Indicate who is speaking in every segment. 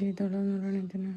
Speaker 1: ചെയ്തോളാന്ന് പറയണ ഇതിന്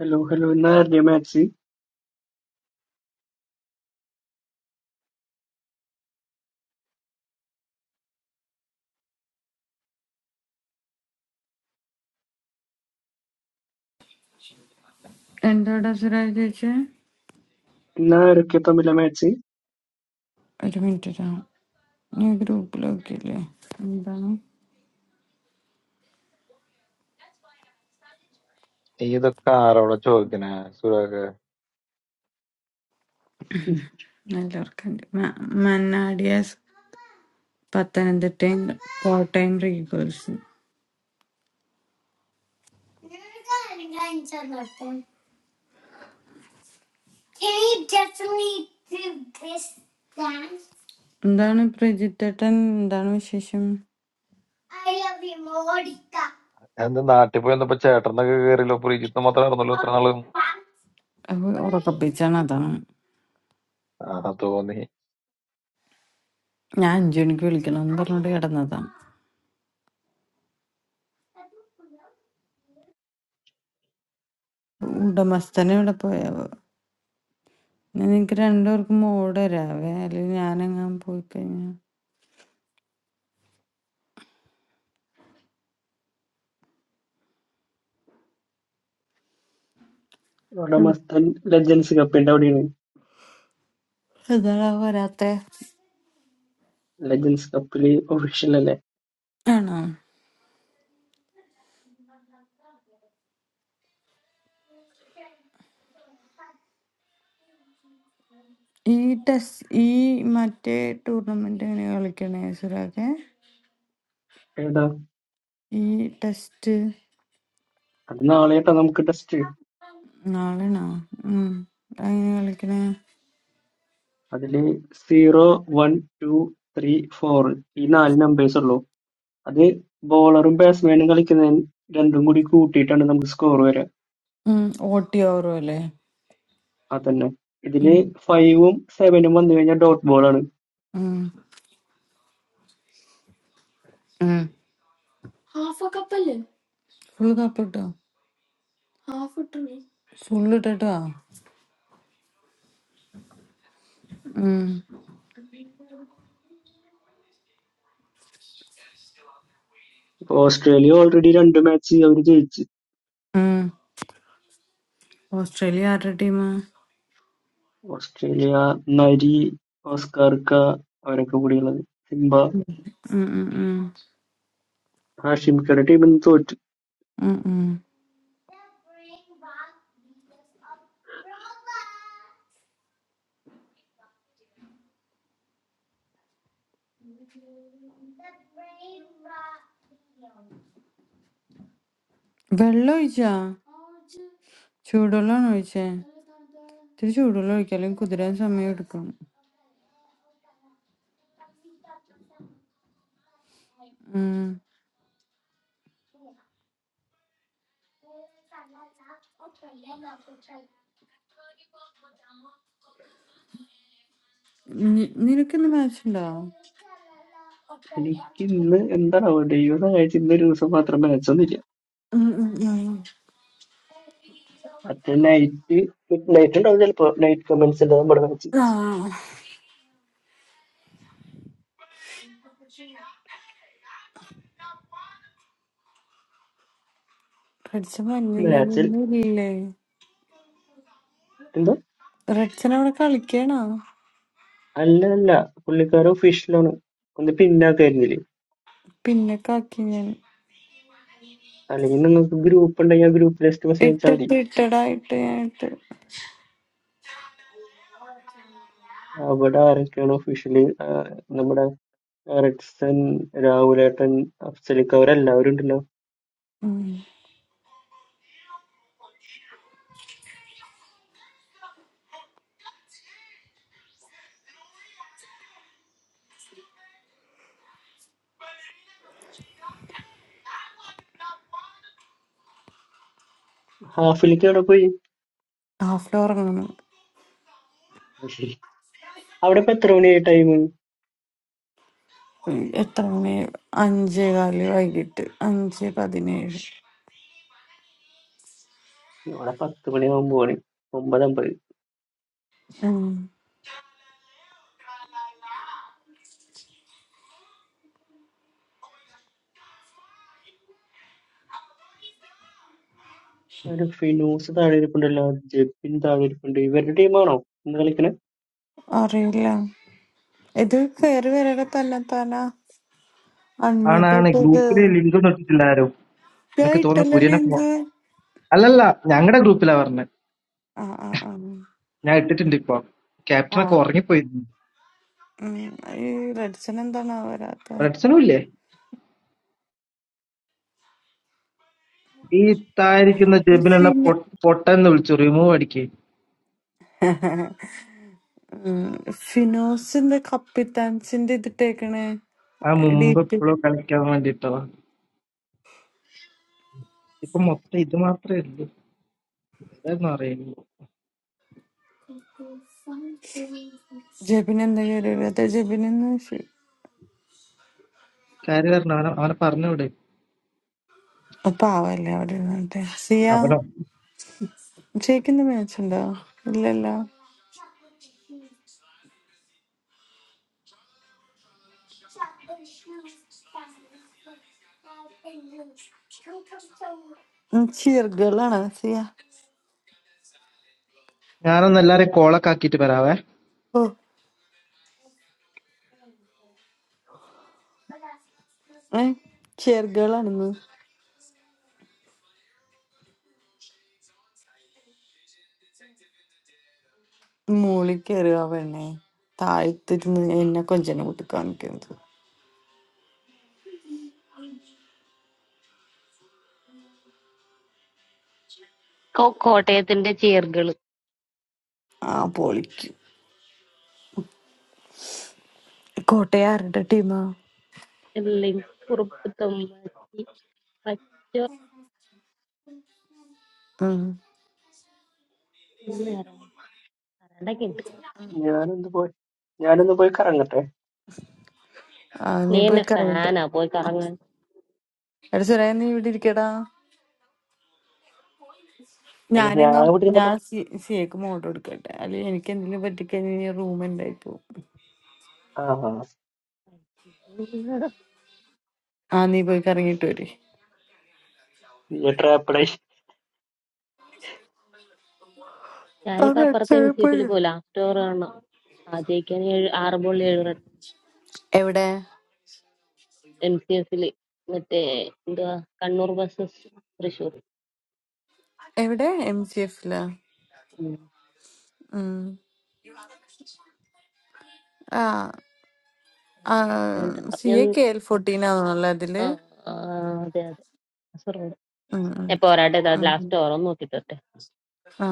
Speaker 2: hello hello ഇന്നാരുടെ match
Speaker 1: എന്താടാ സുരാജ് ചേച്ചി
Speaker 2: ഇന്നാരൊക്കെ തമ്മിലെ മാച്ച്
Speaker 1: ഒരു മിനിറ്റ് ഇതാവും ഞാൻ ഗ്രൂപ്പിലൊക്കില്ലേ എന്താണ്
Speaker 3: നീ ഇതൊക്കെ ആരോടെ ചോദിക്കണേ സുരേഖ
Speaker 1: എല്ലാവർക്കുണ്ട് മ- മന്നാടിയാസ് പത്തനംതിട്ടയും കോട്ടയം റീഗേൾസ് എന്താണ് പ്രജിത്തേട്ടൻ എന്താണ് വിശേഷം
Speaker 3: എന്ത് നാട്ടിൽ പോയി വന്നപ്പോ ചേട്ടനൊക്കെ കേറിയല്ലോ പ്രീജിത്ത് മാത്രം ഇറന്നല്ലോ ഇത്ര നാളും
Speaker 1: അപ്പൊ ഉറക്കപ്പിച്ചാണ് അതാണ്
Speaker 3: ആഹ് തോന്നി
Speaker 1: ഞാൻ അഞ്ചു മണിക്ക് വിളിക്കണം എന്ന് പറഞ്ഞിട്ട് കിടന്നതാണ് ഉടമസ്ഥനെ ഇവിടെ പോയാവോ എന്നാ നിങ്ങക്ക് രണ്ടുപേർക്കും മോടെ രാവേ അല്ലെങ്കിൽ ഞാനങ്ങാൻ പോയി കഴിഞ്ഞാൽ
Speaker 2: ഇവിടെ മസ്തൻ ലെജൻസ് കപ്പിന്റെ അവിടെയാണ്
Speaker 1: അതാണ് വരാത്തെ
Speaker 2: ലെജൻസ് കപ്പില് ഒഫീഷ്യൽ അല്ലേ
Speaker 1: ആണോ ഈ ടെസ് ഈ മറ്റേ ടൂർണമെന്റ് എങ്ങനെ കളിക്കണേ സുരാഖെ
Speaker 2: ഏതാ
Speaker 1: ഈ ടെസ്റ്റ്
Speaker 2: അത് നാളെയാട്ടാ നമുക്ക് ടെസ്റ്റ്
Speaker 1: നാളെയാണോ ഉം. അതെങ്ങനെ കളിക്കണേ
Speaker 2: അതില് zero one two three four ഈ നാല് നമ്പേഴ്സ് ഉള്ളൂ അത് ബോളറും ബാറ്റ്സ്മാനും കളിക്കുന്ന രണ്ടും കൂടി കൂട്ടിയിട്ടാണ് നമുക്ക് സ്കോർ വരിക
Speaker 1: ഓട്ടി ഓവറും അല്ലേ
Speaker 2: അതന്നെ ഇതില് ഫൈവും സെവനും വന്നു കഴിഞ്ഞാൽ ഡോട്ട് ബോൾ ആണ്
Speaker 1: ഫുൾ കപ്പ് കിട്ടോ ഫുൾ ഇട്ടോ
Speaker 2: ഇപ്പൊ ഓസ്ട്രേലിയ ഓൾറെഡി രണ്ട് മാച്ച് അവർ ജയിച്ച്
Speaker 1: ഓസ്ട്രേലിയ ആരുടെ ടീമാ
Speaker 2: ഓസ്ട്രേലിയ നരി ഓസ്കാർക്ക അവരൊക്കെ കൂടിയുള്ളത് സിംബ ഹാഷിംക്കയുടെ ടീം ഇന്ന് തോറ്റു
Speaker 1: വെള്ളം ഒഴിച്ചാ ചൂടുവെള്ളമാണ് ഒഴിച്ചേ ഇത്തിരി ചൂടുവെള്ളം ഒഴിക്കാം അല്ലെങ്കിൽ കുതിരാൻ സമയം എടുക്കും ഉം. നി- നിനക്കിന്ന് മാച്ച് ഉണ്ടോ
Speaker 2: എനിക്ക് ഇന്ന് എന്താണാവോ ദൈവം കഴിച്ച് ഇന്നൊരു ദിവസം മാത്രം മാച്ച് ഒന്നുമില്ല
Speaker 1: ഉം ഉം ഉം.
Speaker 2: മറ്റേ നൈറ്റ് നൈറ്റ് ഉണ്ടാവും ചിലപ്പോ നൈറ്റ് കമന്റ്സ് ഉണ്ട് നമ്മുടെ മാച്ച്
Speaker 1: ആ റെഡ്സ്
Speaker 2: മാച്ചിൽ
Speaker 1: മഞ്ഞില്ലൊന്നും ഇല്ലേ
Speaker 2: എന്താ
Speaker 1: റെഡ്സൺ അവിടെ കളിക്കണോ
Speaker 2: അല്ല അല്ല പുള്ളിക്കാരൻ ഒഫീഷ്യലാണ് ഒന്ന് പിന്നാക്കായിരുന്നില്ലേ
Speaker 1: പിന്നെ കാക്കി ഞാൻ
Speaker 2: അല്ലെങ്കിൽ നിങ്ങൾക്ക് ഗ്രൂപ്പ് ഉണ്ടെങ്കിൽ ആ ഗ്രൂപ്പ് ലിസ്റ്റ് മെസ്സേജ് അയച്ചാൽ മതി
Speaker 1: ഇട്ടിട്ട് ഇട്ടടായിട്ട് ഞാൻ ഇട്ട്
Speaker 2: അവിടെ ആരൊക്കെയാണ് ഒഫീഷ്യലി നമ്മുടെ റെഡ്സൺ രാഹുലേട്ടൻ അഫ്സലിക്ക് അവരെല്ലാവരും ഉണ്ടല്ലോ ഹാഫിലേക്ക് അവിടെ പോയി
Speaker 1: ഹാഫ് ഉറങ്ങണം
Speaker 2: അത് ശരി അവിടെ ഇപ്പൊ എത്ര മണിയായി ടൈം
Speaker 1: ഉം, എത്ര മണി അഞ്ചേ കാല് വൈകിട്ട് അഞ്ച് പതിനേഴ്
Speaker 2: ഇവിടെ പത്ത് മണിയാകുമ്പോണ് ഒമ്പതമ്പത്
Speaker 1: ഉം.
Speaker 2: അതിന് ഫിനൂസ് താഴെ ഇരിപ്പുണ്ടല്ലോ ജെബിൻ താഴെ ഇരിപ്പുണ്ട് ഇവരുടെ ടീമാണോ ഇന്ന് കളിക്കണേ
Speaker 1: അറിയില്ല ഇത് കയറി വരടെ തന്നെ തന്നെ അൺമ്യൂട്ട്
Speaker 4: ആണാണ്
Speaker 1: ഒക്കെ
Speaker 4: ഗ്രൂപ്പില് ലിങ്ക് ഒന്നും ഇട്ടിട്ടില്ല ആരും
Speaker 1: ഞാൻ
Speaker 4: എനിക്ക് തോന്നുന്നു
Speaker 1: ഇട്ടല്ലോ
Speaker 4: കുര്യനെ
Speaker 1: ലിങ്ക്
Speaker 4: ഫോ- അല്ലല്ല ഞങ്ങളുടെ ഗ്രൂപ്പിലാ പറഞ്ഞത്
Speaker 1: ആ ആ ആ
Speaker 4: ഞാൻ ഇട്ടിട്ടുണ്ട് ഇപ്പൊ
Speaker 1: ആ
Speaker 4: ക്യാപ്റ്റനൊക്കെ ഉറങ്ങിപ്പോയി
Speaker 1: ഉം, ഈ റെഡ്സൺ എന്താണ് വരാത്ത
Speaker 4: റെഡ്സണും ഇല്ലേ ഈ തായിരിക്കുന്ന ജെബിലുള്ള
Speaker 1: ഈ
Speaker 4: പൊട്ടെന്ന് വിളിച്ചു റിമൂവ് അടിക്ക്
Speaker 1: ഫിനോസിന്റെ കപ്പിത്താൻസിന്റെ ഇതിട്ടേക്കണേ
Speaker 4: ആ
Speaker 1: ഡി
Speaker 4: മുമ്പ്
Speaker 1: പി
Speaker 4: എപ്പോഴും കളിക്കാൻ വേണ്ടിട്ടോ ഇപ്പൊ മൊത്തം ഇത് മാത്രമേ ഉള്ളൂ ഏതായിരുന്നു അറിയുള്ളൂ
Speaker 1: ജെബിൻ എന്താ കയറിയത് ജെബിനെന്ന്
Speaker 4: കാര്യം പറഞ്ഞു അവനെ അവനെ പറഞ്ഞൂടെ
Speaker 1: പാവല്ലേ അവിടെ ഇരുന്നിട്ട് സിയ
Speaker 4: അവനോ
Speaker 1: ജയിക്കുന്ന മാച്ച് ഉണ്ടോ ഇല്ലല്ല ചിയർ ഗേളാണ് സിയ
Speaker 4: ഞാനൊന്ന് എല്ലാരെയും കോളൊക്കെ ആക്കിയിട്ട് വരാവേ
Speaker 1: ഓ ഏ ചിയർ ഗേളാണെന്ന് മുകളിൽ കയറുക പെണ്ണെ താഴ്ത്തിരുന്ന് എന്നെ കൊഞ്ചനെ കൂട്ടി കാണിക്കുന്നത്
Speaker 5: Coconut in the chair, girl.
Speaker 1: ആ പൊളിക്കും കോട്ടയം ആരുടെ ടീമാ
Speaker 5: Alling, kurubtomachi, macho. What is it? I don't know.
Speaker 2: ഞാനൊന്ന് പോയി ഞാനൊന്ന് പോയി കറങ്ങട്ടെ
Speaker 1: നീ
Speaker 5: You are
Speaker 1: പോയി
Speaker 5: a
Speaker 1: കറിയിട്ട്
Speaker 5: fan, a boy, Karan.
Speaker 1: എടാ സുരേ നീ ഇവിടെ ഇരിക്കടാ
Speaker 2: അല്ല
Speaker 1: ഞാനെങ്ങ
Speaker 2: ഞാൻ ഇവിടെ
Speaker 1: ഞാൻ
Speaker 2: ഇരുന്നിട്ട്
Speaker 1: സി- സിയക്ക് മോട്ടോ എടുക്കട്ടെ അല്ലെങ്കിൽ എനിക്ക് എന്തെങ്കിലും പറ്റിക്കഴിഞ്ഞാൽ റൂം എന്തായി പോകും ആ നീ പോയി കറങ്ങിയിട്ട് വരെ
Speaker 2: ആ
Speaker 5: Yeah, he was pretending in the film, wasn't he? Orna. Ah, Jaykani, Arbole,
Speaker 1: എവിടെ
Speaker 5: in the film, that the Carnarvon sisters, producer.
Speaker 1: എവിടെ എം സി എഫില്
Speaker 5: Hmm.
Speaker 1: ആ
Speaker 5: And
Speaker 1: C A
Speaker 5: then,
Speaker 1: K L fourteen ആണല്ലോ അതില്
Speaker 5: ah, ah, that, sir.
Speaker 1: ഉം, ഉം,
Speaker 5: Now, what are the
Speaker 1: ഉം,
Speaker 5: last
Speaker 1: ഉം.
Speaker 5: two? What did you do?
Speaker 1: ആ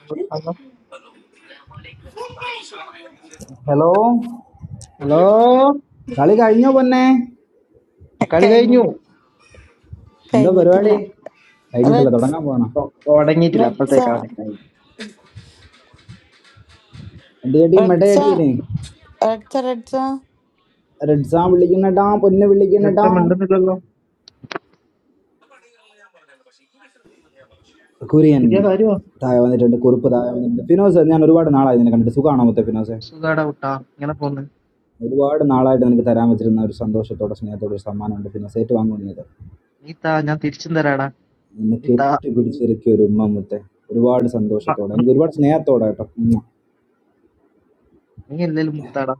Speaker 4: ഹലോ
Speaker 6: ഹലോ
Speaker 4: ഹലോ?
Speaker 6: കളി കഴിഞ്ഞോ പൊന്നെ
Speaker 4: കളി
Speaker 1: കഴിഞ്ഞു
Speaker 4: കഴിഞ്ഞു
Speaker 6: എന്താ
Speaker 1: കഴിഞ്ഞിട്ടില്ല
Speaker 6: പരിപാടി കഴിഞ്ഞിട്ടില്ല
Speaker 1: റെഡ്സ്
Speaker 6: തുടങ്ങാൻ പോകണം
Speaker 4: ഒ- തുടങ്ങിയിട്ടില്ല
Speaker 1: റെഡ്സ
Speaker 4: അപ്പോഴത്തേക്കാണ് കളി
Speaker 6: അടിയടി
Speaker 1: റെഡ്സ
Speaker 6: മെടയടിയനെ
Speaker 1: റെഡ്സ റെഡ്സ
Speaker 6: റെഡ്സാൻ വിളിക്കണട്ടാ പൊന്നെ വിളിക്കണട്ടാ
Speaker 4: രക്തമുണ്ടെന്നില്ലല്ലോ
Speaker 6: കുര്യൻ
Speaker 4: പുതിയ കാര്യമാ
Speaker 6: താഴെ വന്നിട്ടുണ്ട് കുറുപ്പ് താഴെ വന്നിട്ടുണ്ട് ഫിനോസ് ഞാൻ ഒരുപാട് നാളായി നിന്നെ കണ്ടിട്ട് സുഖമാണോ മൊത്തം ഫിനോസ്
Speaker 4: സുഖാടാ കുട്ടാ ഇങ്ങനെ പോന്ന്
Speaker 6: ഒരുപാട് നാളായിട്ട് നിനക്ക് തരാൻ വെച്ചിരുന്ന ഒരു സന്തോഷത്തോടെ സ്നേഹത്തോടെ ഒരു സമ്മാനമുണ്ട് ഫിനോസ് ഏറ്റുവാങ്ങുന്നത്
Speaker 4: നീ താ ഞാൻ തിരിച്ചും തരാടാ
Speaker 6: നിന്നെ
Speaker 4: നീ താ
Speaker 6: കെട്ടിപ്പിടിച്ചിരിക്കുക ഒരു ഉമ്മ മുത്തെ ഒരുപാട്
Speaker 4: ആ,
Speaker 6: സന്തോഷത്തോടെ എനിക്ക് ഒരുപാട് സ്നേഹത്തോടെ കേട്ടോ ഉം.
Speaker 4: നീ എന്തേലും മുത്താടാ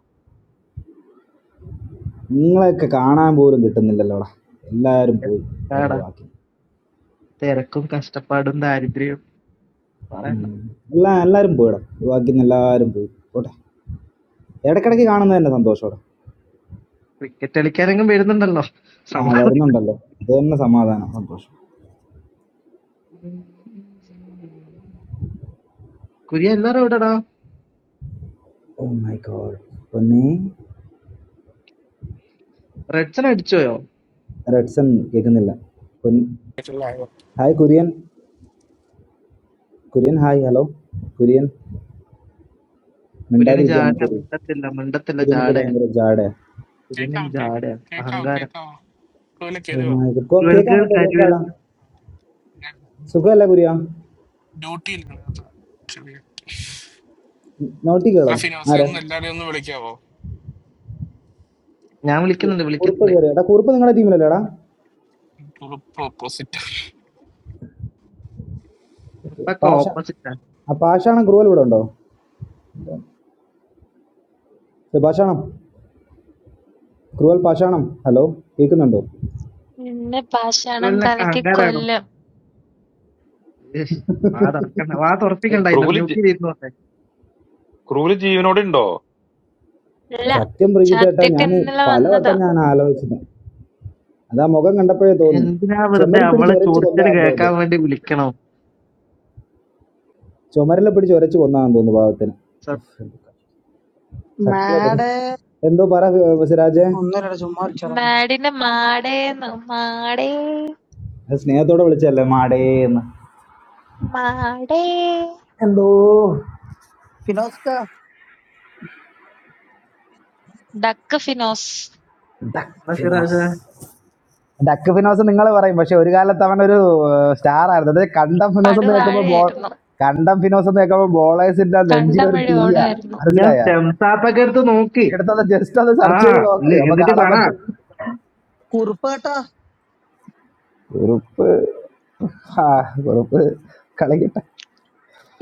Speaker 6: നിങ്ങളെയൊക്കെ കാണാൻ പോലും കിട്ടുന്നില്ലല്ലോടാ എല്ലാവരും പോയി ഓരോ
Speaker 4: താടാ
Speaker 6: വാക്കി
Speaker 4: തിരക്കും കഷ്ടപ്പാടും ദാരിദ്ര്യവും പറയണ്ട
Speaker 6: ഉം. എല്ലാ എല്ലാവരും പോയിടാ ഒഴിവാക്കിന്ന് എല്ലാവരും പോയി പോട്ടെ ഇടയ്ക്കിടയ്ക്ക് കാണുന്നത് തന്നെ സന്തോഷമോടെ
Speaker 4: ക്രിക്കറ്റ് കളിക്കാനെങ്കിലും വരുന്നുണ്ടല്ലോ
Speaker 6: ആ
Speaker 4: സമാധാനം
Speaker 6: വരുന്നുണ്ടല്ലോ അത് തന്നെ സമാധാനം സന്തോഷം
Speaker 4: കുര്യൻ എല്ലാരും എവിടെടാ
Speaker 6: ഓ മൈ ഗോഡ് പൊന്നി
Speaker 4: റെഡ്സൺ അടിച്ചോയോ
Speaker 6: റെഡ്സൺ കേൾക്കുന്നില്ല പൊൻ-
Speaker 7: കേട്ടില്ലായോ?
Speaker 6: Hi Kurian Kurian hi hello Kurian
Speaker 4: കുര്യന്
Speaker 6: മിണ്ടാതിരിക്കുകയാണ്
Speaker 4: ജാട
Speaker 6: കുര്യൻ
Speaker 4: മിണ്ടത്തില്ല മിണ്ടത്തില്ല
Speaker 6: കുര്യനൊക്കെ
Speaker 4: ജാടയാ
Speaker 6: ഭയങ്കര ജാടെ
Speaker 4: കുര്യനും
Speaker 7: കേൾക്കാം കേ-
Speaker 4: ജാടയാ
Speaker 7: കേൾക്കാം
Speaker 4: അഹങ്കാരം
Speaker 7: കേൾക്കാം കോലെ
Speaker 6: ഓ
Speaker 7: കേറുക
Speaker 6: മൈ ഗോഡ് കോ
Speaker 4: കുരുവൽകൾ
Speaker 6: കേൾക്കാമോ
Speaker 4: കാര്യവരും
Speaker 6: കേൾക്കാടാ
Speaker 7: ഞാൻ
Speaker 6: സുഖമല്ല കുര്യ
Speaker 7: ഡ്യൂട്ടിയിൽ കിടക്കുക. ചെറിയ
Speaker 6: നോട്ടി കേളോ
Speaker 7: അല്ല ഫിനോസിനെ
Speaker 6: ആരാ
Speaker 7: ഒന്ന് എല്ലാരെയും ഒന്ന് വിളിക്കാവോ
Speaker 4: ഞാൻ വിളിക്കുന്നുണ്ട്
Speaker 6: കുറുപ്പ്
Speaker 4: വിളിക്കുന്നുണ്ട്
Speaker 6: കയറി എടാ കുറുപ്പ് നിങ്ങളുടെ ടീമിലല്ലേടാ
Speaker 7: ഓപ്പോസിറ്റ്
Speaker 6: ഓക്കെ
Speaker 4: ചെറുപ്പൊക്കെ
Speaker 6: പാഷ
Speaker 4: ഓപ്പോസിറ്റാ
Speaker 6: ആ പാഷാണം ക്രൂവൽ ഇവിടെ ഉണ്ടോ ഏ, പാഷാണം ക്രൂവൽ പാഷാണം ഹലോ കേൾക്കുന്നുണ്ടോ
Speaker 8: Inne paashaanang
Speaker 4: കുരുവലിനൊക്കെ
Speaker 8: kala ke
Speaker 4: അഹങ്കാരാണോ
Speaker 8: kollam
Speaker 4: ഏ വാ തുറക്കണ്ട വാ
Speaker 3: ഏയ്
Speaker 4: തുറപ്പിക്കണ്ട എന്റെ
Speaker 3: ക്രൂവില് ജീ-
Speaker 4: മ്യൂട്ടിൽ ഇരുന്നു
Speaker 3: ക്രൂവില് ജീവനോടെ ഉണ്ടോ
Speaker 8: la
Speaker 6: സത്യം പ്രിജിത്തേട്ടാ
Speaker 8: chatti
Speaker 6: ഞാൻ
Speaker 8: tinne la vanna
Speaker 6: പലവട്ടം
Speaker 8: da.
Speaker 6: ഞാൻ ആലോചിച്ചത് അത് ആ മുഖം കണ്ടപ്പോഴേ തോന്നി
Speaker 4: എന്തിനാ വെറുതെ
Speaker 6: ചെമരി പിടിച്ച്
Speaker 4: അവളെ
Speaker 6: ഒരച്ച്
Speaker 4: ചോറിച്ചല്
Speaker 6: കൊന്നാന്ന്
Speaker 4: കേൾക്കാൻ
Speaker 6: തോന്നുന്നു
Speaker 4: വേണ്ടി വിളിക്കണോ
Speaker 6: ചുമരിലെ പിടിച്ച് ഒരച്ച് കൊന്നാന്ന് തോന്നുന്നു പാവത്തിന്
Speaker 4: സത്യം
Speaker 6: ഉഫ്. സത്യം അത്
Speaker 9: Mad,
Speaker 6: എന്തോ പറ ഏർ, സിരാജേ
Speaker 9: under age, you must come.
Speaker 8: Madine maday maday
Speaker 6: അത് സ്നേഹത്തോടെ വിളിച്ചല്ലേ മാടേ എന്ന്
Speaker 8: maday
Speaker 6: എന്തോ
Speaker 9: Pinocchio,
Speaker 8: duck finos.
Speaker 6: ഡക്ഫിനോസ്
Speaker 4: സിറാജേ,
Speaker 6: ഡക്ക് ഫിനോസ് നിങ്ങൾ പറയും പക്ഷെ ഒരു കാലത്ത് അവൻ ഒരു സ്റ്റാർ ആയിരുന്നു അതായത് കണ്ടം ഫിനോസ്
Speaker 8: Padu
Speaker 6: എന്ന് കേൾക്കുമ്പോൾ
Speaker 8: vaare
Speaker 6: ബോൾ
Speaker 8: erino
Speaker 6: കണ്ടം ഫിനോസ് എന്ന് കേൾക്കുമ്പോൾ ബോളേഴ്സിന്റെ
Speaker 8: kanda
Speaker 6: നെഞ്ചിലൊരു
Speaker 8: madhe oru
Speaker 6: തീയാ
Speaker 8: erino.
Speaker 4: നീ ആ
Speaker 6: മനസ്സിലായ
Speaker 4: സ്റ്റെംസ് ആപ്പൊക്കെ എടുത്ത് നോക്ക്
Speaker 6: എടുത്തത് ജസ്റ്റ് അത്
Speaker 4: ആ
Speaker 6: സെർച്ച് ചെയ്ത് നോക്ക്
Speaker 4: എന്നി-
Speaker 6: അപ്പൊ
Speaker 4: എന്നിട്ട്
Speaker 6: കാണാൻ
Speaker 4: പറ
Speaker 6: പറ്റും
Speaker 9: Curupa, Ta.
Speaker 6: കുറുപ്പ് ആ കുറുപ്പ് കളിക്കട്ടെ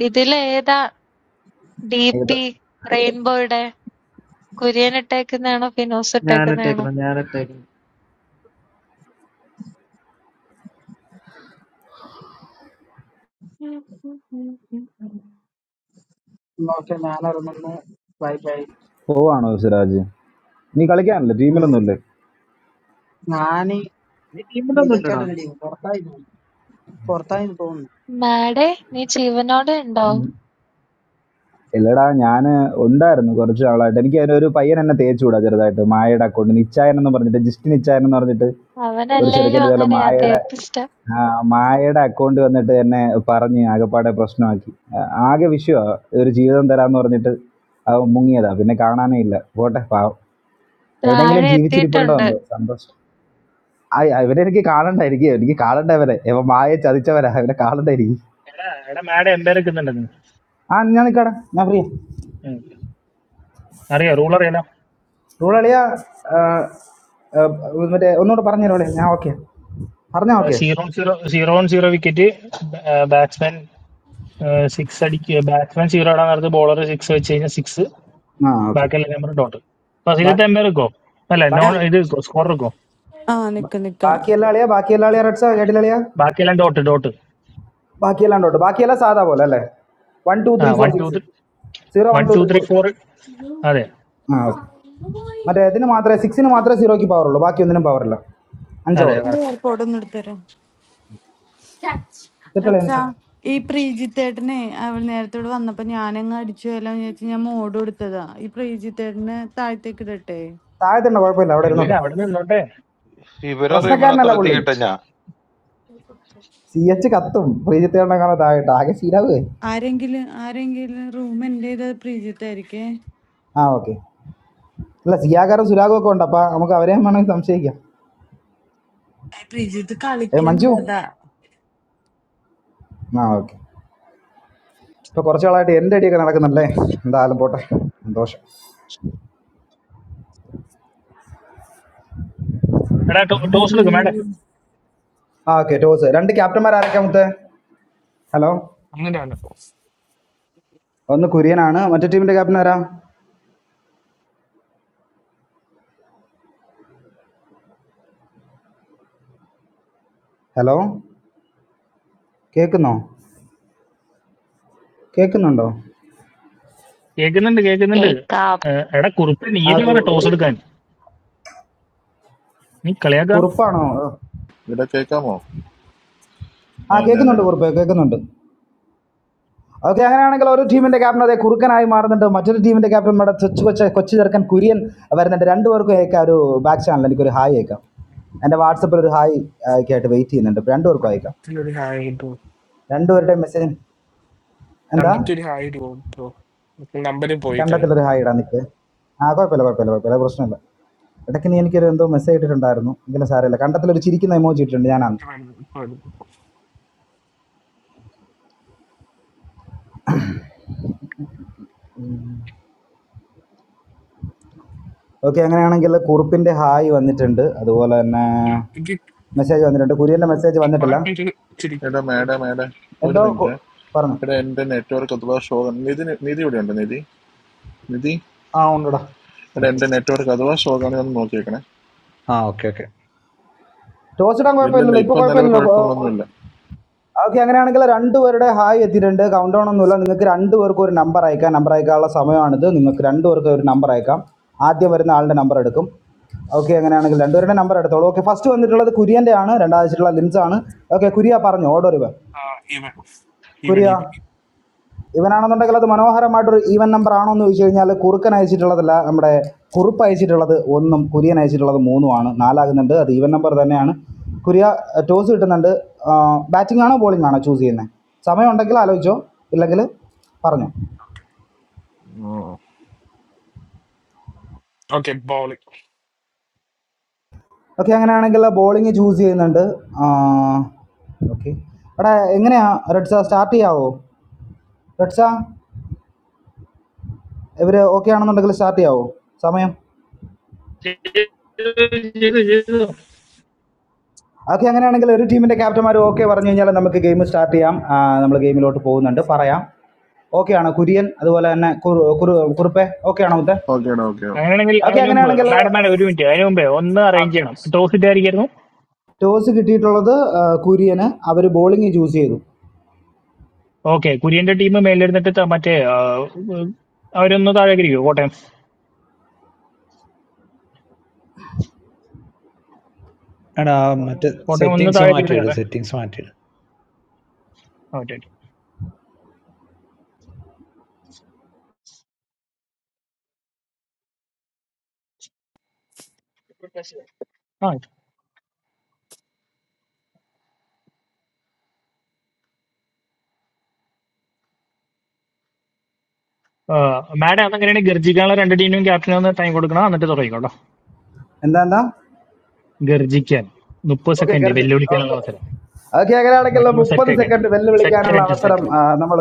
Speaker 8: Idile aeda
Speaker 6: ഇത്
Speaker 8: deepy rain birda kuriyan attack na ano finos attack na ano.
Speaker 4: ഞാനിട്ടേക്കണം ഞാനിട്ടേക്കണം
Speaker 9: Okay, I know that one. Bye, bye.
Speaker 6: പോവാണോ സിറാജ് നീ കളിക്കാനല്ലേ
Speaker 9: Hmm.
Speaker 6: ടീമിലൊന്നുമില്ലേ
Speaker 9: Iani,
Speaker 4: നീ
Speaker 9: we
Speaker 4: ടീമിലൊന്നും
Speaker 9: just cut
Speaker 4: ഇല്ലടാ
Speaker 9: the thing. Portain, Portain, don't.
Speaker 8: Maday ni chivan oru ndao.
Speaker 6: ഇല്ലടാ ഞാൻ ഉണ്ടായിരുന്നു കുറച്ച് ആളായിട്ട് എനിക്ക് അതിനൊരു പയ്യൻ എന്നെ തേച്ചു വിടാ ചെറുതായിട്ട് മായയുടെ അക്കൗണ്ട് നിച്ചായൻ എന്ന് പറഞ്ഞിട്ട് ജസ്റ്റ് നിച്ചായൻ എന്ന് പറഞ്ഞിട്ട്
Speaker 8: Avena
Speaker 6: ഒരു
Speaker 8: allele
Speaker 6: ചെറുക്കൻ ഇതുപോലെ
Speaker 8: vanganayathai
Speaker 6: മായയുടെ
Speaker 8: epusta.
Speaker 6: ആ, മായയുടെ അക്കൗണ്ട് വന്നിട്ട് എന്നെ പറഞ്ഞ് ആകെപ്പാടെ പ്രശ്നമാക്കി ആ, ആകെ വിഷയമാണ് ഒരു ജീവിതം തരാന്ന് പറഞ്ഞിട്ട് അവൻ മുങ്ങിയതാ പിന്നെ കാണാനേ ഇല്ല പോട്ടെ പാവം എവിടെയെങ്കിലും
Speaker 8: Vaare chatti
Speaker 6: ജീവിച്ചിരിപ്പുണ്ടോ
Speaker 8: thunda.
Speaker 6: എന്തോ സന്തോഷം ആ- ആ, ഇവരെ എനിക്ക് കാണണ്ട എനിക്ക് എനിക്ക് കാണണ്ട ഇവരെ ഇവ മായ ചതിച്ചവരാ ഇവരെ കാണണ്ട എനിക്ക്
Speaker 10: എടാ എടാ മാഡം എംപയർക്കുന്നുണ്ടെന്ന്
Speaker 6: ആ ഞാൻ നിൽക്കടാ ഞാൻ ഫ്രീ
Speaker 10: അറിയാം റൂൾ അറിയാലോ
Speaker 6: റൂളിയ മറ്റേ ഒന്നുകൂടെ പറഞ്ഞു റോളിയ ഞാൻ ഓക്കെ പറഞ്ഞാ okay
Speaker 10: zero zero zero on zero wicket batsman six അടിക്കുക ബാറ്റ്സ്മാൻ സീറോ ഇടാൻ നേരത്ത് ബോളർ സിക്സ് വെച്ച് കഴിഞ്ഞാൽ സിക്സ്
Speaker 6: ആ ഓക്കെ
Speaker 10: ബാക്കിയെല്ലാം നമ്പർ ഡോട്ട് അപ്പൊ അതിലത്തെ എംപയർ വെക്കോ അല്ല
Speaker 1: ആ
Speaker 10: നോൺ
Speaker 6: ബാക്കി
Speaker 10: ഇത് സ്കോർ വെക്കോ
Speaker 1: ആ,
Speaker 6: ബ-
Speaker 1: നിക്ക് നിക്ക
Speaker 6: ബാക്കിയെല്ലാം അളിയാ ബാക്കിയെല്ലാം അളിയാ റെഡ്സാ കേട്ടില്ല അളിയാ
Speaker 10: ബാക്കിയെല്ലാം ഡോട്ട് ഡോട്ട്
Speaker 6: ബാക്കിയെല്ലാം ഉണ്ടോ ബാക്കിയെല്ലാം സാധാ പോലെ അല്ലേ വൺ ടു
Speaker 10: ആ
Speaker 6: three four
Speaker 10: one two
Speaker 6: six
Speaker 10: three
Speaker 6: zero
Speaker 10: one
Speaker 6: one two
Speaker 10: two
Speaker 6: three
Speaker 10: three
Speaker 6: four six
Speaker 10: four അതെ
Speaker 6: ആ ഓക്കെ മറ്റേ ഇതിന് മാത്രമേ സിക്സിന് മാത്രമേ സീറോയ്ക്ക് പവർ ഉള്ളൂ ബാക്കി ഒന്നിനും പവർ ഇല്ല അഞ്ച്
Speaker 10: അതെ
Speaker 6: ഓവർ
Speaker 1: എന്റെ
Speaker 10: കറക്റ്റ്
Speaker 1: എയർപോർട്ട് ഒന്ന് എടുത്തരോ
Speaker 6: കിട്ടളേ
Speaker 1: അച്ഛാ
Speaker 6: എനിക്ക്
Speaker 1: ഈ പ്രീജിത്തേട്ടനെ അവൾ നേരത്തോട് വന്നപ്പോ ഞാനങ്ങ് അടിച്ചു പോയാലോന്ന് വിചാരിച്ച് ഞാൻ മോഡ് കൊടുത്തതാ ഈ പ്രീജിത്തേട്ടനെ താഴത്തേക്ക് ഇടട്ടെ
Speaker 6: താഴത്തുണ്ടോ കുഴപ്പമില്ല അവിടെ
Speaker 10: എന്തിനാ
Speaker 3: വി-
Speaker 6: ഇരുന്നോട്ടോ
Speaker 10: അവിടെ നിന്നോട്ടെ
Speaker 3: വിവരം അറിയുമ്പോ
Speaker 6: പ്രശ്നക്കാരനല്ല
Speaker 3: താഴ്ത്തി
Speaker 6: പുള്ളി
Speaker 3: കേട്ട ഞാൻ
Speaker 6: സി എച്ച് കത്തും പ്രീജിത്തേണ്ണ കാണാൻ താഴെട്ട് ആകെ ശീലാവ്
Speaker 1: ആരെങ്കിലും ആരെങ്കിലും റൂം എന്റെ ഇത് പ്രീജിത്തായിരിക്കേ
Speaker 6: ആ ഓക്കെ അല്ല സിയാകാരും സുരാഗും ഒക്കെ ഉണ്ട് അപ്പം നമുക്ക് അവരെയും വേണമെങ്കിൽ സംശയിക്കാം
Speaker 1: ആ, പ്രീജിത്ത്
Speaker 6: ഏ മഞ്ജു
Speaker 1: കളിക്കണ്ടതാ
Speaker 6: ആ ഓക്കെ ഇപ്പോൾ കുറച്ച് നാളായിട്ട് എൻ്റെ അടിയൊക്കെ നടക്കുന്നുണ്ടല്ലേ എന്തായാലും പോട്ടെ സന്തോഷം
Speaker 10: എടാ ടോസ് എടുക്കും മാഡം
Speaker 6: ആ ഓക്കെ ടോസ് രണ്ട് ക്യാപ്റ്റന്മാർ ആരൊക്കെ മുത്ത് ഹലോ
Speaker 7: അങ്ങനെയാണ്
Speaker 6: ഒന്ന് കുര്യനാണ് മറ്റേ ടീമിൻ്റെ ക്യാപ്റ്റൻ ആരാ ഹലോ കേൾക്കുന്നോ കേൾക്കുന്നുണ്ടോ
Speaker 10: കേൾക്കുന്നുണ്ട് കേൾക്കുന്നുണ്ട്
Speaker 5: Makeup.
Speaker 10: ഏ, എടാ കുറിപ്പ്
Speaker 6: ആ
Speaker 10: നീയല്ലേ
Speaker 6: ഓക്കെ
Speaker 10: പറഞ്ഞ ടോസ്
Speaker 6: ഒരു
Speaker 10: എടുക്കാൻ നീ
Speaker 6: കുറുപ്പാണോ
Speaker 11: എടാ കേൾക്കാമോ
Speaker 6: ആ
Speaker 11: ആ
Speaker 6: കേൾക്കുന്നുണ്ട്
Speaker 11: ഞാനെടാ
Speaker 6: കുറുപ്പ് കേൾക്കുന്നുണ്ട് ഓക്കെ അങ്ങനെയാണെങ്കിൽ ഒരു ടീമിന്റെ ക്യാപ്റ്റൻ അതെ കുറുക്കനായി മാറുന്നുണ്ട് മറ്റൊരു ടീമിന്റെ ക്യാപ്റ്റൻ നമ്മുടെ കൊച്ചു കൊച്ചു കൊച്ചു ചെറുക്കൻ കുര്യൻ വരുന്നുണ്ട് രണ്ടുപേർക്കും അയക്കാം ഒരു ബാക്ക് ചാനൽ എനിക്കൊരു ഹായ് അയക്കാം എൻ്റെ വാട്സപ്പിൽ ഒരു ഹായ് ആയിട്ട് വെയിറ്റ് ചെയ്യുന്നുണ്ട് ഇപ്പൊ രണ്ടുപേർക്കും അയക്കാം
Speaker 7: കണ്ടത്തിലൊരു ഹായ് ഇടൂ
Speaker 6: രണ്ടുപേരുടെ മെസ്സേജ് എന്താ
Speaker 7: കണ്ടത്തിലൊരു ഹായ് ഇടൂ ബ്രോ നമ്പരും പോയി കഴിയും
Speaker 6: കണ്ടത്തിലൊരു ഹായ് ഇടാൻ നിൽക്ക് ആ കുഴപ്പമില്ല കുഴപ്പമില്ല കുഴപ്പമില്ല അത് പ്രശ്നമില്ല ഇടയ്ക്ക് നീ എനിക്കൊരു എന്തോ മെസ്സേജ് ഇട്ടിട്ടുണ്ടായിരുന്നു എങ്കിലും സാരമില്ല കണ്ടത്തിലൊരു ചിരിക്കുന്ന എമോജി ഇട്ടിട്ടുണ്ട് ഞാനാണ്
Speaker 7: ഇപ്പൊ വരും, ഇപ്പൊ വരും.
Speaker 6: ഓക്കെ അങ്ങനെയാണെങ്കിൽ കുറുപ്പിൻ്റെ ഹായ് വന്നിട്ടുണ്ട് അതുപോലെ തന്നെ
Speaker 7: ഇയ്യോ, ഇത്
Speaker 6: മെസ്സേജ് വന്നിട്ടുണ്ട് കുര്യൻ്റെ മെസ്സേജ്
Speaker 7: ഈ കുറെ
Speaker 6: വന്നിട്ടില്ല
Speaker 7: പേര് ചിരിക്കും
Speaker 11: എടാ മേഡ
Speaker 7: ഉം.
Speaker 11: മേഡ ഒരു
Speaker 6: എന്തോ കു-
Speaker 11: മിനിറ്റ്
Speaker 6: പറഞ്ഞു
Speaker 11: എടാ എൻ്റെ നെറ്റ്വർക്ക് അഥവാ ഷോ നിധി നിധി ഇവിടെ ഉണ്ട് നിധി നിധി
Speaker 12: ആ ഉണ്ടടാ
Speaker 11: എടാ
Speaker 6: ഓക്കെ
Speaker 11: എൻ്റെ നെറ്റ്വർക്ക് അഥവാ ഷോ ആണെങ്കിൽ ഒന്ന് നോക്കിയേക്കണേ
Speaker 12: ആ ഓക്കെ ഓക്കെ
Speaker 6: ടോസ് ഇടാൻ
Speaker 11: ഇല്ലില്ല
Speaker 6: കുഴപ്പമില്ലല്ലോ ഇപ്പൊ
Speaker 11: ഇപ്പം നിലവിൽ
Speaker 6: കുഴപ്പമില്ലല്ലോ
Speaker 11: കുഴപ്പങ്ങളൊന്നും ഇല്ല
Speaker 6: ഓക്കെ അങ്ങനെയാണെങ്കിൽ രണ്ടുപേരുടെ ഹായ് എത്തിയിട്ടുണ്ട് കൗണ്ട് ഡൗൺ ഒന്നുമില്ല നിങ്ങൾക്ക് രണ്ടുപേർക്കും ഒരു നമ്പർ അയക്കാം നമ്പർ അയക്കാനുള്ള സമയമാണിത് നിങ്ങൾക്ക് രണ്ടുപേർക്കും ഒരു നമ്പർ അയക്കാം ആദ്യം വരുന്ന ആളുടെ നമ്പർ എടുക്കും ഓക്കെ അങ്ങനെയാണെങ്കിൽ രണ്ടുപേരുടെ നമ്പർ എടുത്തോളൂ ഓക്കെ ഫസ്റ്റ് വന്നിട്ടുള്ളത് കുര്യൻ്റെ ആണ് രണ്ടാഴ്ചയുള്ള ലിൻസ് ആണ് ഓക്കെ കുര്യ പറഞ്ഞു ഓടോ റിവ
Speaker 7: ആ, ഇവൻ ഇവൻ
Speaker 6: കുര്യ
Speaker 7: ഇവൻ
Speaker 6: ഇവനാണെന്നുണ്ടെങ്കിൽ അത് മനോഹരമായിട്ടൊരു ഈവൻ നമ്പർ ആണോ എന്ന് ചോദിച്ചു കഴിഞ്ഞാൽ കുറുക്കൻ അയച്ചിട്ടുള്ളതല്ല നമ്മുടെ കുറുപ്പ് അയച്ചിട്ടുള്ളത് ഒന്നും കുര്യൻ അയച്ചിട്ടുള്ളത് മൂന്നുമാണ് നാലാകുന്നുണ്ട് അത് ഈവൻ നമ്പർ തന്നെയാണ് കുര്യ ടോസ് കിട്ടുന്നുണ്ട് ബാറ്റിംഗ് ആണോ ബോളിംഗ് ആണോ ചൂസ് ചെയ്യുന്നത് സമയമുണ്ടെങ്കിൽ ആലോചിച്ചോ ഇല്ലെങ്കിൽ പറഞ്ഞോ
Speaker 7: ഓക്കെ
Speaker 6: ഓക്കെ അങ്ങനെയാണെങ്കിൽ ബോളിംഗ് ചൂസ് ചെയ്യുന്നുണ്ട് ഓക്കെ എടാ എങ്ങനെയാ റെഡ്സ സ്റ്റാർട്ട് ചെയ്യാവോ റെഡ്സ ഇവർ ഓക്കെ ആണെന്നുണ്ടെങ്കിൽ സ്റ്റാർട്ട് ചെയ്യാവോ സമയം
Speaker 10: കളിയാക്കാം
Speaker 6: ഓക്കെ അങ്ങനെയാണെങ്കിൽ ഒരു ടീമിന്റെ ക്യാപ്റ്റന്മാർ ഓക്കെ പറഞ്ഞു കഴിഞ്ഞാൽ നമുക്ക് ഗെയിം സ്റ്റാർട്ട് ചെയ്യാം നമ്മൾ ഗെയിമിലോട്ട് പോകുന്നുണ്ട് പറയാം ഓക്കെ ആണോ കുര്യൻ അതുപോലെ തന്നെ കുറു- കുറു- കുറുപ്പെ ഓക്കെ ആണോ മുത്തെ
Speaker 11: ഓക്കെ എടാ ഓക്കെ
Speaker 10: അങ്ങനെയാണെങ്കിൽ
Speaker 6: ഓക്കെ
Speaker 10: അതിനു മുമ്പ്
Speaker 6: അങ്ങനെയാണെങ്കിൽ
Speaker 10: മാഡം മാഡം ഒരു മിനിറ്റ് അതിനു മുമ്പേ ഒന്ന് അറേഞ്ച് ചെയ്യണം ടോസ് ഇട്ടായിരിക്കായിരുന്നു
Speaker 6: ടോസ് കിട്ടിയിട്ടുള്ളത് ആ, കുര്യന് അവർ ബോളിംഗ് ചൂസ് ചെയ്തു
Speaker 10: ഓക്കെ കുര്യന്റെ ടീം മേലെഴുന്നിട്ട് ത- മറ്റേ ആ, ഉം, അവരൊന്ന് താഴേക്ക് ഇരിക്കുമോ കോട്ടയം
Speaker 12: എടാ ആ മറ്റേ
Speaker 10: കോട്ടയം ഒന്ന്
Speaker 12: സെറ്റിങ്സ്
Speaker 10: താഴേക്ക് ഇരുന്ന്
Speaker 12: മാറ്റിയിട്
Speaker 10: കയറേ
Speaker 12: സെറ്റിങ്സ് മാറ്റിയിട്
Speaker 10: ഓക്കെ ആ ആ, മാഡം അതങ്ങനെയാണെങ്കിൽ ഗർജിക്കാനുള്ള രണ്ട് ടീമിനും ക്യാപ്റ്റനും ഒന്ന് ടൈം കൊടുക്കണം എന്നിട്ട് തുടങ്ങിക്കോട്ടോ
Speaker 6: എന്താ എന്താ
Speaker 10: ഗർജിക്കാൻ മുപ്പത്
Speaker 6: ഓക്കെ
Speaker 10: സെക്കൻഡ്
Speaker 6: കരുതി
Speaker 10: വെല്ലുവിളിക്കാനുള്ള
Speaker 6: ഓക്കെ
Speaker 10: അവസരം
Speaker 6: ഓക്കെ അങ്ങനെയാണെങ്കിൽ
Speaker 10: അവിടെ
Speaker 6: മുപ്പത്
Speaker 10: സെറ്റ് ആക്കട്ടെ
Speaker 6: സെക്കൻഡ്
Speaker 10: സെറ്റ്
Speaker 6: വെല്ലുവിളിക്കാനുള്ള
Speaker 10: ആയിട്ട് സെറ്റ്
Speaker 6: അവസരം
Speaker 10: ആയിട്ട്
Speaker 6: നമ്മൾ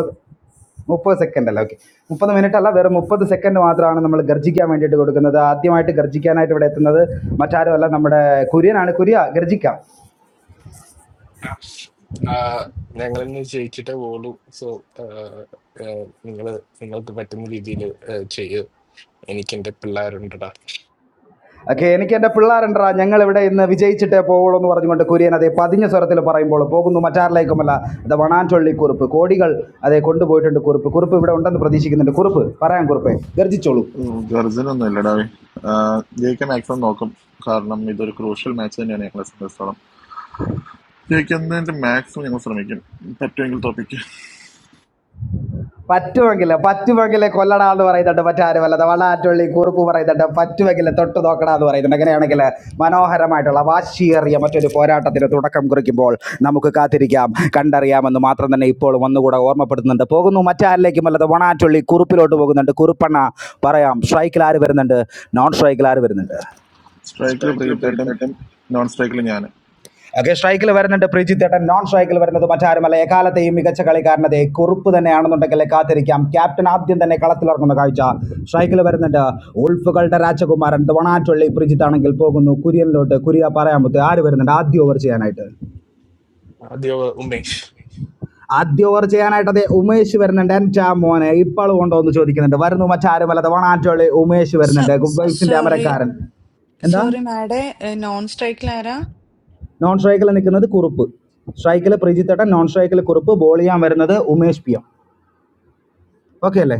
Speaker 6: മുപ്പത് സെക്കൻഡ് അല്ല ഓക്കെ മുപ്പത് മിനിറ്റ് അല്ല വെറും മുപ്പത് സെക്കൻഡ് മാത്രമാണ് നമ്മൾ ഗർജിക്കാൻ വേണ്ടിയിട്ട് കൊടുക്കുന്നത് ആദ്യമായിട്ട് ഗർജിക്കാനായിട്ട് ഇവിടെ എത്തുന്നത് മറ്റാരും അല്ല നമ്മുടെ കുര്യനാണ് കുര്യ ഗർജിക്കാം
Speaker 7: ഞങ്ങൾ ഇന്ന് ജയിച്ചിട്ടേ പോളൂ സോ നിങ്ങൾ നിങ്ങൾക്ക് പറ്റുന്ന രീതിയിൽ ചെയ്യ് എനിക്ക് എന്റെ പിള്ളേരുണ്ടടാ
Speaker 6: ഓക്കെ എനിക്ക് എൻ്റെ പിള്ളേരുണ്ടാ ഞങ്ങൾ ഇവിടെ ഇന്ന് വിജയിച്ചിട്ടേ പോവുള്ളൂ എന്ന് പറഞ്ഞുകൊണ്ട് കുര്യൻ അതേ പതിഞ്ഞ സ്വരത്തിൽ പറയുമ്പോൾ പോകുന്നു മറ്റാരിലേക്കുമല്ല അത് വണാൻചൊള്ളി കുറിപ്പ് കോടികൾ അതേ കൊണ്ടുപോയിട്ടുണ്ട് കുറിപ്പ് കുറിപ്പ് ഇവിടെ ഉണ്ടെന്ന് പ്രതീക്ഷിക്കുന്നുണ്ട് കുറിപ്പ് പറയാൻ കുറിപ്പേ ഗർജിച്ചോളൂ
Speaker 11: ഗർജനൊന്നും ഇല്ലടാ ജയിക്കാൻ മാക്സിമം നോക്കും കാരണം ഇതൊരു ക്രൂഷ്യൽ മാച്ച് തന്നെയാണ് ഞങ്ങളെ സംബന്ധിച്ചോളം ജയിക്കുന്നതിന്റെ മാക്സിമം ഞങ്ങൾ ശ്രമിക്കും പറ്റുമെങ്കിൽ തോപ്പിക്ക്
Speaker 6: പറ്റുമെങ്കില് പറ്റുമെങ്കില് കൊല്ലടാന്ന് പറയുന്നുണ്ട് മറ്റാരുമല്ലാതെ വളാറ്റുള്ളി കുറുപ്പ് പറയുന്നുണ്ട് പറ്റുമെങ്കില് തൊട്ട് നോക്കടാന്ന് പറയുന്നുണ്ട് അങ്ങനെയാണെങ്കിൽ മനോഹരമായിട്ടുള്ള വാശിയേറിയ മറ്റൊരു പോരാട്ടത്തിന് തുടക്കം കുറിക്കുമ്പോൾ നമുക്ക് കാത്തിരിക്കാം കണ്ടറിയാമെന്ന് മാത്രം തന്നെ ഇപ്പോൾ ഒന്നുകൂടെ ഓർമ്മപ്പെടുത്തുന്നുണ്ട് പോകുന്നു മറ്റാരിലേക്കും അല്ലാതെ വണാറ്റുള്ളി കുറുപ്പിലോട്ട് പോകുന്നുണ്ട് കുറുപ്പണ്ണ പറയാം സ്ട്രൈക്കിൽ ആര് വരുന്നുണ്ട് നോൺ സ്ട്രൈക്കിൽ ആര് വരുന്നുണ്ട്
Speaker 11: സ്ട്രൈക്കിൽ പ്രീതായിട്ടും നോൺ സ്ട്രൈക്കിൽ ഞാൻ
Speaker 6: ഓക്കെ സ്ട്രൈക്കിൽ വരുന്നുണ്ട് പ്രീജിത്ത് ഏട്ടൻ നോൺ സ്ട്രൈക്കിൽ വരുന്നത് മറ്റാരുമല്ല എക്കാലത്തെയും മികച്ച കളിക്കാരനത് കുറുപ്പ് തന്നെയാണെന്നുണ്ടെങ്കിൽ കാത്തിരിക്കാം ക്യാപ്റ്റൻ ആദ്യം തന്നെ കളത്തിലിറങ്ങുന്ന കാഴ്ച സ്ട്രൈക്കിൽ വരുന്നുണ്ട് ഉൾഫുകളുടെ രാജകുമാരൻ വണാറ്റുള്ളി പ്രീജിത്ത് ആണെങ്കിൽ പോകുന്നു കുര്യനിലോട്ട് കുര്യ പറയാൻ പറ്റും ആര് വരുന്നുണ്ട് ആദ്യ ഓവർ ചെയ്യാനായിട്ട്
Speaker 7: ആദ്യ ഉമേഷ്
Speaker 6: ആദ്യ ഓവർ ചെയ്യാനായിട്ട് അതെ ഉമേഷ് വരുന്നുണ്ട് എൻ്റെ മോനെ ഇപ്പോൾ ഉണ്ടോ എന്ന് ചോദിക്കുന്നുണ്ട് വരുന്നു മറ്റാരുമല്ല വണാറ്റുള്ളി ഉമേഷ് വരുന്നുണ്ട് ഗുഡ് വൈബ്സിന്റെ
Speaker 1: സോറി
Speaker 6: അമരക്കാരൻ എന്താ
Speaker 1: സോറി മാഡേ നോൺ സ്ട്രൈക്കിലാരാ
Speaker 6: നോൺ സ്ട്രൈക്കിൽ നിൽക്കുന്നത് കുറുപ്പ് സ്ട്രൈക്കിൽ പ്രിജിത്തേട്ടൻ നോൺ സ്ട്രൈക്കിൽ കുറുപ്പ് ബോൾ ചെയ്യാൻ വരുന്നത് ഉമേഷ് പി എം ഓക്കെ അല്ലേ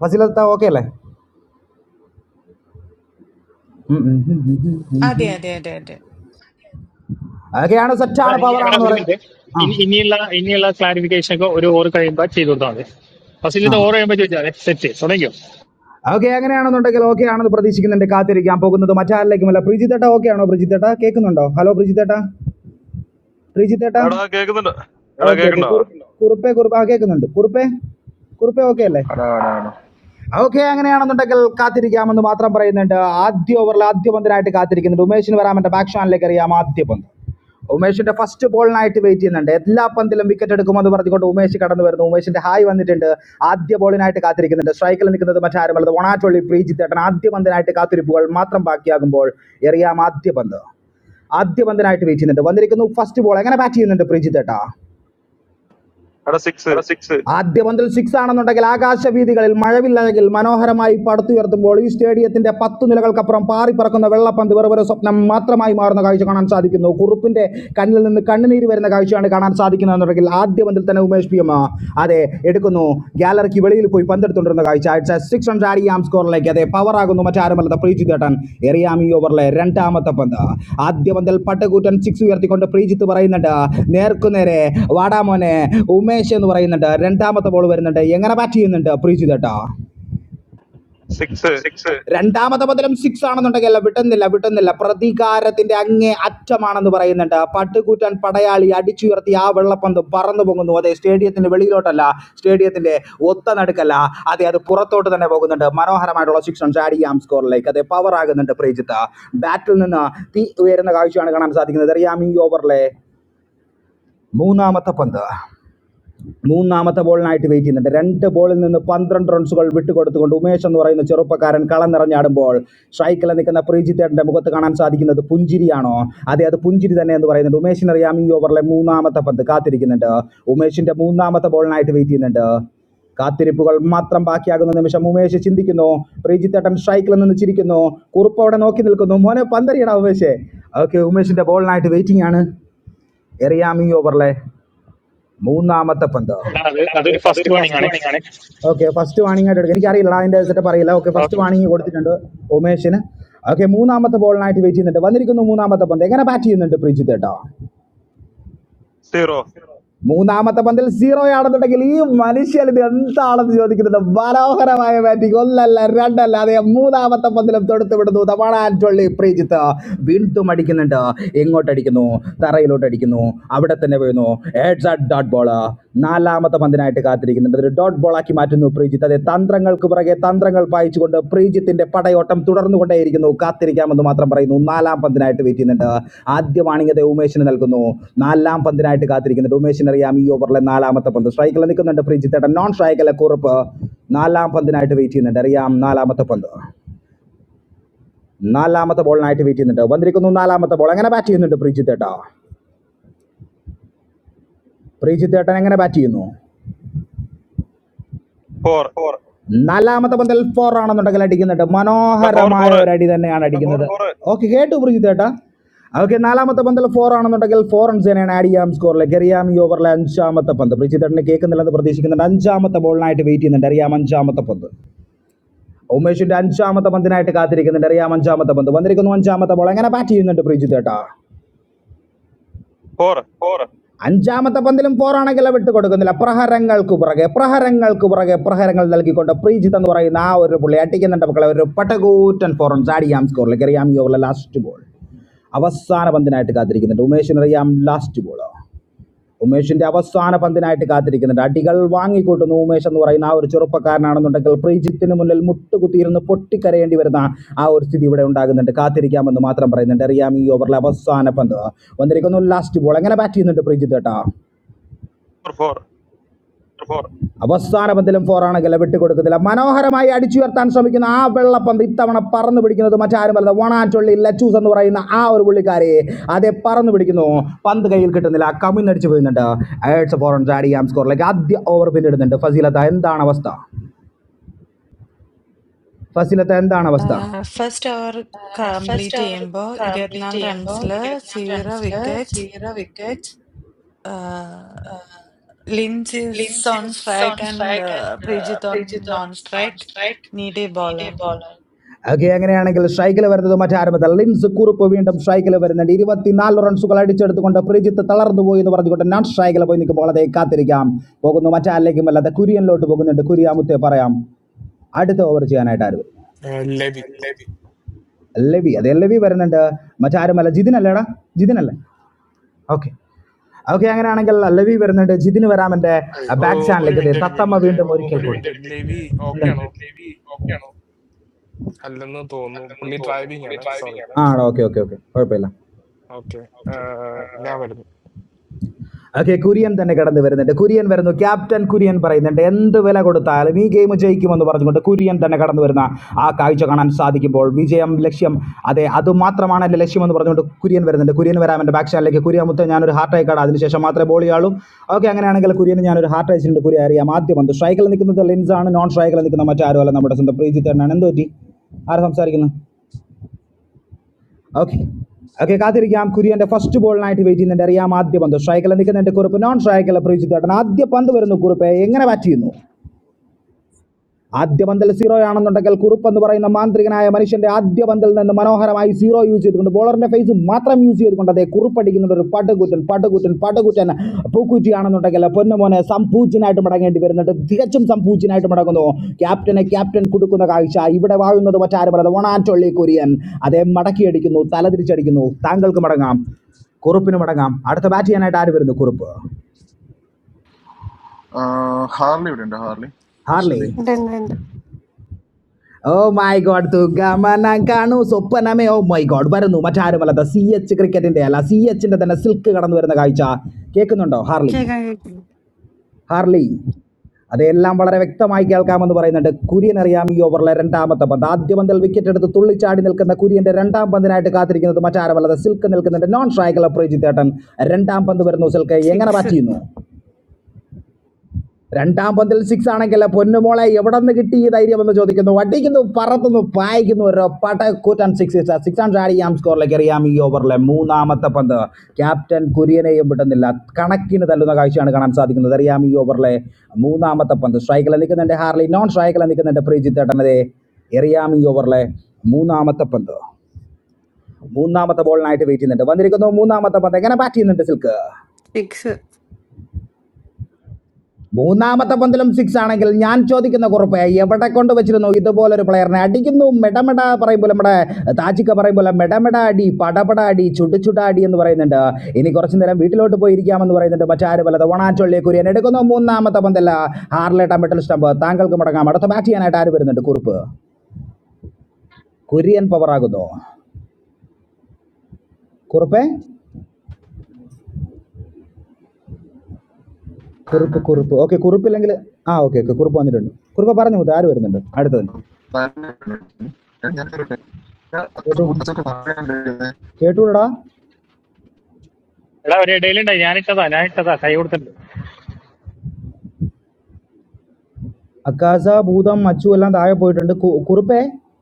Speaker 6: ഫസിലത്ത ഓക്കെ അല്ലേ ഉം ഉം ഉം ഉം ഉം ഉം
Speaker 1: അതെ
Speaker 6: ഉം.
Speaker 1: അതെ അതെ അതെ
Speaker 6: അതൊക്കെയാണ്
Speaker 10: അതാ
Speaker 6: സെറ്റാണ്
Speaker 10: ഇനി എടാ
Speaker 6: പവറാണെന്ന്
Speaker 10: ഒരു മിനിറ്റ്
Speaker 6: പറയുന്നത് ആ
Speaker 10: ഇനി ഇനിയുള്ള ഇനിയുള്ള ക്ലാരിഫിക്കേഷൻ ഒക്കെ ഒരു ഓവർ കഴിയുമ്പോൾ ചെയ്ത് കൊടുത്താൽ മതി ഫസ്റ്റിലത്തെ ഓവർ
Speaker 6: ആ
Speaker 10: കഴിയുമ്പോൾ ചോദിച്ചാൽ സെറ്റ് തുടങ്ങിയോ
Speaker 6: ഓക്കെ അങ്ങനെയാണെന്നുണ്ടെങ്കിൽ ഓക്കെ ആണെന്ന് പ്രതീക്ഷിക്കുന്നുണ്ട് കാത്തിരിക്കാൻ പോകുന്നത് മറ്റാരിലേക്കുമല്ല പ്രിജിത്തേട്ട ഓക്കെ ആണോ പ്രിജിത്തേട്ട കേൾക്കുന്നുണ്ടോ ഹലോ പ്രിജിത്തേട്ട പ്രിജിത്തേട്ട
Speaker 3: എടാ കേക്കുന്നുണ്ട് എടാ
Speaker 6: ഓക്കെ ഓക്കെ
Speaker 3: കേക്കണ്ടോ
Speaker 6: കുറുപ്പ് കുറുപ്പേ കുറുപ്പ് ആ കേൾക്കുന്നുണ്ട് കുറുപ്പേ കുറുപ്പേ ഓക്കെ അല്ലേ
Speaker 11: അടാ അടാ അടാ
Speaker 6: ഓക്കെ അങ്ങനെയാണെന്നുണ്ടെങ്കിൽ കാത്തിരിക്കാമെന്ന് മാത്രം പറയുന്നുണ്ട് ആദ്യ ഓവറിൽ ആദ്യ പന്തിനായിട്ട് കാത്തിരിക്കുന്നുണ്ട് ഉമേഷിന് വരാമെന്റെ ബാക്ക് ഷാനിലേക്ക് അറിയാം ആദ്യ പന്ത് ഉമേഷിന്റെ ഫസ്റ്റ് ബോളിനായിട്ട് വെയിറ്റ് ചെയ്യുന്നുണ്ട് എല്ലാ പന്തിലും വിക്കറ്റ് എടുക്കുമെന്ന് പറഞ്ഞുകൊണ്ട് ഉമേഷ് കടന്നു വരുന്നു ഉമേഷിന്റെ ഹായ് വന്നിട്ടുണ്ട് ആദ്യ ബോളിനായിട്ട് കാത്തിരിക്കുന്നുണ്ട് സ്ട്രൈക്കിൽ നിൽക്കുന്നത് മറ്റാരുമല്ലത് ഒണാറ്റൊള്ളി പ്രീജിത്ത് ഏട്ടൻ ആദ്യ പന്തിനായിട്ട് കാത്തിരിപ്പുകൾ മാത്രം ബാക്കിയാകുമ്പോൾ എറിയാം ആദ്യ പന്ത് ആദ്യ പന്തിനായിട്ട് വെയിറ്റ് ചെയ്യുന്നുണ്ട് വന്നിരിക്കുന്നു ഫസ്റ്റ് ബോൾ എങ്ങനെ ബാറ്റ് ചെയ്യുന്നുണ്ട് പ്രീജിത്ത് ഏട്ടാ
Speaker 3: എടാ സിക്സ്
Speaker 6: ആദ്യ പന്തിൽ സിക്സ് ആണെന്നുണ്ടെങ്കിൽ ആകാശവീതികളിൽ മഴവില്ലഴകിൽ മനോഹരമായി പടുത്തുയർത്തുമ്പോൾ ഈ സ്റ്റേഡിയത്തിന്റെ പത്ത് നിലകൾക്കപ്പുറം പാറി പറക്കുന്ന വെള്ളപ്പന്ത് വെറും ഒരു സ്വപ്നം മാത്രമായി മാറുന്ന കാഴ്ച കാണാൻ സാധിക്കുന്നു കുറുപ്പിന്റെ കണ്ണിൽ നിന്ന് കണ്ണുനീര് വരുന്ന കാഴ്ചയാണ് കാണാൻ സാധിക്കുന്നതെന്നുണ്ടെങ്കിൽ ആദ്യ പന്തിൽ തന്നെ ഉമേഷ് പി എം അതെ എടുക്കുന്നു ഗാലറിക്ക് വെളിയിൽ പോയി പന്തെടുത്തുകൊണ്ടിരുന്ന കാഴ്ച അടിച്ച സിക്സ് റൺസ് ആഡ് ചെയ്യാം സ്കോറിലേക്ക് അതെ പവറാകുന്നു മറ്റാരുമല്ലാത്ത പ്രീജിത്ത് ഏട്ടൻ എറിയാം ഈ ഓവറിലെ രണ്ടാമത്തെ പന്ത് ആദ്യ പന്തിൽ പട്ടകൂറ്റൻ സിക്സ് ഉയർത്തിക്കൊണ്ട് പ്രീജിത്ത് പറയുന്നുണ്ട് നേർക്കുനേരെ വാടാമോനെ ഉമേഷ് എന്ന് പറയുന്നുണ്ട് രണ്ടാമത്തെ ബോൾ വരുന്നുണ്ട് എങ്ങനെ ബാറ്റ് ചെയ്യുന്നുണ്ട് പ്രീജിത്ത് ഏട്ടാ
Speaker 3: സിക്സ്
Speaker 6: രണ്ടാമത്തെ പദം സിക്സ് ആണെന്നുണ്ടെങ്കിൽ അല്ല വിട്ടുന്നില്ല വിട്ടുന്നില്ല പ്രതികാരത്തിന്റെ അങ്ങേ അറ്റമാണെന്ന് പറയുന്നുണ്ട് പട്ടുകൂറ്റൻ പടയാളി അടിച്ചുയർത്തി ആ വെള്ളപ്പന്ത് പറന്നു പോകുന്നു അതെ സ്റ്റേഡിയത്തിന്റെ വെളിയിലോട്ടല്ല സ്റ്റേഡിയത്തിന്റെ ഒത്ത നടുക്കല്ല അതെ അത് പുറത്തോട്ട് തന്നെ പോകുന്നുണ്ട് മനോഹരമായിട്ടുള്ള സിക്സ് റൺസ് ആഡ് ചെയ്യാം സ്കോറിലേക്ക് അതെ പവർ ആകുന്നുണ്ട് പ്രീജിത്ത് ബാറ്റിൽ നിന്ന് തീ ഉയരുന്ന കാഴ്ചയാണ് കാണാൻ സാധിക്കുന്നത് അറിയാം ഈ ഓവറിലെ മൂന്നാമത്തെ പന്ത് മൂന്നാമത്തെ ബോളിനായിട്ട് വെയിറ്റ് ചെയ്യുന്നുണ്ട് രണ്ട് ബോളിൽ നിന്ന് പന്ത്രണ്ട് റൺസുകൾ വിട്ടുകൊടുത്തുകൊണ്ട് ഉമേഷ് എന്ന് പറയുന്ന ചെറുപ്പക്കാരൻ കളം നിറഞ്ഞാടുമ്പോൾ സ്ട്രൈക്കിൽ നിൽക്കുന്ന പ്രീജിത്തേട്ടൻ്റെ മുഖത്ത് കാണാൻ സാധിക്കുന്നത് പുഞ്ചിരിയാണോ അതെ അത് പുഞ്ചിരി തന്നെ എന്ന് പറയുന്നുണ്ട് ഉമേഷിനറിയാം ഈ ഓവറിലെ മൂന്നാമത്തെ പന്ത് കാത്തിരിക്കുന്നുണ്ട് ഉമേഷിൻ്റെ മൂന്നാമത്തെ ബോളിനായിട്ട് വെയിറ്റ് ചെയ്യുന്നുണ്ട് കാത്തിരിപ്പുകൾ മാത്രം ബാക്കിയാകുന്ന നിമിഷം ഉമേഷ് ചിന്തിക്കുന്നു പ്രീജിത്തേട്ടൻ സ്ട്രൈക്കിൽ നിന്ന് ചിരിക്കുന്നു കുറുപ്പ് അവിടെ നോക്കി നിൽക്കുന്നു മോനെ പന്തരിയടാ ഉമേഷേ ഓക്കെ ഉമേഷിൻ്റെ ബോളിനായിട്ട് വെയിറ്റിംഗ് ആണ് എറിയാം ഈ ഓവറിലെ മൂന്നാമത്തെ പന്ത്
Speaker 10: എടാ അത് അതൊരു ഫസ്റ്റ് വാണിംഗ് ആണ്
Speaker 6: ഓക്കെ ഫസ്റ്റ് വാണിംഗ് ആയിട്ട് എടുക്കുക എനിക്കറിയില്ല അതിൻ്റെ സെറ്റപ്പ് അറിയില്ല ഓക്കെ ഫസ്റ്റ്
Speaker 10: ഓക്കെ
Speaker 6: വാണിംഗ് കൊടുത്തിട്ടുണ്ട് ഉമേഷിന് ഓക്കെ മൂന്നാമത്തെ ബോളിനായിട്ട് വെയിറ്റ് ചെയ്യുന്നുണ്ട് വന്നിരിക്കുന്നു മൂന്നാമത്തെ പന്ത് എങ്ങനെ ബാറ്റ് ചെയ്യുന്നുണ്ട് പ്രീജിത്ത് കേട്ടോ
Speaker 3: സീറോ
Speaker 6: മൂന്നാമത്തെ പന്തിൽ സീറോ ആണെന്നുണ്ടെങ്കിൽ ഈ മനുഷ്യൻ ഇത് എന്താണെന്ന് ചോദിക്കുന്നുണ്ട് മനോഹരമായ ബാറ്റിംഗ് ഒന്നല്ല രണ്ടല്ല അതെ മൂന്നാമത്തെ പന്തിലും തൊടുത്ത് വിടുന്നു തമാണ ആൻറ്റോളി പ്രീജിത്ത് വീണ്ടും അടിക്കുന്നുണ്ട് എങ്ങോട്ട് അടിക്കുന്നു തറയിലോട്ട് അടിക്കുന്നു അവിടെ തന്നെ വീഴുന്നു ഹെഡ്സ് ആൻഡ് ഡോട്ട് ബോൾ നാലാമത്തെ പന്തിനായിട്ട് കാത്തിരിക്കുന്നുണ്ട് അതൊരു ഡോട്ട് ബോളാക്കി മാറ്റുന്നു പ്രീജിത്ത് അതെ തന്ത്രങ്ങൾക്ക് പുറകെ തന്ത്രങ്ങൾ പായിച്ചുകൊണ്ട് പ്രീജിത്തിന്റെ പടയോട്ടം തുടർന്നുകൊണ്ടേയിരിക്കുന്നു കാത്തിരിക്കാമെന്ന് മാത്രം പറയുന്നു നാലാം പന്തിനായിട്ട് വെയിറ്റ് ചെയ്യുന്നുണ്ട് ആദ്യ വാണിംഗ് അതെ ഉമേഷിന് നൽകുന്നു നാലാം പന്തിനായിട്ട് കാത്തിരിക്കുന്നുണ്ട് ഉമേഷിന് അറിയാം ഈ ഓവറിലെ നാലാമത്തെ പന്ത് സ്ട്രൈക്കിൽ നിൽക്കുന്നുണ്ട് പ്രീജിത്തേട്ടൻ നോൺ സ്ട്രൈക്കിലെ കുറിപ്പ് നാലാം പന്തിനായിട്ട് വെയിറ്റ് ചെയ്യുന്നുണ്ട് അറിയാം നാലാമത്തെ പന്ത് നാലാമത്തെ ബോളിനായിട്ട് വെയിറ്റ് ചെയ്യുന്നുണ്ട് വന്നിരിക്കുന്നു നാലാമത്തെ ബോൾ എങ്ങനെ ബാറ്റ് ചെയ്യുന്നുണ്ട് പ്രീജിത്തേട്ടാ പ്രീജിത്തേട്ടൻ എങ്ങനെ ബാറ്റ് ചെയ്യുന്നു
Speaker 3: ഫോർ
Speaker 6: നാലാമത്തെ പന്തൽ ഫോർ ആണെന്നുണ്ടെങ്കിൽ അടിക്കുന്നുണ്ട്
Speaker 3: എടാ ഫോർ
Speaker 6: മനോഹരമായ
Speaker 3: ഫോർ
Speaker 6: ഒരു അടി തന്നെയാണ് അടിക്കുന്നത് ഓക്കെ കേട്ടു പ്രീത് ചേട്ടാ ഓക്കെ നാലാമത്തെ പന്തൽ ഫോർ ആണെന്നുണ്ടെങ്കിൽ ഫോർ റൺസിനെയാണ് ആഡ് ചെയ്യാം സ്കോറിലേക്ക് അറിയാം ഈ ഓവറിലെ അഞ്ചാമത്തെ പന്ത് പ്രീജിത്തേട്ടന് കേൾക്കുന്നില്ലെന്ന് പ്രതീക്ഷിക്കുന്നുണ്ട് അഞ്ചാമത്തെ ബോളിനായിട്ട് വെയിറ്റ് ചെയ്യുന്നുണ്ട് അറിയാം അഞ്ചാമത്തെ പന്ത് ഉമേഷിന്റെ അഞ്ചാമത്തെ പന്തിനായിട്ട് കാത്തിരിക്കുന്നുണ്ട് അറിയാം അഞ്ചാമത്തെ പന്ത് വന്നിരിക്കുന്നു അഞ്ചാമത്തെ ബോൾ എങ്ങനെ ബാറ്റ് ചെയ്യുന്നുണ്ട് പ്രീജിത്തേട്ടാ
Speaker 3: ഫോർ
Speaker 6: അഞ്ചാമത്തെ പന്തിലും ഫോറാണെങ്കിൽ വിട്ട് കൊടുക്കുന്നില്ല പ്രഹരങ്ങൾക്ക് പുറകെ പ്രഹരങ്ങൾക്ക് പുറകെ പ്രഹരങ്ങൾ നൽകിക്കൊണ്ട് പ്രീജിത്ത് എന്ന് പറയുന്ന ആ ഒരു പുള്ളി അട്ടിക്കുന്നുണ്ട് മക്കളെ ഒരു പട്ടകൂറ്റൻ ഫോറൻ ചാടിയാം സ്കോറിലേക്ക് അറിയാം ഈ ഓവറിലെ ലാസ്റ്റ് ബോൾ അവസാന പന്തിനായിട്ട് കാത്തിരിക്കുന്നുണ്ട് ഉമേഷിന് അറിയാം ലാസ്റ്റ് ബോളോ ഉമേഷിന്റെ അവസാന പന്തിനായിട്ട് കാത്തിരിക്കുന്നുണ്ട് അടികൾ വാങ്ങിക്കൂട്ടുന്ന ഉമേഷ് എന്ന് പറയുന്ന ആ ഒരു ചെറുപ്പക്കാരനാണെന്നുണ്ടെങ്കിൽ പ്രീജിത്തിന് മുന്നിൽ മുട്ടുകുത്തിയിരുന്ന് പൊട്ടിക്കരയേണ്ടി വരുന്ന ആ ഒരു സ്ഥിതി ഇവിടെ ഉണ്ടാകുന്നുണ്ട് കാത്തിരിക്കാമെന്ന് മാത്രം പറയുന്നുണ്ട് അറിയാം ഈ ഓവറിലെ അവസാന പന്ത് വന്നിരിക്കുന്നു ലാസ്റ്റ് ബോൾ എങ്ങനെ ബാറ്റ് ചെയ്യുന്നുണ്ട് പ്രീജിത്ത് കേട്ടോ
Speaker 3: ഫോർ ഫോർ
Speaker 6: അവസാന പന്തിലും ഫോറാണ് വിട്ട് കൊടുക്കത്തില്ല മനോഹരമായി അടിച്ചുയർത്താൻ ശ്രമിക്കുന്ന ആ വെള്ളപ്പന്ത് ഇത്തവണ പറന്നു പിടിക്കുന്നത് മറ്റാരുമല്ല വണാറ്റൊള്ളി ലച്ചൂസ് എന്ന് പറയുന്ന ആ ഒരു പുള്ളിക്കാരെ അതെ പറന്നു പിടിക്കുന്നു പന്ത് കയ്യിൽ കിട്ടുന്നില്ല കമിന്നടിച്ച് പോയിരുന്നുണ്ട് എയ്ഡ്സ് ഫോർ റൺസ് ആഡ് ചെയ്യാം സ്കോറിലേക്ക് ആദ്യ ഓവർ പിന്നിടുന്നുണ്ട് ഫസീലത്ത എന്താണ് അവസ്ഥ ഫസീലത്ത എന്താണ് അവസ്ഥ
Speaker 1: ഫസ്റ്റ് ഓവർ കംപ്ലീറ്റ് ചെയ്യുമ്പോൾ ഇരുപത്തിനാല് റൺസിൽ zero wicket Uh, Lynch is on strike and uh, Prejeet on non-strike. Need a bowler.
Speaker 6: Okay അങ്ങനെയാണെങ്കിൽ സ്ട്രൈക്കിൽ വരുന്നത് മറ്റാരുമല്ല ലിൻസ് കുറുപ്പ് വീണ്ടും സ്ട്രൈക്കിൽ വരുന്നുണ്ട് ഇരുപത്തിനാല് റൺസുകൾ അടിച്ചെടുത്തുകൊണ്ട് പ്രിജിത്ത് തളർന്നു പോയി എന്ന് പറഞ്ഞുകൊണ്ട് നോൺ സ്ട്രൈക്കിൽ പോയി നിൽക്കുമ്പോൾ അതേ കാത്തിരിക്കാം പോകുന്നു മറ്റാരിലേക്കും അല്ലാതെ കുര്യനിലോട്ട് പോകുന്നുണ്ട് കുര്യ മുത്തേ പറയാം അടുത്ത ഓവർ ചെയ്യാനായിട്ട് ആര് വരും
Speaker 7: ആഹ് ലവി
Speaker 6: ലവി അതെ ലവി വരുന്നുണ്ട് മറ്റാരുമല്ല ജിതിനല്ലേടാ ജിതിനല്ലേ ഓക്കെ ഓക്കെ അങ്ങനെയാണെങ്കിൽ ലവി വരുന്നുണ്ട് ജിതിന് വരാം എൻ്റെ
Speaker 7: ഏയ്, ഓ,
Speaker 6: ബാക്ക്
Speaker 7: ഒരു
Speaker 6: ചാനലിലേക്ക് അതെ
Speaker 7: മിനിറ്റ് ഒരു
Speaker 6: തത്തമ്മ
Speaker 7: മിനിറ്റ്
Speaker 6: വീണ്ടും ഒരിക്കൽ
Speaker 7: ഒരു
Speaker 6: കൂടി
Speaker 7: മിനിറ്റ് ലവി ഓക്കെ
Speaker 6: എന്താ?
Speaker 7: ആണോ അല്ലെന്ന് തോന്നുന്നു പുള്ളി ഡ്രൈവിംഗ് ആണ് സോറി
Speaker 6: ആ ഓക്കെ ഓക്കെ ഓക്കെ കുഴപ്പമില്ല
Speaker 7: ഓക്കെ ഞാൻ വരുന്നു
Speaker 6: ഓക്കെ കുര്യൻ തന്നെ കടന്നു വരുന്നുണ്ട് കുര്യൻ വരുന്നു ക്യാപ്റ്റൻ കുര്യൻ പറയുന്നുണ്ട് എന്ത് വില കൊടുത്താലും ഈ ഗെയിം ജയിക്കുമെന്ന് പറഞ്ഞുകൊണ്ട് കുര്യൻ തന്നെ കടന്നു വരുന്ന ആ കാഴ്ച കാണാൻ സാധിക്കുമ്പോൾ വിജയം ലക്ഷ്യം അതെ അതുമാത്രമാണ് എൻ്റെ ലക്ഷ്യം എന്ന് പറഞ്ഞുകൊണ്ട് കുര്യൻ വരുന്നുണ്ട് കുര്യൻ വരാം എൻ്റെ ബാക്ക് ഷാനിലേക്ക് കുര്യൻ മുത്ത ഞാനൊരു ഹാർട്ട് അയക്കാട് അതിനുശേഷം മാത്രമേ ബോൾ ചെയ്യാളൂ ഓക്കെ അങ്ങനെയാണെങ്കിൽ കുര്യന് ഞാനൊരു ഹാർട്ട് അയച്ചിട്ടുണ്ട് കുര്യൻ അറിയാം ആദ്യം വന്നു സ്ട്രൈക്കിൽ നിൽക്കുന്നത് ലെൻസാണ് നോൺ സ്ട്രൈക്കിൽ നിൽക്കുന്ന മറ്റാരും അല്ല നമ്മുടെ സ്വന്തം പ്രീജിത്ത് തന്നെയാണ് എന്ത് പറ്റി ആരാ സംസാരിക്കുന്നത് ഓക്കെ ഓക്കെ കാത്തിരിക്കാം കുര്യന്റെ ഫസ്റ്റ് ബോളിനായിട്ട് വെയിറ്റ് ചെയ്യുന്നുണ്ട് അറിയാം ആദ്യ പന്ത് സ്ട്രൈക്കിൽ നിൽക്കുന്നുണ്ട് കുറിപ്പ് നോൺ സ്ട്രൈക്കിൽ പ്രവീക്ഷിച്ചേട്ടൻ ആദ്യ പന്ത് വരുന്നു കുറിപ്പ് എങ്ങനെ ബാറ്റ് ചെയ്യുന്നു ആദ്യ പന്തൽ സീറോ ആണെന്നുണ്ടെങ്കിൽ കുറുപ്പ് എന്ന് പറയുന്ന മാന്ത്രികനായ മനുഷ്യന്റെ ആദ്യ പന്തൽ നിന്ന് മനോഹരമായി സീറോ യൂസ് ചെയ്തുകൊണ്ട് ബോളറിന്റെ ഫേസ് മാത്രം യൂസ് ചെയ്തുകൊണ്ട് അതേ കുറുപ്പടിക്കുന്നുണ്ട് ഒരു പടുകുറ്റൻ പടുകുറ്റൻ പടുകുറ്റൻ പൂക്കുറ്റി ആണെന്നുണ്ടെങ്കിൽ പൊന്നുമോനെ സംപൂജ്യനായിട്ട് മടങ്ങേണ്ടി വരുന്നുണ്ട് തികച്ചും സംപൂജ്യനായിട്ട് മടങ്ങുന്നു ക്യാപ്റ്റനെ ക്യാപ്റ്റൻ കൊടുക്കുന്ന കാഴ്ച ഇവിടെ വാഴുന്നത് മറ്റാരുമല്ലാതെ ഒണാറ്റൊള്ളി കൊരിയൻ അതേ മടക്കിയടിക്കുന്നു തലതിരിച്ചടിക്കുന്നു താങ്കൾക്ക് മടങ്ങാം കുറുപ്പിന് മടങ്ങാം അടുത്ത ബാറ്റ് ചെയ്യാനായിട്ട് ആര് വരുന്നു കുറുപ്പ്
Speaker 11: ആ, ഹാർലി ഇവിടെ ഉണ്ട് Harley
Speaker 6: Harley
Speaker 11: Aswathi
Speaker 13: Then, then,
Speaker 6: oh my god തൂക്കാമനം കാണൂ സ്വപ്നമേ ഓ മൈ ഗോഡ് വരുന്നു മറ്റാരുമല്ലാത്ത സി എച്ച് ക്രിക്കറ്റിൻ്റെ അല്ല സി എച്ചിൻ്റെ തന്നെ സിൽക്ക് കടന്നു വരുന്ന കാഴ്ച കേൾക്കുന്നുണ്ടോ ഹാർലി
Speaker 13: check and
Speaker 6: ഹാർലി അതെല്ലാം വളരെ വ്യക്തമായി കേൾക്കാമെന്ന് പറയുന്നുണ്ട് കുര്യൻ അറിയാം ഈ ഓവറിലെ രണ്ടാമത്തെ പന്ത് ആദ്യ പന്തിൽ വിക്കറ്റ് എടുത്ത് തുള്ളിച്ചാടി നിൽക്കുന്ന കുര്യൻ്റെ രണ്ടാം പന്തിനായിട്ട് കാത്തിരിക്കുന്നത് മറ്റാരുമല്ലാതെ സിൽക്ക് നിൽക്കുന്നുണ്ട് നോൺ സ്ട്രൈക്കല പ്രേജിത്തേട്ടൻ രണ്ടാം പന്ത് വരുന്നു സിൽക്ക്
Speaker 13: check,
Speaker 6: എങ്ങനെ ബാറ്റ് ചെയ്യുന്നു
Speaker 13: check,
Speaker 6: രണ്ടാം പന്തിൽ സിക്സ് ആണെങ്കിൽ പൊന്നുമോളെ എവിടെ നിന്ന് കിട്ടി ഈ ധൈര്യം എന്ന് ചോദിക്കുന്നു അടിക്കുന്നു പറത്തുന്നു പായിക്കുന്നു ഒരു പട കൂറ്റൻ സിക്സ് സിക്സ് ആൻഡ് ആം സ്കോറിലേക്ക് അറിയാം ഈ ഓവറിലെ മൂന്നാമത്തെ പന്ത് ക്യാപ്റ്റൻ കുര്യനെയും വിട്ടുന്നില്ല കണക്കിന് തല്ലുന്ന കാഴ്ചയാണ് കാണാൻ സാധിക്കുന്നത് അറിയാം ഈ ഓവറിലെ മൂന്നാമത്തെ പന്ത് സ്ട്രൈക്കിൽ നിൽക്കുന്നുണ്ട് ഹാർലി നോൺ സ്ട്രൈക്കിൽ നിൽക്കുന്നുണ്ട് പ്രീജിത്ത് ഏട്ടനതെ എറിയാം ഈ ഓവറിലെ മൂന്നാമത്തെ പന്ത് മൂന്നാമത്തെ ബോളിനായിട്ട് വെയിറ്റ് ചെയ്യുന്നുണ്ട് വന്നിരിക്കുന്നു മൂന്നാമത്തെ പന്ത് എങ്ങനെ ബാറ്റ് ചെയ്യുന്നുണ്ട് സിൽക്ക്
Speaker 13: check.
Speaker 6: മൂന്നാമത്തെ പന്തിലും സിക്സ് ആണെങ്കിൽ ഞാൻ ചോദിക്കുന്ന കുറിപ്പ് എവിടെ കൊണ്ട് വെച്ചിരുന്നു ഇതുപോലൊരു പ്ലെയറിനെ അടിക്കുന്നു മെടമെട പറയുമ്പോൾ നമ്മുടെ താജിക്ക പറയുമ്പോൾ മെടമെട അടി പടപട അടി ചുടുചുട അടി എന്ന് പറയുന്നുണ്ട് ഇനി കുറച്ചു നേരം വീട്ടിലോട്ട് പോയിരിക്കാമെന്ന് പറയുന്നുണ്ട് മറ്റാരും വല്ലത് ഒണാച്ചൊള്ളി കുര്യൻ എടുക്കുന്നു മൂന്നാമത്തെ പന്തല്ല ഹാർലേട്ട മെഡൽ സ്റ്റംപ് താങ്കൾക്ക് മടങ്ങാം അടുത്ത ബാറ്റ് ചെയ്യാനായിട്ട് ആര് വരുന്നുണ്ട് കുറിപ്പ് കുര്യൻ പവർ ആകുന്നു കുറുപ്പേ കുറുപ്പ് കുറുപ്പ് ഓക്കെ കുറുപ്പില്ലെങ്കിൽ ആ ഓക്കെ ഓക്കെ കുറുപ്പ് വന്നിട്ടുണ്ട് കുറുപ്പ് പറഞ്ഞു മുത്ത് ആര് വരുന്നുണ്ട് അടുത്തത്
Speaker 11: എടാ
Speaker 6: കേട്ടു കേട്ടൂടാ
Speaker 10: എടാ ഒരു ഇടയിലുണ്ടായി ഞാൻ ഇട്ടതാ ഞാൻ ഇട്ടതാ കൈ കൊടുത്തിട്ടുണ്ട്
Speaker 6: അക്കാസ ഭൂതം മച്ചു എല്ലാം താഴെ പോയിട്ടുണ്ട് കു- കുറുപ്പേ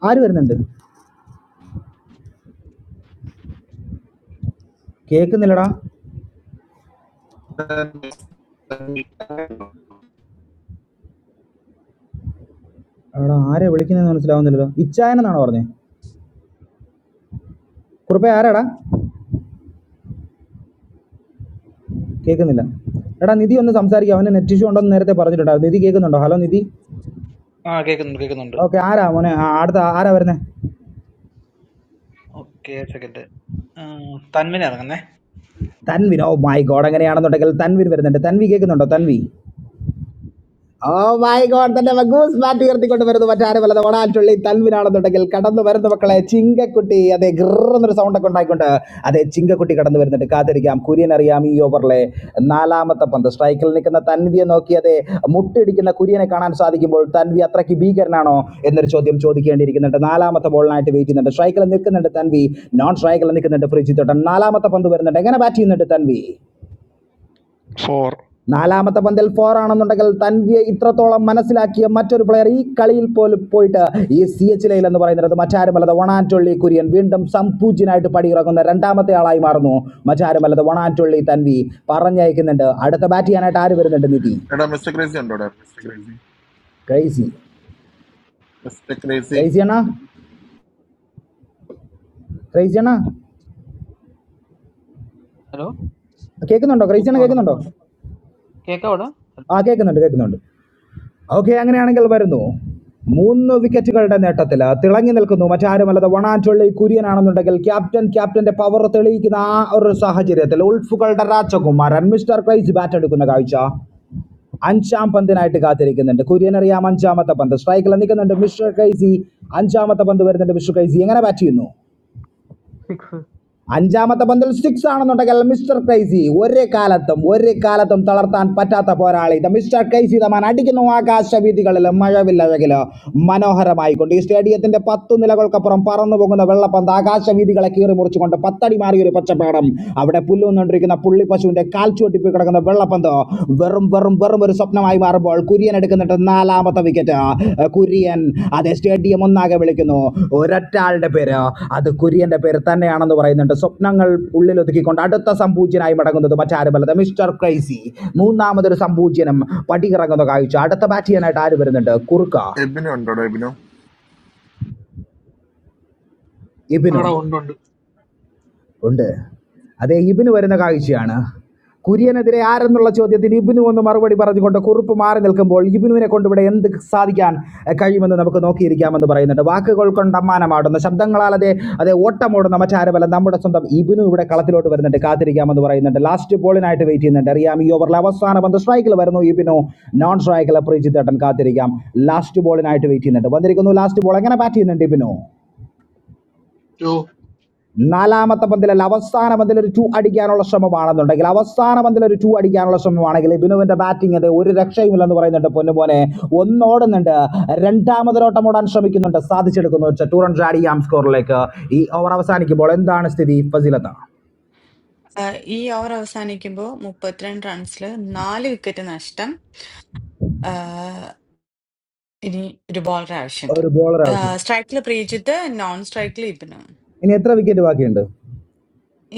Speaker 6: ആര് വരുന്നുണ്ട് കേൾക്കുന്നില്ലടാ എടാ ആരെ വിളിക്കുന്നതെന്ന് മനസ്സിലാവുന്നില്ലല്ലോ ഇച്ചായനെന്നാണോ പറഞ്ഞേ കുറുപ്പേ ആരാടാ കേൾക്കുന്നില്ല എടാ നിധി ഒന്ന് സംസാരിക്കാം അവന് നെറ്റ് ഇഷ്യൂ ഉണ്ടെന്ന് നേരത്തെ പറഞ്ഞിട്ടുണ്ടായിരുന്നു നിധി കേൾക്കുന്നുണ്ടോ ഹലോ നിധി
Speaker 12: ആ കേൾക്കുന്നുണ്ട് കേൾക്കുന്നുണ്ട്
Speaker 6: ഓക്കെ ആരാ മോനെ ആ, അടുത്ത ആരാ വരുന്നത്
Speaker 12: ഓക്കെ സെക്കൻഡ് തന്മിന് ഇറങ്ങുന്നേ
Speaker 6: തൻവിൻ ഓ മൈ ഗോഡ് അങ്ങനെയാണെന്നുണ്ടെങ്കിൽ തൻവിൻ വരുന്നുണ്ട് തൻവി കേൾക്കുന്നുണ്ടോ തൻവി ഓമായിക്കോട്ടെ മഗൂസ് ബാറ്റ് ഉയർത്തിക്കൊണ്ട് വരുന്നു മറ്റാരുമല്ലാതെ ഒടാൻചുള്ളി തൽവിനാണെന്നുണ്ടെങ്കിൽ കടന്നു വരുന്ന മക്കളെ ചിങ്കക്കുട്ടി അതെ ഗ്രന്നൊരു സൗണ്ട് ഒക്കെ ഉണ്ടായിക്കൊണ്ട് അതെ ചിങ്കക്കുട്ടി കടന്നു വരുന്നുണ്ട് കാത്തിരിക്കാം കുര്യൻ അറിയാം ഈ ഓവറിലെ നാലാമത്തെ പന്ത് സ്ട്രൈക്കിൽ നിൽക്കുന്ന തൻവിയെ നോക്കി അതെ മുട്ടിടിക്കുന്ന കുര്യനെ കാണാൻ സാധിക്കുമ്പോൾ തൻവി അത്രയ്ക്ക് ഭീകരനാണോ എന്നൊരു ചോദ്യം ചോദിക്കേണ്ടിയിരിക്കുന്നുണ്ട് നാലാമത്തെ ബോളിനായിട്ട് വെയിറ്റ് ചെയ്യുന്നുണ്ട് സ്ട്രൈക്കിൽ നിൽക്കുന്നുണ്ട് തൻവി നോൺ സ്ട്രൈക്കിൽ നിൽക്കുന്നുണ്ട് പ്രിജിത്തോട്ടൻ നാലാമത്തെ പന്ത് വരുന്നുണ്ട് എങ്ങനെ ബാറ്റ് ചെയ്യുന്നുണ്ട് തൻവി
Speaker 14: four
Speaker 6: നാലാമത്തെ പന്തിൽ ഫോർ ആണെന്നുണ്ടെങ്കിൽ തൻവിയെ ഇത്രത്തോളം മനസ്സിലാക്കിയ മറ്റൊരു പ്ലെയർ ഈ കളിയിൽ പോലും പോയിട്ട് ഈ സി എച്ച് ലയിൽ എന്ന് പറയുന്നത് മറ്റാരുമല്ലത് വണാറ്റൊള്ളി കുര്യൻ വീണ്ടും സംപൂജ്യനായിട്ട് പടിയിറങ്ങുന്ന രണ്ടാമത്തെ ആളായി മാറുന്നു മറ്റാരുമല്ലത് വണാറ്റൊള്ളി തൻവി പറഞ്ഞയക്കുന്നുണ്ട് അടുത്ത ബാറ്റ് ചെയ്യാനായിട്ട് ആര് വരുന്നുണ്ട് നിധി
Speaker 11: മിസ്റ്റർ ക്രേസി ഉണ്ടോടാ mister crazy
Speaker 6: crazy
Speaker 11: mister crazy
Speaker 6: crazy അണ്ണാ ക്രൈസി അണ്ണാ
Speaker 15: Hello.
Speaker 6: കേൾക്കുന്നുണ്ടോ ക്രൈസി
Speaker 15: Kika
Speaker 6: അണ്ണ
Speaker 15: orna.
Speaker 6: കേൾക്കുന്നുണ്ടോ
Speaker 15: Hello. Kika orna.
Speaker 6: ആ കേൾക്കുന്നുണ്ട് കേൾക്കുന്നുണ്ട് ഓക്കെ അങ്ങനെയാണെങ്കിൽ വരുന്നു മൂന്ന് വിക്കറ്റുകളുടെ നേട്ടത്തിൽ തിളങ്ങി നിൽക്കുന്നു മറ്റാരുമല്ലാതെ വണാറ്റൊള്ളി കുര്യനാണെന്നുണ്ടെങ്കിൽ ക്യാപ്റ്റൻ ക്യാപ്റ്റന്റെ പവർ തെളിയിക്കുന്ന ആ ഒരു സാഹചര്യത്തിൽ ഉൾഫുകളുടെ രാജകുമാരൻ മിസ്റ്റർ ക്രൈസ് ബാറ്റ് എടുക്കുന്ന കാഴ്ച അഞ്ചാം പന്തിനായിട്ട് കാത്തിരിക്കുന്നുണ്ട് കുര്യൻ അറിയാം അഞ്ചാമത്തെ പന്ത് സ്ട്രൈക്കിൽ നിൽക്കുന്നുണ്ട് മിസ്റ്റർ ക്രൈസി അഞ്ചാമത്തെ പന്ത് വരുന്നുണ്ട് മിസ്റ്റർ ക്രൈസി എങ്ങനെ ബാറ്റ് ചെയ്യുന്നു
Speaker 15: Fixer.
Speaker 6: അഞ്ചാമത്തെ പന്തിൽ സിക്സ് ആണെന്നുണ്ടെങ്കിൽ മിസ്റ്റർ ക്രൈസി ഒരേ കാലത്തും ഒരേ കാലത്തും തളർത്താൻ പറ്റാത്ത പോരാളി ഇത് മിസ്റ്റർ ക്രൈസി തമാൻ അടിക്കുന്നു ആകാശവീതികളിലും മഴവില്ലഴകിലോ മനോഹരമായിക്കൊണ്ട് ഈ സ്റ്റേഡിയത്തിന്റെ പത്തു നിലകൾക്കപ്പുറം പറന്നു പോകുന്ന വെള്ളപ്പന്ത് ആകാശവീതികളെ കീറി മുറിച്ചുകൊണ്ട് പത്തടി മാറിയ ഒരു പച്ചപ്പാടം അവിടെ പുല്ലുകൊണ്ടിരിക്കുന്ന പുള്ളി പശുവിന്റെ കാൽച്ചുവട്ടിപ്പിൽ കിടക്കുന്ന വെള്ളപ്പന്ത് വെറും വെറും വെറും ഒരു സ്വപ്നമായി മാറുമ്പോൾ കുര്യൻ എടുക്കുന്നിട്ട് നാലാമത്തെ വിക്കറ്റ് കുര്യൻ അത് സ്റ്റേഡിയം ഒന്നാകെ വിളിക്കുന്നു ഒരൊറ്റ ആളുടെ പേര് അത് കുര്യൻ്റെ പേര് തന്നെയാണെന്ന് പറയുന്നുണ്ട് സ്വപ്നങ്ങൾ ഉള്ളിൽ ഒതുക്കിക്കൊണ്ട് അടുത്ത സംപൂജ്യനായി മടങ്ങുന്നത് മറ്റാരുമല്ലത് മിസ്റ്റർ ക്രൈസി മൂന്നാമതൊരു സംപൂജ്യനം പടിയിറങ്ങുന്ന കാഴ്ച അടുത്ത ബാറ്റ് ചെയ്യാനായിട്ട് ആര് വരുന്നുണ്ട് കുറുക്ക
Speaker 11: എബിനു ഉണ്ടോടാ എബിനു
Speaker 6: ഇബിനു
Speaker 16: That I want to
Speaker 6: ഉണ്ട് അതേ ഇബിന് വരുന്ന കാഴ്ചയാണ് കുര്യനെതിരെ ആരെന്നുള്ള ചോദ്യത്തിന് ഇബിനു ഒന്ന് മറുപടി പറഞ്ഞുകൊണ്ട് കുറുപ്പ് മാറി നിൽക്കുമ്പോൾ ഇബിനുവിനെ കൊണ്ട് ഇവിടെ എന്ത് സാധിക്കാൻ എഹ്, കഴിയുമെന്ന് നമുക്ക് നോക്കിയിരിക്കാമെന്ന് പറയുന്നുണ്ട് വാക്കുകൾ കൊണ്ട് അമ്മാനമാടുന്ന ശബ്ദങ്ങളാൽ അതെ അതെ ഓട്ടമോടുന്ന മറ്റാരുമല്ല നമ്മുടെ സ്വന്തം ഇബിനു ഇവിടെ കളത്തിലോട്ട് വരുന്നുണ്ട് കാത്തിരിക്കാമെന്ന് പറയുന്നുണ്ട് ലാസ്റ്റ് ബോളിനായിട്ട് വെയിറ്റ് ചെയ്യുന്നുണ്ട് അറിയാം ഈ ഓവറിലെ അവസാന പന്ത് സ്ട്രൈക്കിൽ വരുന്നു ഇബിനു നോൺ സ്ട്രൈക്കിൽ പ്രീജിത്തേട്ടൻ കാത്തിരിക്കാം ലാസ്റ്റ് ബോളിനായിട്ട് വെയിറ്റ് ചെയ്യുന്നുണ്ട് വന്നിരിക്കുന്നു ലാസ്റ്റ് ബോൾ എങ്ങനെ ബാറ്റ് ചെയ്യുന്നുണ്ട് ഇബിനു
Speaker 16: do.
Speaker 6: നാലാമത്തെ പന്തിലല്ല അവസാന പന്തിൽ ഒരു ടു അടിക്കാനുള്ള ശ്രമമാണെന്നുണ്ടെങ്കിൽ അവസാന പന്തിൽ ഒരു ടു അടിക്കാനുള്ള ശ്രമമാണെങ്കിൽ ബിനുവിന്റെ ബാറ്റിംഗ് അത് ഒരു രക്ഷയുമില്ലെന്ന് പറയുന്നുണ്ട് പൊന്നുപോലെ ഒന്നോടുന്നുണ്ട് രണ്ടാമതൊരോട്ടം ഓടാൻ ശ്രമിക്കുന്നുണ്ട് സാധിച്ചെടുക്കുന്നു വെച്ചാൽ ടു റൺസ് ആഡ് ചെയ്യാം സ്കോറിലേക്ക് ഈ ഓവർ അവസാനിക്കുമ്പോൾ എന്താണ് സ്ഥിതി ഫസിലത്ത
Speaker 1: ആഹ് ഈ ഓവർ അവസാനിക്കുമ്പോൾ മുപ്പത്തിരണ്ട് റൺസിൽ നാല് വിക്കറ്റ് നഷ്ടം ആഹ് ഇനി ഒരു ബോളർ ആവശ്യമുണ്ട്
Speaker 6: ഒരു ബോളർ ആവശ്യം
Speaker 1: സ്ട്രൈക്കിൽ പ്രീജിത്ത് നോൺ സ്ട്രൈക്കിൽ ഇബിന്
Speaker 6: ഇനി എത്ര വിക്കറ്റ് ബാക്കിയുണ്ട്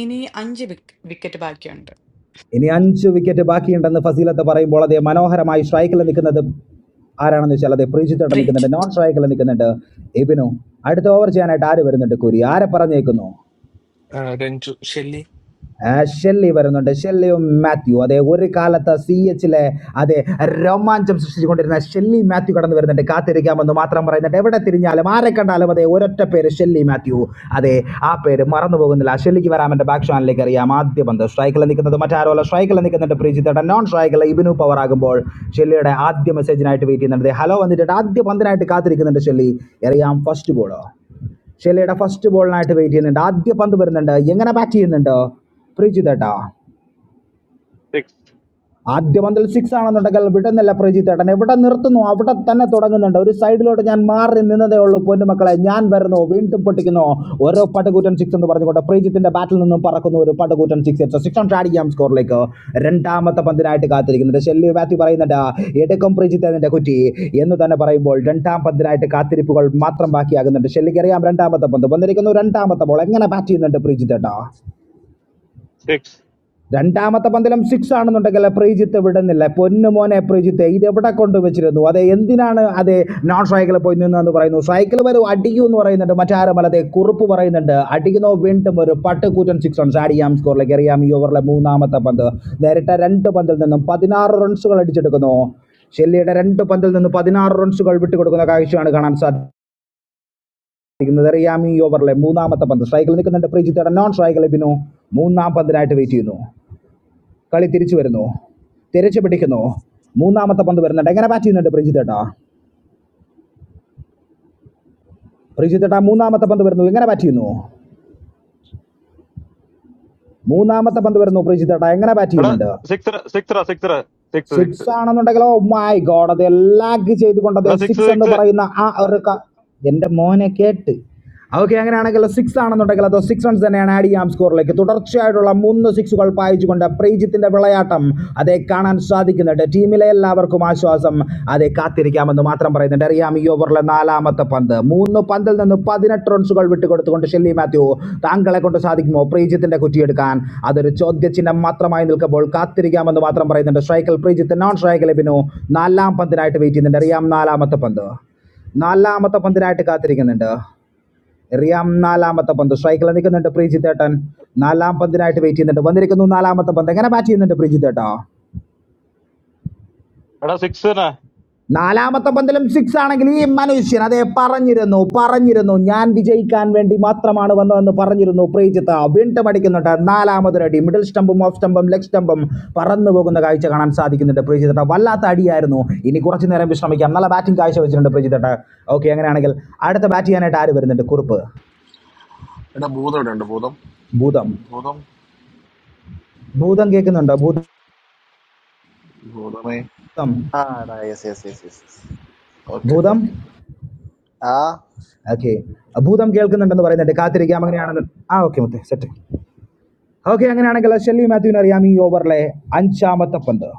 Speaker 1: ഇനി അഞ്ച് വിക്ക- വിക്കറ്റ് ബാക്കിയുണ്ട്
Speaker 6: ഇനി അഞ്ച് വിക്കറ്റ് ബാക്കിയുണ്ടെന്ന് ഫസീലത്ത് പറയുമ്പോൾ അതേ മനോഹരമായി സ്ട്രൈക്കിൽ നിൽക്കുന്നത് ആരാണെന്ന് വെച്ചാൽ അതേ പ്രീജിത്തോട്ടം നിൽക്കുന്നുണ്ട്
Speaker 1: പ്രീജിത്ത്
Speaker 6: നോൺ സ്ട്രൈക്കിൽ നിൽക്കുന്നുണ്ട് ഇബിനു അടുത്ത ഓവർ ചെയ്യാനായിട്ട് ആര് വരുന്നുണ്ട് കുരി ആരെ പറഞ്ഞേക്കുന്നു
Speaker 7: ആഹ് രഞ്ജു ഷെല്ലി
Speaker 6: ആ, ഷെല്ലി വരുന്നുണ്ട് ഷെല്ലിയും മാത്യു അതെ ഒരു കാലത്ത് സി എച്ചിലെ അതെ രോമാഞ്ചം സൃഷ്ടിച്ചുകൊണ്ടിരുന്ന ഷെല്ലി മാത്യു കടന്നു വരുന്നുണ്ട് കാത്തിരിക്കാമെന്ന് മാത്രം പറയുന്നുണ്ട് എവിടെ തിരിഞ്ഞാലും ആരെ കണ്ടാലും അതെ ഒരൊറ്റ പേര് ഷെല്ലി മാത്യു അതെ ആ പേര് മറന്നു പോകുന്നില്ല ഷെല്ലിക്ക് വരാം എൻ്റെ ബാക്ക് ചാനലിലേക്ക് അറിയാം ആദ്യ പന്ത് സ്ട്രൈക്കിൽ നിൽക്കുന്നത് മറ്റാരോ അല്ല സ്ട്രൈക്കിൽ നിൽക്കുന്നുണ്ട് പ്രീജിത്തേട്ടൻ നോൺ സ്ട്രൈക്കിൽ ഇബിനു പവർ ആകുമ്പോൾ ഷെല്ലിയുടെ ആദ്യ മെസ്സേജിനായിട്ട് വെയിറ്റ് ചെയ്യുന്നുണ്ട് ഹലോ വന്നിട്ടുണ്ട് ആദ്യ പന്തിനായിട്ട് കാത്തിരിക്കുന്നുണ്ട് ഷെല്ലി എറിയാം ഫസ്റ്റ് ബോളോ ഷെലയുടെ ഫസ്റ്റ് ബോളിനായിട്ട് വെയിറ്റ് ചെയ്യുന്നുണ്ട് ആദ്യ പന്ത് വരുന്നുണ്ട് എങ്ങനെ ബാറ്റ് ചെയ്യുന്നുണ്ട് പ്രീജിത് ഏട്ടാ
Speaker 3: സിക്സ്
Speaker 6: ആദ്യ പന്തിൽ സിക്സ് ആണെന്നുണ്ടെങ്കിൽ വിടുന്നില്ല പ്രജിത്തേട്ടൻ എവിടെ നിർത്തുന്നു അവിടെ തന്നെ തുടങ്ങുന്നുണ്ട് ഒരു സൈഡിലോട്ട് ഞാൻ മാറി നിന്നതേ ഉള്ളൂ പൊന്നുമക്കളെ ഞാൻ വരുന്നു വീണ്ടും പൊട്ടിക്കുന്നു ഓരോ പടുകൂറ്റൻ സിക്സ് എന്ന് പറഞ്ഞുകൊണ്ട് പ്രീജിത്തിന്റെ ബാറ്റിൽ നിന്നും പറക്കുന്നു ഒരു പടുകൂറ്റൻ സിക്സ് സിക്സ് റൺസ് ആഡ് ചെയ്യാം സ്കോറിലേക്ക് രണ്ടാമത്തെ പന്തിനായിട്ട് കാത്തിരിക്കുന്നുണ്ട് ഷെല്ലി മാത്യു പറയുന്നുണ്ട് എടുക്കും പ്രീജിത്ത് അതിന്റെ കുറ്റി എന്ന് തന്നെ പറയുമ്പോൾ രണ്ടാം പന്തിനായിട്ട് കാത്തിരിപ്പുകൾ മാത്രം ബാക്കിയാകുന്നുണ്ട് ഷെല്ലിക്ക് അറിയാം രണ്ടാമത്തെ പന്ത് വന്നിരിക്കുന്നു രണ്ടാമത്തെ ബോൾ എങ്ങനെ ബാറ്റ് ചെയ്യുന്നുണ്ട് പ്രീജിത്തേട്ടാ
Speaker 3: സിക്സ്
Speaker 6: രണ്ടാമത്തെ പന്തലും സിക്സ് ആണെന്നുണ്ടെങ്കിൽ പ്രീജിത്ത് വിടുന്നില്ല പൊന്നു മോനെ പ്രീജിത്ത് ഇത് എവിടെ കൊണ്ടുവച്ചിരുന്നു അത് എന്തിനാണ് അത് നോൺ സ്ട്രൈക്കിൽ പോയി നിന്നെന്ന് പറയുന്നു സ്ട്രൈക്കിൽ വരും അടിക്കൂ എന്ന് പറയുന്നുണ്ട് മറ്റാരും അല്ലാതെ കുറുപ്പ് പറയുന്നുണ്ട് അടിക്കുന്നോ വീണ്ടും ഒരു പട്ടുകൂറ്റൻ സിക്സ് റൺസ് ആഡിയാം സ്കോറിലേക്ക് എറിയാം ഈ ഓവറിലെ മൂന്നാമത്തെ പന്ത് നേരിട്ട രണ്ട് പന്തിൽ നിന്നും പതിനാറ് റൺസുകൾ അടിച്ചെടുക്കുന്നു ഷെല്ലിയുടെ രണ്ട് പന്തിൽ നിന്ന് പതിനാറ് റൺസുകൾ വിട്ടുകൊടുക്കുന്ന കാഴ്ചയാണ് കാണാൻ സാധിക്കുന്നത് എറിയാം ഈ ഓവറിലെ മൂന്നാമത്തെ പന്ത് സ്ട്രൈക്കിൽ നിൽക്കുന്നുണ്ട് പ്രീജിത്തയുടെ നോൺ സ്ട്രൈക്കിൽ ബിനു മൂന്നാം പന്തിനായിട്ട് വെയിറ്റ് ചെയ്യുന്നു കളി തിരിച്ചു വരുന്നു തിരിച്ചു പിടിക്കുന്നു മൂന്നാമത്തെ പന്ത് വരുന്നുണ്ട് എങ്ങനെ ബാറ്റ് ചെയ്യുന്നുണ്ട് പ്രിജിത്തേട്ട പ്രിജിത്തേട്ട മൂന്നാമത്തെ പന്ത് വരുന്നു എങ്ങനെ ബാറ്റ് ചെയ്യുന്നു മൂന്നാമത്തെ പന്ത് വരുന്നു പ്രിജിത്തേട്ട എങ്ങനെ ബാറ്റ്
Speaker 3: എടാ
Speaker 6: ചെയ്യുന്നുണ്ട്
Speaker 3: six six six six six
Speaker 6: six ആണെന്നുണ്ടെങ്കിലോ മൈ ഗോഡ് അത് ലാഗ് ചെയ്തുകൊണ്ട് അത്
Speaker 3: എടാ സിക്സ്
Speaker 6: സിക്സ് എന്ന്
Speaker 3: സിക്സ്
Speaker 6: പറയുന്ന ആ ഒരു ക- എൻ്റെ മോനെ കേട്ട് ഓക്കെ അങ്ങനെയാണെങ്കിൽ സിക്സ് ആണെന്നുണ്ടെങ്കിൽ അത് സിക്സ് റൺസ് തന്നെയാണ് ആഡ് ചെയ്യാം സ്കോറിലേക്ക് തുടർച്ചയായിട്ടുള്ള മൂന്ന് സിക്സുകൾ പായിച്ചുകൊണ്ട് പ്രീജിത്തിന്റെ വിളയാട്ടം അതേ കാണാൻ സാധിക്കുന്നുണ്ട് ടീമിലെ എല്ലാവർക്കും ആശ്വാസം അതെ കാത്തിരിക്കാമെന്ന് മാത്രം പറയുന്നുണ്ട് അറിയാം ഈ ഓവറിലെ നാലാമത്തെ പന്ത് മൂന്ന് പന്തിൽ നിന്ന് പതിനെട്ട് റൺസുകൾ വിട്ടുകൊടുത്തുകൊണ്ട് ഷെല്ലി മാത്യു താങ്കളെ കൊണ്ട് സാധിക്കുമോ പ്രീജിത്തിന്റെ കുറ്റിയെടുക്കാൻ അതൊരു ചോദ്യചിഹ്നം മാത്രമായി നിൽക്കുമ്പോൾ കാത്തിരിക്കാമെന്ന് മാത്രം പറയുന്നുണ്ട് സ്ട്രൈക്കിൽ പ്രീജിത്ത് നോൺ സ്ട്രൈക്കിൽ ബിനു നാലാം പന്തിനായിട്ട് വെയിറ്റ് ചെയ്യുന്നുണ്ട് അറിയാം നാലാമത്തെ പന്ത് നാലാമത്തെ പന്തിനായിട്ട് കാത്തിരിക്കുന്നുണ്ട് റിയാം നാലാമത്തെ പന്ത് സ്ട്രൈക്കിൽ നിൽക്കുന്നുണ്ട് പ്രീജിത്തേട്ടൻ നാലാം പന്തിനായിട്ട് വെയിറ്റ് ചെയ്യുന്നുണ്ട് വന്നിരിക്കുന്നു നാലാമത്തെ പന്ത് എങ്ങനെ ബാറ്റ് ചെയ്യുന്നുണ്ട് പ്രീജിത്തേട്ടോ
Speaker 3: എടാ സിക്സ് തന്നെ
Speaker 6: നാലാമത്തെ പന്തലും സിക്സ് ആണെങ്കിൽ ഈ മനുഷ്യൻ അതെ പറഞ്ഞിരുന്നു പറഞ്ഞിരുന്നു ഞാൻ വിജയിക്കാൻ വേണ്ടി മാത്രമാണ് വന്നതെന്ന് പറഞ്ഞിരുന്നു പ്രീജിത്ത് വീണ്ടും അടിക്കുന്നുണ്ട് നാലാമതൊരടി മിഡിൽ സ്റ്റമ്പും ഓഫ് സ്റ്റമ്പും ലെഗ് സ്റ്റമ്പും പറന്നു പോകുന്ന കാഴ്ച കാണാൻ സാധിക്കുന്നുണ്ട് പ്രീജിത്തട്ട വല്ലാത്ത അടിയായിരുന്നു ഇനി കുറച്ചു നേരം വിശ്രമിക്കാം നല്ല ബാറ്റിംഗ് കാഴ്ച വെച്ചിട്ടുണ്ട് പ്രീജിത്തട്ട ഓക്കെ അങ്ങനെയാണെങ്കിൽ അടുത്ത ബാറ്റ് ചെയ്യാനായിട്ട് ആര് വരുന്നുണ്ട് കുറുപ്പ്
Speaker 11: എടാ ഭൂതം ഇവിടെ ഉണ്ട് ഭൂതം
Speaker 6: ഭൂതം
Speaker 11: ഭൂതം
Speaker 6: ഭൂതം കേൾക്കുന്നുണ്ടോ ഭൂതം
Speaker 11: ഭൂതമേ
Speaker 17: Ah, nice. yes, yes, yes, yes, yes.
Speaker 11: Okay
Speaker 6: ഭൂതം
Speaker 11: ഓക്കെ
Speaker 17: Ah,
Speaker 6: ഓക്കെ ഭൂതം കേൾക്കുന്നുണ്ടെന്ന് പറയുന്നുണ്ട് കാത്തിരിക്കാം അങ്ങനെയാണെന്ന് ആ ഓക്കെ മുത്തേ സെറ്റ് ഓക്കെ അങ്ങനെയാണെങ്കിൽ ഷെല്ലി മാത്യുവിന് അറിയാം ഈ ഓവറിലെ അഞ്ചാമത്തെ പന്ത്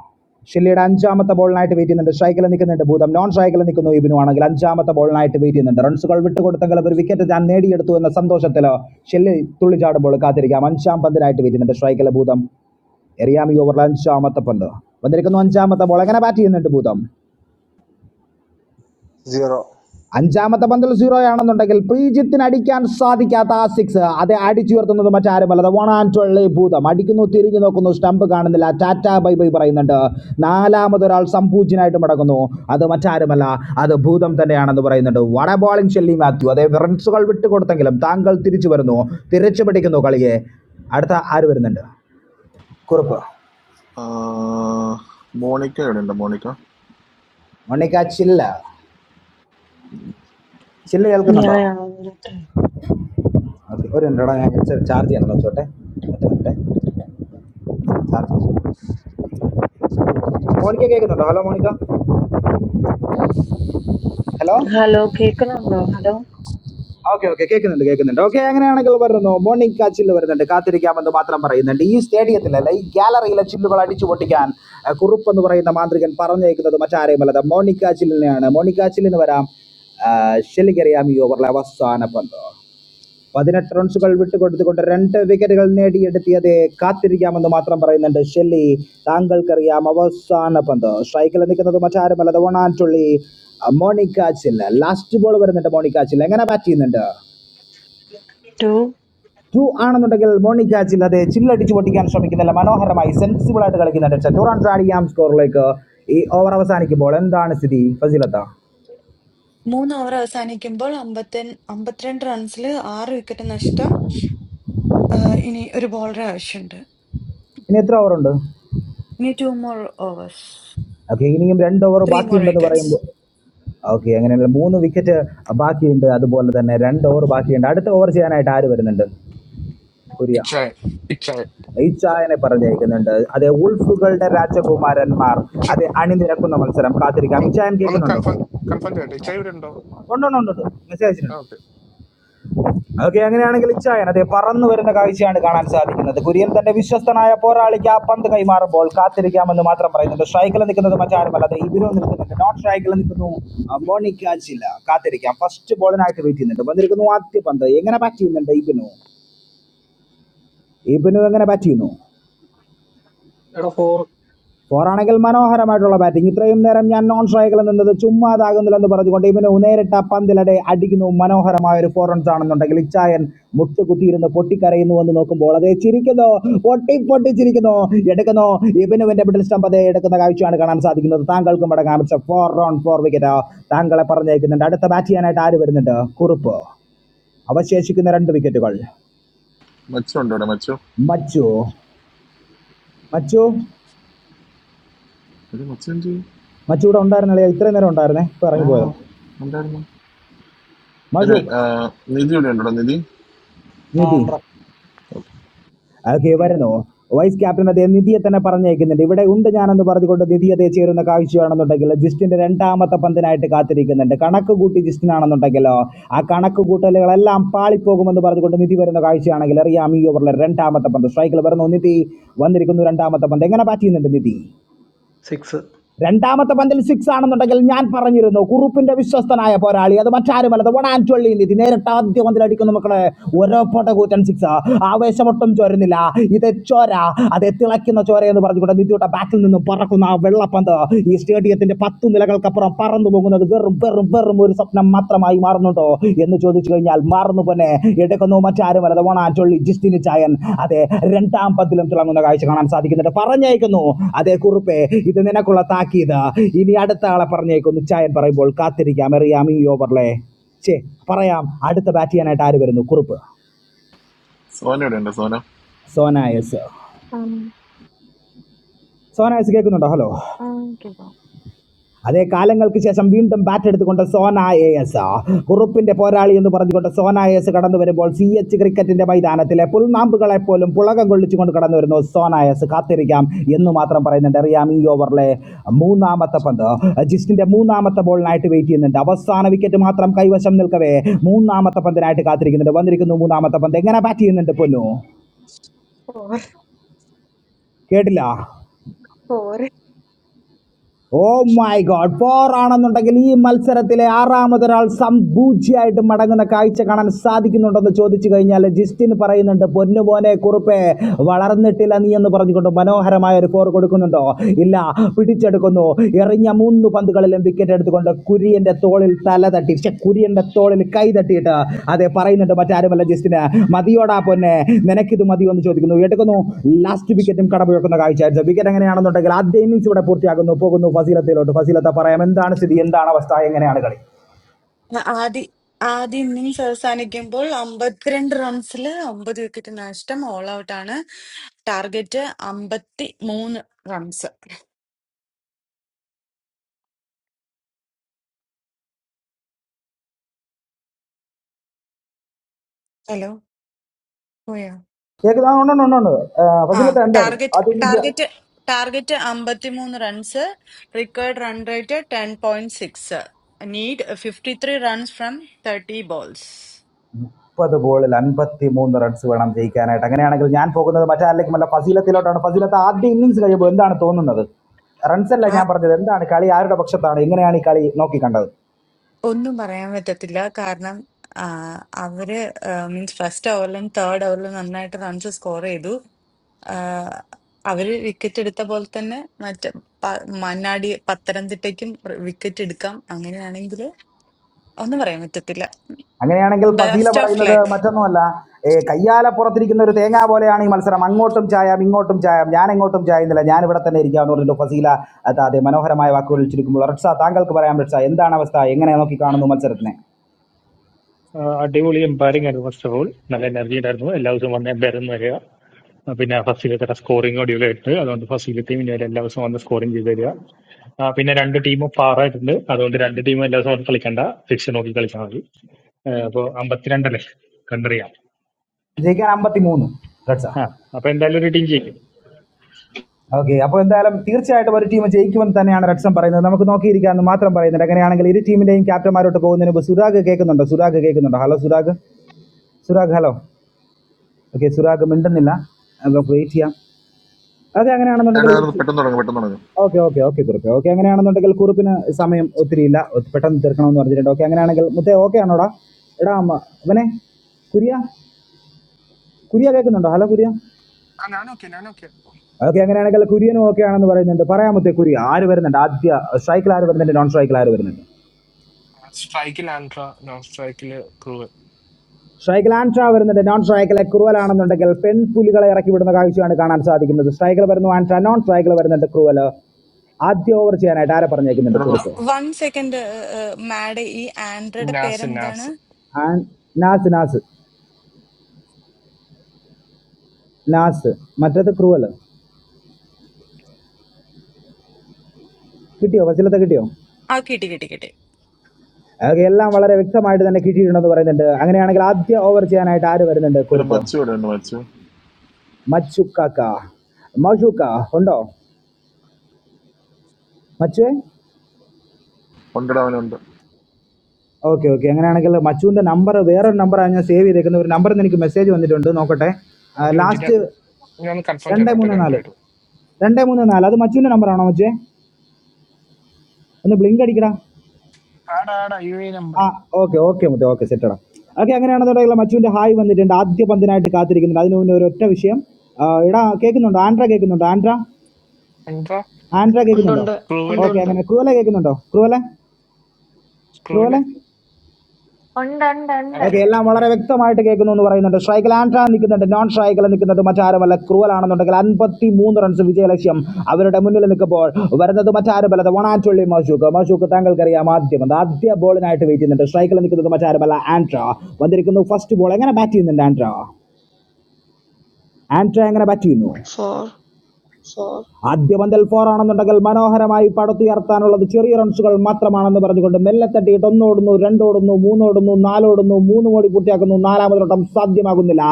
Speaker 6: ഷെല്ലിയുടെ അഞ്ചാമത്തെ ബോളിനായിട്ട് വെയിറ്റ് ചെയ്യുന്നുണ്ട് സ്ട്രൈക്കിൽ നിൽക്കുന്നുണ്ട് ഭൂതം നോൺ സ്ട്രൈക്കിൽ നിൽക്കുന്നു ഇബിനു ആണെങ്കിൽ അഞ്ചാമത്തെ ബോളിനായിട്ട് വെയിറ്റ് ചെയ്യുന്നുണ്ട് റൺസുകൾ വിട്ടുകൊടുത്തെങ്കിലും ഒരു വിക്കറ്റ് താൻ നേടിയെടുത്തു എന്ന സന്തോഷത്തിൽ ഷെല്ലി തുള്ളിച്ചാടുമ്പോൾ കാത്തിരിക്കാം അഞ്ചാം പന്തിനായിട്ട് വെയിറ്റ് ചെയ്യുന്നുണ്ട് സ്ട്രൈക്കിലെ ഭൂതം എറിയാം ഈ ഓവറിലെ അഞ്ചാമത്തെ പന്ത് വന്നിരിക്കുന്നു അഞ്ചാമത്തെ ബോൾ എങ്ങനെ ബാറ്റ് ചെയ്യുന്നുണ്ട് ഭൂതം
Speaker 17: zero.
Speaker 6: അഞ്ചാമത്തെ പന്തിൽ സീറോ ആണെന്നുണ്ടെങ്കിൽ പ്രീജിത്തിന് അടിക്കാൻ സാധിക്കാത്ത ആ സിക്സ് അത് അടിച്ചുയർത്തുന്നത് മറ്റാരുമല്ല വൺ ആൻഡ് ട്വള്ളി ഭൂതം അടിക്കുന്നു തിരിഞ്ഞു നോക്കുന്നു സ്റ്റംപ് കാണുന്നില്ല ടാറ്റ ബൈ ബൈ പറയുന്നുണ്ട് നാലാമതൊരാൾ സംപൂജ്യനായിട്ട് മടങ്ങുന്നു അത് മറ്റാരുമല്ല അത് ഭൂതം തന്നെയാണെന്ന് പറയുന്നുണ്ട് വട ബോളിംഗ് ഷെല്ലി മാത്യു അതേ റൺസുകൾ വിട്ടുകൊടുത്തെങ്കിലും താങ്കൾ തിരിച്ചു വരുന്നു തിരിച്ചു പിടിക്കുന്നു കളിയെ അടുത്ത ആര് വരുന്നുണ്ട് കുറിപ്പ്
Speaker 11: മോണിക്ക ഇവിടെ ഉണ്ട് മോണിക്ക
Speaker 6: മണിക്ക ചില്ല ചില്ല
Speaker 18: Yeah,
Speaker 6: കേൾക്കുന്നുണ്ടോ
Speaker 18: yeah.
Speaker 6: ഓക്കെ ഒരു മിനിറ്റ് എടാ, ഞാൻ ചാർജ് ചെയ്യണം വെച്ചോട്ടെ ഒറ്റ മിനിറ്റ്. ചാർജ് മോണിക്ക കേൾക്കുന്നുണ്ടോ ഹലോ മോണിക്ക ഹലോ
Speaker 18: Hello, കേൾക്കുന്നുണ്ടോ? Hello,
Speaker 6: ഓക്കെ ഓക്കെ കേൾക്കുന്നുണ്ട് കേൾക്കുന്നുണ്ട് ഓക്കെ അങ്ങനെയാണെങ്കിൽ വരുന്നു മോണിക്ക ചില്ല് വരുന്നുണ്ട് കാത്തിരിക്കാമെന്ന് മാത്രം പറയുന്നുണ്ട് ഈ സ്റ്റേഡിയത്തിലല്ല ഈ ഗാലറിയിലെ ചില്ലുകൾ അടിച്ചു പൊട്ടിക്കാൻ അഹ് കുറുപ്പ് എന്ന് പറയുന്ന മാന്ത്രികൻ പറഞ്ഞേക്കുന്നത് മറ്റാരെയുമല്ലത് മോണിക്ക ചില്ലിനെയാണ് മോണിക്ക ചില്ലിന് വരാം ശലിക്കറിയാം ഈ ഓവറിലെ അവസാന പന്തോ പതിനെട്ട് റൺസുകൾ വിട്ടുകൊടുത്തുകൊണ്ട് രണ്ട് വിക്കറ്റുകൾ നേടിയെടുത്തിയത് കാത്തിരിക്കാമെന്ന് മാത്രം പറയുന്നുണ്ട് ഷെല്ലി താങ്കൾക്കറിയാം അവസാന പന്ത് സ്ട്രൈക്കിൽ നിൽക്കുന്നത് മറ്റാരുമല്ല ദ വൺ ആൻഡ് ചുള്ളി മോണിക്കാച്ചിൽ ലാസ്റ്റ് ബോൾ വരുന്നുണ്ട് മോണിക്കാച്ചിൽ എങ്ങനെ ബാറ്റ് ചെയ്യുന്നുണ്ട്
Speaker 18: two.
Speaker 6: ടു ആണെന്നുണ്ടെങ്കിൽ മോണിക്കാച്ചിൽ അത് ചില്ലടിച്ച് പൊട്ടിക്കാൻ ശ്രമിക്കുന്നില്ല മനോഹരമായി സെൻസിബിൾ ആയിട്ട് കളിക്കുന്നുണ്ട് ടു റൺസ് ആഡ് ചെയ്യാം സ്കോറിലേക്ക് ഈ ഓവർ അവസാനിക്കുമ്പോൾ എന്താണ് സ്ഥിതി ഫസിലത്ത
Speaker 1: മൂന്ന് ഓവർ അവസാനിക്കുമ്പോൾ അമ്പത്തി അമ്പത്തിരണ്ട് റൺസിൽ ആറ് വിക്കറ്റ് നഷ്ടം ആഹ് ഇനി ഒരു ബോളർ ആവശ്യമുണ്ട്
Speaker 6: ഇനി എത്ര ഓവറുണ്ട്
Speaker 1: ഇനി ടു മോർ ഓവേഴ്സ്
Speaker 6: ഓക്കെ ഇനിയും രണ്ട് ഓവർ
Speaker 1: ത്രീ മോർ
Speaker 6: ബാക്കിയുണ്ടെന്ന്
Speaker 1: വിക്കറ്റ്സ്
Speaker 6: പറയുമ്പോൾ ഓക്കെ അങ്ങനെയാണെങ്കിൽ മൂന്ന് വിക്കറ്റ് ബാക്കിയുണ്ട് അതുപോലെ തന്നെ രണ്ട് ഓവർ ബാക്കിയുണ്ട് അടുത്ത ഓവർ ചെയ്യാനായിട്ട് ആര് വരുന്നുണ്ട് കൊരിയ
Speaker 7: ഇച്ചായ ഇച്ചായ
Speaker 6: ഇച്ചായനെ പറഞ്ഞയക്കുന്നുണ്ട് അതെ ഉൾഫുകളുടെ രാജകുമാരന്മാർ
Speaker 7: ഇച്ച
Speaker 6: അതെ അണിനിരക്കുന്ന മത്സരം കാത്തിരിക്കാം ഇച്ചായൻ
Speaker 7: ഒന്ന്
Speaker 6: കേൾക്കുന്നുണ്ടോ
Speaker 7: കൺഫേം കൺഫേം ചെയ്യട്ടെ ഇച്ചായ ഇവിടെ ഉണ്ടോ
Speaker 6: ഉണ്ടോ ഉണ്ടോ മെസ്സേജ് അയച്ചിട്ടുണ്ട്
Speaker 7: ഓക്കെ
Speaker 6: ഓക്കെ അങ്ങനെയാണെങ്കിൽ ഇച്ചായൻ അതെ പറന്നു വരുന്ന കാഴ്ചയാണ് കാണാൻ സാധിക്കുന്നത് കുര്യൻ തന്റെ വിശ്വസ്തനായ പോരാളിക്ക് ആ പന്ത് കൈമാറുമ്പോൾ കാത്തിരിക്കാമെന്ന് മാത്രം പറയുന്നുണ്ട് സ്ട്രൈക്കിൽ നിൽക്കുന്നത് മറ്റാരുമല്ല അതെ ഇബിനോ നിൽക്കുന്നുണ്ട് നോട്ട് സ്ട്രൈക്കിൽ നിൽക്കുന്നു മോണിക്കാച്ചില്ല കാത്തിരിക്കാം ഫസ്റ്റ് ബോളിനായിട്ട് വെയിറ്റ് ചെയ്യുന്നുണ്ട് വന്നിരിക്കുന്നു ആദ്യ പന്ത് എങ്ങനെ ബാറ്റ് ചെയ്യുന്നുണ്ട് ഇബിനു ഇബിനു എങ്ങനെ ബാറ്റ് ചെയ്യുന്നു
Speaker 16: That for.
Speaker 6: ഫോറാണെങ്കിൽ മനോഹരമായിട്ടുള്ള ബാറ്റിംഗ് ഇത്രയും നേരം ഞാൻ നോൺ സ്ട്രൈക്കിൽ നിന്നത് ചുമ്മാതാകുന്നില്ലെന്ന് പറഞ്ഞുകൊണ്ട് ഇവന് നേരിട്ട പന്തിലടെ അടിക്കുന്നു മനോഹരമായ ഒരു ഫോർ റൺസ് ആണെന്നുണ്ടെങ്കിൽ ഇച്ചായൻ മുട്ടുകുത്തിയിരുന്ന് പൊട്ടിക്കരയുന്നു എന്ന് നോക്കുമ്പോൾ അതേ ചിരിക്കുന്നു പൊട്ടി പൊട്ടി ചിരിക്കുന്നു എടുക്കുന്നു ഇബിനുവിന്റെ മിഡിൽ സ്റ്റംപ് അതേ എടുക്കുന്ന കാഴ്ചയാണ് കാണാൻ സാധിക്കുന്നത് താങ്കൾക്കും മടങ്ങാം it's a four run four wicket താങ്കളെ പറഞ്ഞേക്കുന്നുണ്ട് അടുത്ത ബാറ്റ് ചെയ്യാനായിട്ട് ആര് വരുന്നുണ്ട് കുറുപ്പ് അവശേഷിക്കുന്ന രണ്ട് വിക്കറ്റുകൾ
Speaker 11: മച്ചു ഉണ്ടോ ഇവിടെ മച്ചു
Speaker 6: മച്ചു മച്ചു
Speaker 11: എടാ മച്ചു എന്ത് ചെയ്യും?
Speaker 6: മച്ചു ഇവിടെ ഉണ്ടായിരുന്നല്ലേ ഇത്രയും നേരം ഉണ്ടായിരുന്നേ ഇപ്പൊ
Speaker 11: ആ
Speaker 6: ഇറങ്ങിപ്പോയതോ
Speaker 11: ഉണ്ടായിരുന്നു anyway,
Speaker 6: മഷൂഖ്
Speaker 11: ആ, നിധി ഇവിടെ ഉണ്ടോടാ നിധി
Speaker 12: ആ
Speaker 6: നിതി
Speaker 12: ഉണ്ടടാ
Speaker 11: ഓക്കെ
Speaker 6: അതൊക്കെ വരണോ വൈസ് ക്യാപ്റ്റൻ അതേ നിധിയെ തന്നെ പറഞ്ഞേക്കുന്നുണ്ട് ഇവിടെ ഉണ്ട് ഞാനെന്ന് പറഞ്ഞുകൊണ്ട് നിധി അതേ ചേരുന്ന കാഴ്ചയാണെന്നുണ്ടെങ്കിൽ ജിസ്റ്റിന്റെ രണ്ടാമത്തെ പന്തിനായിട്ട് കാത്തിരിക്കുന്നുണ്ട് കണക്ക് കൂട്ടി ജിസ്റ്റിനാണെന്നുണ്ടെങ്കിലോ ആ കണക്ക് കൂട്ടലുകളെല്ലാം പാളിപ്പോകുമെന്ന് പറഞ്ഞുകൊണ്ട് നിധി വരുന്ന കാഴ്ചയാണെങ്കിൽ അറിയാം ഈ ഓവറിലെ രണ്ടാമത്തെ പന്ത് സ്ട്രൈക്കിൽ വരുന്നു നിധി വന്നിരിക്കുന്നു രണ്ടാമത്തെ പന്ത് എങ്ങനെ ബാറ്റ് ചെയ്യുന്നുണ്ട് നിധി
Speaker 12: സിക്സ്
Speaker 6: രണ്ടാമത്തെ പന്തിൽ സിക്സ് ആണെന്നുണ്ടെങ്കിൽ ഞാൻ പറഞ്ഞിരുന്നു കുറുപ്പിന്റെ വിശ്വസ്തനായ പോരാളി അത് മറ്റാരുമല്ല വൺ ആൻഡ് നിധി നേരിട്ട് ആദ്യ പന്തിൽ അടിക്കുന്നു മക്കളെ ഓരോ പൊട്ട കൂറ്റൻ സിക്സ് ആവേശമൊട്ടും ചോരുന്നില്ല ഇത് ചോര അത് തിളയ്ക്കുന്ന ചോര എന്ന് പറഞ്ഞുകൊണ്ട് നിധിയുടെ ബാക്കിൽ നിന്ന് പറക്കുന്ന ആ വെള്ളപ്പന്ത് ഈ സ്റ്റേഡിയത്തിന്റെ പത്ത് നിലകൾക്കപ്പുറം പറന്നു പോകുന്നത് വെറും വെറും വെറും ഒരു സ്വപ്നം മാത്രമായി മാറുന്നുണ്ടോ എന്ന് ചോദിച്ചു കഴിഞ്ഞാൽ മാറുന്നു പൊന്നെ എടുക്കുന്നു മറ്റാരുമല്ല ദ വൺ ആൻഡ് ഓൺലി ജസ്റ്റിന് ചായൻ അതെ രണ്ടാം പതിലും തിളങ്ങുന്ന കാഴ്ച കാണാൻ സാധിക്കുന്നുണ്ട് പറഞ്ഞയക്കുന്നു അതേ കുറിപ്പേ ഇത് നിനക്കുള്ള താക്കീത് ഇനി അടുത്ത ആളെ പറഞ്ഞേക്കുന്നു ചായൻ പറയുമ്പോൾ കാത്തിരിക്കാം എറിയാം ഈ ഓവറിലെ ചേ പറയാം അടുത്ത ബാറ്റ് ചെയ്യാനായിട്ട് ആര് വരുന്നു കുറിപ്പ്
Speaker 11: സോന ഇവിടെ ഉണ്ട് സോന
Speaker 6: സോനായസ്
Speaker 19: Um,
Speaker 6: സോനായസ് കേൾക്കുന്നുണ്ടോ ഹലോ
Speaker 19: um, give up.
Speaker 6: അതേ കാലങ്ങൾക്ക് ശേഷം വീണ്ടും ബാറ്റ് എടുത്തുകൊണ്ട് സോന എ എസ് കുറുപ്പിന്റെ പോരാളി എന്ന് പറഞ്ഞുകൊണ്ട് സോന എ എസ് കടന്നു വരുമ്പോൾ സി എച്ച് ക്രിക്കറ്റിന്റെ മൈതാനത്തിലെ പുൽനാമ്പുകളെ പോലും പുളകം കൊള്ളിച്ചുകൊണ്ട് കടന്നു വരുന്നു സോന എ എസ് കാത്തിരിക്കാം എന്ന് മാത്രം പറയുന്നുണ്ട് അറിയാം ഈ ഓവറിലെ മൂന്നാമത്തെ പന്ത് ജിസ്റ്റിന്റെ മൂന്നാമത്തെ ബോളിനായിട്ട് വെയിറ്റ് ചെയ്യുന്നുണ്ട് അവസാന വിക്കറ്റ് മാത്രം കൈവശം നിൽക്കവേ മൂന്നാമത്തെ പന്തിനായിട്ട് കാത്തിരിക്കുന്നുണ്ട് വന്നിരിക്കുന്നു മൂന്നാമത്തെ പന്ത് എങ്ങനെ ബാറ്റ് ചെയ്യുന്നുണ്ട് പൊന്നു
Speaker 19: Four.
Speaker 6: കേട്ടില്ല
Speaker 19: Four.
Speaker 6: ഓ മൈ ഗോഡ് പോറാണെന്നുണ്ടെങ്കിൽ ഈ മത്സരത്തിലെ ആറാമതൊരാൾ സംഭൂജിയായിട്ട് മടങ്ങുന്ന കാഴ്ച കാണാൻ സാധിക്കുന്നുണ്ടെന്ന് ചോദിച്ചു കഴിഞ്ഞാൽ ജിസ്റ്റിൻ പറയുന്നുണ്ട് പൊന്നുമോനെ കുറുപ്പെ വളർന്നിട്ടില്ല നീ എന്ന് പറഞ്ഞുകൊണ്ട് മനോഹരമായ ഒരു ഫോർ കൊടുക്കുന്നുണ്ടോ ഇല്ല പിടിച്ചെടുക്കുന്നു എറിഞ്ഞ മൂന്ന് പന്തുകളിലും wicket വിക്കറ്റ് എടുത്തുകൊണ്ട് കുര്യന്റെ തോളിൽ തല തട്ടി ശ്ശെ, കുര്യന്റെ തോളിൽ കൈ തട്ടിയിട്ട് അതെ പറയുന്നുണ്ട് മറ്റാരുമല്ല ജസ്റ്റിന് മതിയോടാ പൊന്നെ നിനക്കിത് മതിയോ എന്ന് ചോദിക്കുന്നു എടുക്കുന്നു ലാസ്റ്റ് വിക്കറ്റും കടമുഴക്കുന്ന കാഴ്ചയായിരുന്നു വിക്കറ്റ് എങ്ങനെയാണെന്നുണ്ടെങ്കിൽ ആദ്യ ഇന്നിങ്സ് ഇവിടെ പൂർത്തിയാകുന്നു പോകുന്നു ഫസീലത്തിലോട്ട് ഫസീലത്തെ പറയാം എന്താണ് സ്ഥിതി എന്താണ് അവസ്ഥ എങ്ങനെയാണ് കളി
Speaker 1: ആദ്യ ആദ്യ ഇന്നിങ്സ് അവസാനിക്കുമ്പോൾ അമ്പത്തിരണ്ട് റൺസിൽ അമ്പത് വിക്കറ്റ് നഷ്ടം ഓൾ ഔട്ട് ആണ് ടാർഗറ്റ് അമ്പത്തി മൂന്ന് റൺസ് ഹലോ പോയോ
Speaker 6: ഏകദാ ഉണ്ട് ഉണ്ട്, ഉണ്ട്. ആ,
Speaker 1: ആ
Speaker 6: ഫസീലത്തെ എന്താണ്
Speaker 1: ടാർഗറ്റ്
Speaker 6: ആദ്യ ഇന്നിങ്സ്
Speaker 1: ടാർഗറ്റ് ടാർഗറ്റ് അമ്പത്തി മൂന്ന് runs required run rate ten point six need fifty three runs from thirty balls
Speaker 6: മുപ്പത് ബോളിൽ അൻപത്തി മൂന്ന് റൺസ് വേണം ജയിക്കാനായിട്ട് അങ്ങനെയാണെങ്കിൽ ഞാൻ പോകുന്നത് മറ്റാരിലേക്കും അല്ല ഫസീലത്തിലോട്ടാണ് ഫസീലത്ത് ആദ്യ ഇന്നിങ്സ് കഴിയുമ്പോൾ എന്താണ് തോന്നുന്നത് റൺസ് അല്ല
Speaker 1: ആ
Speaker 6: ഞാൻ പറഞ്ഞത് എന്താണ് കളി ആരുടെ പക്ഷത്താണ് എങ്ങനെയാണ് ഈ കളി നോക്കിക്കണ്ടത്
Speaker 1: ഒന്നും പറയാൻ പറ്റത്തില്ല കാരണം ആ, അവര് മീൻസ് ഫസ്റ്റ് ഓവറിലും തേർഡ് ഓവറിലും നന്നായിട്ട് റൺസ് സ്കോർ ചെയ്തു ആഹ് അവര് വിക്കറ്റ് എടുത്ത പോലെ തന്നെ മറ്റേ പ- മണ്ണാടി പത്തനംതിട്ടയ്ക്കും വിക്കറ്റ് എടുക്കാം അങ്ങനെയാണെങ്കിൽ ഒന്നും പറയാൻ പറ്റത്തില്ല
Speaker 6: അങ്ങനെയാണെങ്കിൽ ഫസീല
Speaker 1: ബെസ്റ്റ് ഓഫ്
Speaker 6: പറയുന്നത്
Speaker 1: ലക്ക്
Speaker 6: മറ്റൊന്നുമല്ല ഏ, കയ്യാല പുറത്തിരിക്കുന്ന ഒരു തേങ്ങ പോലെയാണ് ഈ മത്സരം അങ്ങോട്ടും ചായാം ഇങ്ങോട്ടും ചായാം ഞാൻ എങ്ങോട്ടും ചായുന്നില്ല ഞാൻ ഇവിടെ തന്നെ ഇരിക്കാമെന്ന് പറഞ്ഞിട്ട് ഫസീല അത് അതെ മനോഹരമായ വാക്കുകൾ ചുരുക്കുമ്പോൾ റഡ്സ താങ്കൾക്ക് പറയാം റഡ്സ എന്താണ് അവസ്ഥ എങ്ങനെ നോക്കി കാണുന്നു മത്സരത്തിനെ
Speaker 10: ആ, അടിപൊളി എംപയറിംഗ് ആയിരുന്നു ഫസ്റ്റ് ഓഫ് ഓൾ നല്ല എനർജി ഉണ്ടായിരുന്നു എല്ലാ ദിവസവും വന്ന് എംപയർന്ന് വരിക ആ, പിന്നെ ഫസ്റ്റിലത്തെ സ്കോറിംഗ് അടിപൊളിയായിട്ട് അതുകൊണ്ട് ഫസ്റ്റിലെ ടീമിന് വരെ എല്ലാ ദിവസവും വന്ന് സ്കോറിംഗ് ചെയ്ത് തരിക ആ, പിന്നെ രണ്ട് ടീമും പാറായിട്ടുണ്ട് അതുകൊണ്ട് രണ്ട് ടീമും എല്ലാ ദിവസവും വന്ന് കളിക്കണ്ട ഫിക്ഷൻ നോക്കി കളിച്ചാൽ മതി അപ്പോൾ അമ്പത്തിരണ്ടല്ലേ കണ്ടറിയാം
Speaker 6: ജയിക്കാൻ അമ്പത്തി മൂന്ന് റഡ്സ
Speaker 10: ആ അപ്പൊ എന്തായാലും ഒരു ടീം ജയിക്കും
Speaker 6: ഓക്കെ അപ്പോൾ എന്തായാലും തീർച്ചയായിട്ടും ഒരു ടീം ജയിക്കുമെന്ന് തന്നെയാണ് റെഡ്സൺ പറയുന്നത് നമുക്ക് നോക്കിയിരിക്കാമെന്ന് മാത്രം പറയുന്നുണ്ട് അങ്ങനെയാണെങ്കിൽ ഇരു ടീമിൻ്റെയും ക്യാപ്റ്റന്മാരോട്ട് പോകുന്നതിന് മുമ്പ് സുരാഗ് കേൾക്കുന്നുണ്ടോ സുരാഗ് കേൾക്കുന്നുണ്ടോ hello Surag Surag hello okay Surag മിണ്ടുന്നില്ല അപ്പോൾ നമുക്ക് വെയിറ്റ് ചെയ്യാം ഓക്കെ അങ്ങനെയാണെന്നുണ്ടെങ്കിൽ
Speaker 11: എടാ ഒന്ന് പെട്ടെന്ന് തുടങ്ങും പെട്ടെന്ന് തുടങ്ങും
Speaker 6: ഓക്കെ ഓക്കെ ഓക്കെ കുറിപ്പ് ഓക്കെ അങ്ങനെയാണെന്നുണ്ടെങ്കിൽ കുറിപ്പിന് സമയം ഒത്തിരി ഇല്ല ഒ- പെട്ടെന്ന് തീർക്കണമെന്ന് പറഞ്ഞിട്ടുണ്ട് ഓക്കെ അങ്ങനെയാണെങ്കിൽ മുത്തേ ഓക്കെ ആണോടാ എടാ അമ്മ ഇവനെ കുര്യ കുര്യ കേൾക്കുന്നുണ്ടോ ഹലോ കുര്യ
Speaker 7: ആ ഞാനോക്കെ ഞാനോക്കെ
Speaker 6: ഓക്കെ അങ്ങനെയാണെങ്കിൽ കുര്യനും ഓക്കെ ആണെന്ന് പറയുന്നുണ്ട് പറയാമത്തെ കുര്യ ആര് വരുന്നുണ്ട് ആദ്യ സ്ട്രൈക്കിൽ ആര് വരുന്നുണ്ട് നോൺ സ്ട്രൈക്കിൽ ആര് വരുന്നുണ്ട്
Speaker 7: സ്ട്രൈക്കിൽ ആൻഡ്ര നോൺ സ്ട്രൈക്കിൽ ക്രൂവൽ
Speaker 6: സ്ട്രൈക്കിൽ ആൻട്ര വരുന്നുണ്ട് നോൺ സ്ട്രൈക്കിലെ ക്രൂവൽ ആണെന്നുണ്ടെങ്കിൽ പെൺപുലികളെ ഇറക്കി വിടുന്ന കാഴ്ചയാണ് കാണാൻ സാധിക്കുന്നത് സ്ട്രൈക്കിൽ വരുന്നു ആൻട്ര നോൺ സ്ട്രൈക്കിൽ വരുന്നുണ്ട് ക്രൂവൽ ആദ്യ ഓവർ ചെയ്യാനായിട്ട് ആരെ പറഞ്ഞേക്കുന്നുണ്ട്
Speaker 11: എടാ
Speaker 6: കുറിപ്പ്
Speaker 11: ഫസ്റ്റ്
Speaker 1: വൺ സെക്കൻഡ് മാഡ് ഈ ആൻഡ്രയുടെ
Speaker 7: നാസ്
Speaker 1: പേരെന്താണ്
Speaker 7: നാസ്
Speaker 6: ആൻ- നാസ് നാസ് നാസ് മറ്റേത് ക്രൂവൽ കിട്ടിയോ ഫസിലത്തെ കിട്ടിയോ
Speaker 1: ആ കിട്ടി കിട്ടി കിട്ടി
Speaker 6: അതൊക്കെ എല്ലാം വളരെ വ്യക്തമായിട്ട് തന്നെ കിട്ടിയിട്ടുണ്ടെന്ന് പറയുന്നുണ്ട് അങ്ങനെയാണെങ്കിൽ ആദ്യ ഓവർ ചെയ്യാനായിട്ട് ആര് വരുന്നുണ്ട്
Speaker 11: എടാ
Speaker 6: കുറിപ്പ്
Speaker 11: മച്ചു ഇവിടെ ഉണ്ട് മച്ചു
Speaker 6: മച്ചുക്കാക്ക മഷുക്ക ഉണ്ടോ മച്ചുവേ
Speaker 11: ഉണ്ടടാ അവനുണ്ട്
Speaker 6: ഓക്കെ ഓക്കെ അങ്ങനെയാണെങ്കിൽ മച്ചുവിൻ്റെ നമ്പർ വേറൊരു നമ്പറാണ് ഞാൻ സേവ് ചെയ്തേക്കുന്നത് ഒരു നമ്പറിൽ നിന്ന് എനിക്ക് മെസ്സേജ് വന്നിട്ടുണ്ട് നോക്കട്ടെ
Speaker 7: ഒരു മിനിറ്റ്
Speaker 6: ലാസ്റ്റ്
Speaker 7: ഞാൻ ഒന്ന് കൺഫേം
Speaker 6: രണ്ട്
Speaker 7: ചെയ്തോട്ടെ
Speaker 6: മൂന്ന്
Speaker 7: കേട്ടോ
Speaker 6: നാല്
Speaker 7: രണ്ടുപേരും
Speaker 6: രണ്ട് മൂന്ന് നാല് അത് മച്ചുവിൻ്റെ നമ്പറാണോ മച്ചേ ഒന്ന് ബ്ലിങ്ക് അടിക്കടാ
Speaker 20: ആടാ ആടാ യു എ നമ്പർ
Speaker 6: ആ ഓക്കെ ഓക്കെ മുത്തേ ഓക്കെ സെറ്റടാ ഓക്കെ അങ്ങനെയാണെന്നുണ്ടെങ്കിൽ മച്ചുവിൻ്റെ ഹായ് വന്നിട്ടുണ്ട് ആദ്യ പന്തിനായിട്ട് കാത്തിരിക്കുന്നുണ്ട് അതിന് മുന്നേ ഒരൊറ്റ വിഷയം ആ, എടാ കേൾക്കുന്നുണ്ടോ ആൻഡ്ര കേൾക്കുന്നുണ്ടോ ആൻഡ്ര
Speaker 7: ആൻഡ്ര
Speaker 6: ആൻഡ്ര കേൾക്കുന്നുണ്ടോ
Speaker 21: Under
Speaker 7: ക്രൂവല്
Speaker 6: ഓക്കെ
Speaker 21: under
Speaker 6: അങ്ങനെ ക്രൂവല കേൾക്കുന്നുണ്ടോ ക്രൂവല
Speaker 7: ക്രൂവിന്
Speaker 6: ക്രൂവല
Speaker 8: Undan undan.
Speaker 7: Okay
Speaker 6: okay
Speaker 7: okay
Speaker 6: എല്ലാം വളരെ വ്യക്തമായിട്ട് കേൾക്കുന്നു എന്ന് പറയുന്നുണ്ട് സ്ട്രൈക്കിൽ ആൻട്രാ നിൽക്കുന്നുണ്ട് നോൺ സ്ട്രൈക്കിൽ നിൽക്കുന്നത് മറ്റാരുമല്ല ക്രൂവൽ ആണെന്നുണ്ടെങ്കിൽ അൻപത്തി മൂന്ന് റൺസ് വിജയലക്ഷ്യം അവരുടെ മുന്നിൽ നിൽക്കുമ്പോൾ വരുന്നത് മറ്റാരുമല്ല വൺ ആൻഡ് ട്വള്ളി മഷൂക്ക് മഷൂക്ക് താങ്കൾക്കറിയാം ആദ്യം അത് ആദ്യ ബോളിനായിട്ട് വെയിറ്റ് ചെയ്യുന്നുണ്ട് സ്ട്രൈക്കിൽ നിൽക്കുന്നത് മറ്റാരുമല്ല ആൻട്രാ വന്നിരിക്കുന്നു ഫസ്റ്റ് ബോൾ എങ്ങനെ ബാറ്റ് ചെയ്യുന്നുണ്ട് ആൻട്രാ ആൻട്രാ എങ്ങനെ ബാറ്റ് ചെയ്യുന്നു
Speaker 21: for.
Speaker 6: ആദ്യ പന്തൽ ഫോർ ആണെന്നുണ്ടെങ്കിൽ മനോഹരമായി പടുത്തുയർത്താനുള്ളത് ചെറിയ റൺസുകൾ മാത്രമാണെന്ന് പറഞ്ഞുകൊണ്ട് മെല്ലെ തട്ടിയിട്ട് ഒന്നോടുന്നു രണ്ടോടുന്നു മൂന്നോടുന്നു നാലോടുന്നു മൂന്ന് കോടി പൂർത്തിയാക്കുന്നു നാലാമതൊട്ടം സാധ്യമാകുന്നില്ല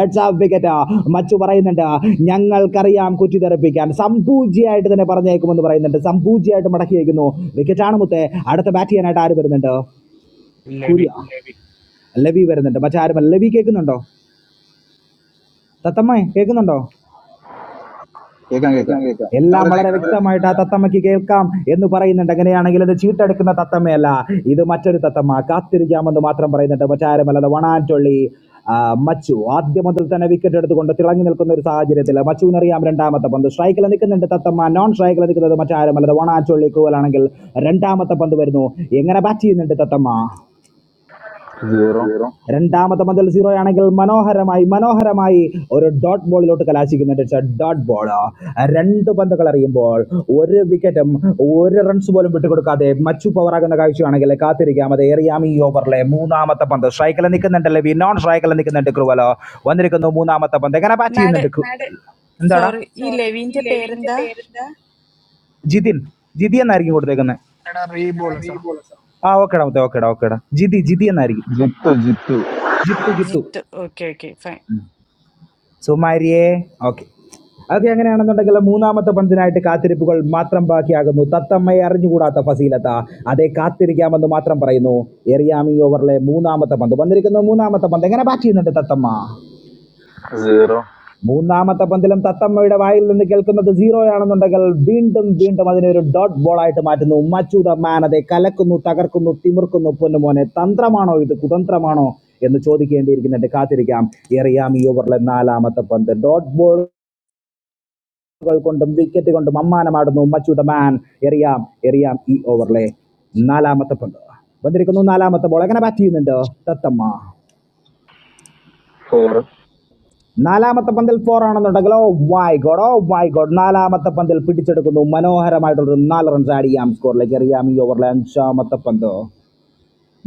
Speaker 6: എട്സ് ഓഫ് വിക്കറ്റ് മച്ചു പറയുന്നുണ്ട് ഞങ്ങൾക്കറിയാം കുറ്റി തെറിപ്പിക്കാൻ സംപൂജിയായിട്ട് തന്നെ പറഞ്ഞേക്കുമെന്ന് പറയുന്നുണ്ട് സംപൂജിയായിട്ട് മടക്കി വയ്ക്കുന്നു വിക്കറ്റാണ് മുത്തേ അടുത്ത ബാറ്റ് ചെയ്യാനായിട്ട് ആര് വരുന്നുണ്ട്
Speaker 7: ലവി
Speaker 6: കുര്യ ലവി വരുന്നുണ്ട് മറ്റാരും ലവി കേൾക്കുന്നുണ്ടോ തത്തമ്മ കേൾക്കുന്നുണ്ടോ
Speaker 22: Ekang ekang.
Speaker 6: എല്ലാം വളരെ വ്യക്തമായിട്ട് ആ തത്തമ്മയ്ക്ക് കേൾക്കാം എന്ന് പറയുന്നുണ്ട് അങ്ങനെയാണെങ്കിൽ ഇത് ചീട്ടെടുക്കുന്ന തത്തമ്മയല്ല ഇത് മറ്റൊരു തത്തമ്മ കാത്തിരിക്കാമെന്ന് മാത്രം പറയുന്നുണ്ട് മറ്റാരുമല്ലാതെ വണാൻറ്റൊള്ളി ആ, മച്ചു ആദ്യം മുതൽ തന്നെ വിക്കറ്റ് എടുത്തുകൊണ്ട് തിളങ്ങി നിൽക്കുന്ന ഒരു സാഹചര്യത്തിൽ മച്ചുവിനറിയാം രണ്ടാമത്തെ പന്ത് സ്ട്രൈക്കിൽ നിൽക്കുന്നുണ്ട് തത്തമ്മ നോൺ സ്ട്രൈക്കിൽ നിൽക്കുന്നത് മറ്റാരുമല്ലാതെ വണാൻറ്റൊള്ളി കൂവലാണെങ്കിൽ രണ്ടാമത്തെ പന്ത് വരുന്നു എങ്ങനെ ബാറ്റ് ചെയ്യുന്നുണ്ട് തത്തമ്മ
Speaker 22: Zero.
Speaker 6: രണ്ടാമത്തെ മതിൽ സീറോ ആണെങ്കിൽ മനോഹരമായി മനോഹരമായി ഒരു ഡോട്ട് ബോളിലോട്ട് കലാശിക്കുന്നുണ്ട് ഇറ്റ്സ് എ ഡോട്ട് ബോൾ രണ്ട് പന്തുകൾ അറിയുമ്പോൾ ഒരു വിക്കറ്റും ഒരു റൺസ് പോലും വിട്ടുകൊടുക്കാതെ മച്ചു പവറാകുന്ന കാഴ്ചയാണെങ്കിൽ കാത്തിരിക്കാം അത് എറിയാം ഈ ഓവറിലെ മൂന്നാമത്തെ പന്ത് സ്ട്രൈക്കിൽ നിൽക്കുന്നുണ്ട് ലെവി നോൺ
Speaker 1: ഒരു
Speaker 6: സ്ട്രൈക്കിൽ
Speaker 1: മിനിറ്റ്
Speaker 6: നിൽക്കുന്നുണ്ട് ക്രുവലോ വന്നിരിക്കുന്നു മൂന്നാമത്തെ പന്ത് എങ്ങനെ ബാറ്റ്
Speaker 1: മാഡ്
Speaker 6: ചെയ്യുന്നുണ്ട് ക്രു- എന്താടാ
Speaker 1: സോറി ഈ ലെവിന്റെ പേരെന്താ
Speaker 6: ജിതിൻ ജിതി എന്നായിരിക്കും കൊടുത്തേക്കുന്നത്
Speaker 20: എടാ റീബോൾ കേട്ടോ
Speaker 6: ആ ഓക്കേടാ മുത്തേ ഓക്കേടാ ഓക്കേടാ ജിതി ജിതി എന്നായിരിക്കും
Speaker 22: Jitu jitu.
Speaker 6: Jithu Jithu
Speaker 1: Jithu okay okay
Speaker 6: സുമാരിയേ ഓക്കെ അതൊക്കെ അങ്ങനെയാണെന്നുണ്ടെങ്കിൽ മൂന്നാമത്തെ പന്തിനായിട്ട് കാത്തിരിപ്പുകൾ മാത്രം ബാക്കിയാകുന്നു തത്തമ്മയെ അറിഞ്ഞുകൂടാത്ത ഫസീലത്ത അതേ കാത്തിരിക്കാമെന്ന് മാത്രം പറയുന്നു എറിയാമി ഓവറിലെ മൂന്നാമത്തെ പന്ത് വന്നിരിക്കുന്ന മൂന്നാമത്തെ പന്ത് എങ്ങനെ ബാറ്റ് ചെയ്യുന്നുണ്ട് തത്തമ്മ
Speaker 22: Zero.
Speaker 6: മൂന്നാമത്തെ പന്തിലും തത്തമ്മയുടെ വായിൽ നിന്ന് കേൾക്കുന്നത് സീറോ ആണെന്നുണ്ടെങ്കിൽ വീണ്ടും വീണ്ടും അതിനെ ഒരു ഡോട്ട് ബോൾ ആയിട്ട് മാറ്റുന്നു മച്ചു ദ മാൻ അതെ കലക്കുന്നു തകർക്കുന്നു തിമിർക്കുന്നു പൊന്നുമോനെ തന്ത്രമാണോ ഇത് കുതന്ത്രമാണോ എന്ന് ചോദിക്കേണ്ടിയിരിക്കുന്നുണ്ട് കാത്തിരിക്കാം എറിയാം ഈ ഓവറിലെ നാലാമത്തെ പന്ത് ഡോട്ട് കൊണ്ടും വിക്കറ്റ് കൊണ്ടും അമ്മാനമാടുന്നു മച്ചൂട്ട മാൻ എറിയാം എറിയാം ഈ ഓവറിലെ നാലാമത്തെ പന്ത് വന്നിരിക്കുന്നു നാലാമത്തെ ബോൾ എങ്ങനെ ബാറ്റ് ചെയ്യുന്നുണ്ട് തത്തമ്മ
Speaker 22: Four
Speaker 6: നാലാമത്തെ പന്തിൽ ഫോർ ആണെന്നുണ്ടെങ്കിൽ oh my god oh my god നാലാമത്തെ പന്തിൽ പിടിച്ചെടുക്കുന്നു മനോഹരമായിട്ടുള്ള ഒരു നാല് റൺസ് ആഡ് ചെയ്യാം സ്കോറിലേക്ക് എറിയാം ഈ ഓവറിലെ അഞ്ചാമത്തെ പന്ത്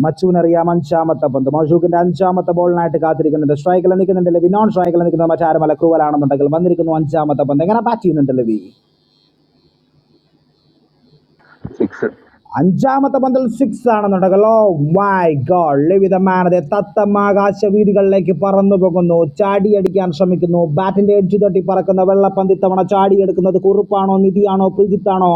Speaker 6: മച്ചുവിനറിയാം അഞ്ചാമത്തെ പന്ത് മഷൂക്കിന്റെ അഞ്ചാമത്തെ ബോളിനായിട്ട് കാത്തിരിക്കുന്നുണ്ട് സ്ട്രൈക്കിൽ നിൽക്കുന്നുണ്ട് ലവി നോൺ സ്ട്രൈക്കിൽ നിൽക്കുന്ന മറ്റാരുമല ക്രൂവലാണെന്നുണ്ടെങ്കിൽ വന്നിരിക്കുന്നു അഞ്ചാമത്തെ പന്ത് എങ്ങനെ ബാറ്റ് ചെയ്യുന്നുണ്ട് ലവി
Speaker 22: six.
Speaker 6: അഞ്ചാമത്തെ പന്തൽ സിക്സ് ആണെന്നുണ്ടല്ലോ മൈ ഗോഡ് ലവിത മാനതെ തത്തമാകാശ വീതികളിലേക്ക് പറന്നു പോകുന്നു ചാടിയടിക്കാൻ ശ്രമിക്കുന്നു ബാറ്റിന്റെ എഡ്ജ് തട്ടി പറക്കുന്ന വെള്ളപ്പന്തി തവണ ചാടിയെടുക്കുന്നത് കുറുപ്പാണോ നിധിയാണോ പ്രീജിത്താണോ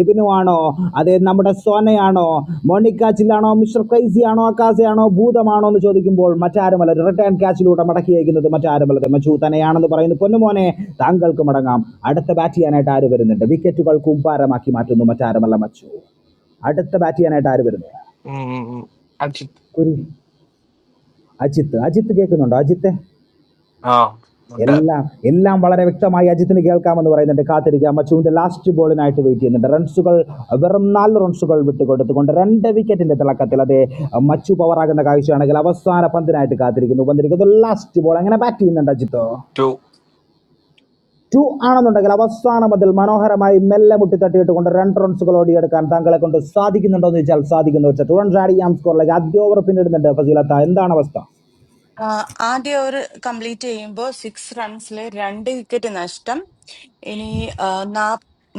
Speaker 6: എബിനു ആണോ അതെ നമ്മുടെ സോനയാണോ മോണിക്കാച്ചിലാണോ മിസ്റ്റർ ക്രൈസി ആണോ അക്കാസയാണോ ഭൂതമാണോ എന്ന് ചോദിക്കുമ്പോൾ മറ്റാരുമല്ല റിട്ടേൺ ക്യാച്ചിലൂടെ മടക്കി അയക്കുന്നത് മറ്റാരുമല്ല മച്ചു തന്നെയാണെന്ന് പറയുന്നു പൊന്നുമോനെ താങ്കൾക്ക് മടങ്ങാം അടുത്ത ബാറ്റ് ചെയ്യാനായിട്ട് ആര് വരുന്നുണ്ട് വിക്കറ്റുകൾ കൂമ്പാരമാക്കി മാറ്റുന്നു മറ്റാരുമല്ല മച്ചു അടുത്ത ബാറ്റ് ചെയ്യാനായിട്ട് ആര് വരുന്നു
Speaker 7: ഉം, അജിത്
Speaker 6: കുരി അജിത്ത് അജിത്ത് കേൾക്കുന്നുണ്ടോ അജിത്തെ
Speaker 23: Ah, wonder.
Speaker 6: എല്ലാം എല്ലാം വളരെ വ്യക്തമായി അജിത്തിന് കേൾക്കാമെന്ന് പറയുന്നുണ്ട് കാത്തിരിക്കാം മച്ചുവിന്റെ ലാസ്റ്റ് ബോളിനായിട്ട് വെയിറ്റ് ചെയ്യുന്നുണ്ട് റൺസുകൾ വെറും നാല് റൺസുകൾ വിട്ടുകൊടുത്തുകൊണ്ട് രണ്ട് വിക്കറ്റിന്റെ തിളക്കത്തിൽ അതെ മച്ചു പവറാകുന്ന കാഴ്ചയാണെങ്കിൽ അവസാന പന്തിനായിട്ട് കാത്തിരിക്കുന്നു വന്നിരിക്കുന്നു ലാസ്റ്റ് ബോൾ അങ്ങനെ ബാറ്റ് ചെയ്യുന്നുണ്ട് അജിത്തോ
Speaker 23: Two,
Speaker 6: ടു ആണെന്നുണ്ടെങ്കിൽ അവസാനം അതിൽ മനോഹരമായി മെല്ലെ മുട്ടി തട്ടിയിട്ട് കൊണ്ട് രണ്ട് റൺസുകൾ ഓടിയെടുക്കാൻ താങ്കളെ കൊണ്ട് സാധിക്കുന്നുണ്ടോ എന്ന് ചോദിച്ചാൽ സാധിക്കുന്നു വെച്ചാൽ ടു റൺസ് ആഡ് ചെയ്യാം സ്കോറിലേക്ക് ആദ്യ ഓവർ പിന്നിടുന്നുണ്ട് ഫസീലത്ത എന്താണ് അവസ്ഥ
Speaker 1: ആ, ആദ്യ ഓവർ കംപ്ലീറ്റ് ചെയ്യുമ്പോൾ സിക്സ് റൺസിൽ രണ്ട് വിക്കറ്റ് നഷ്ടം ഇനി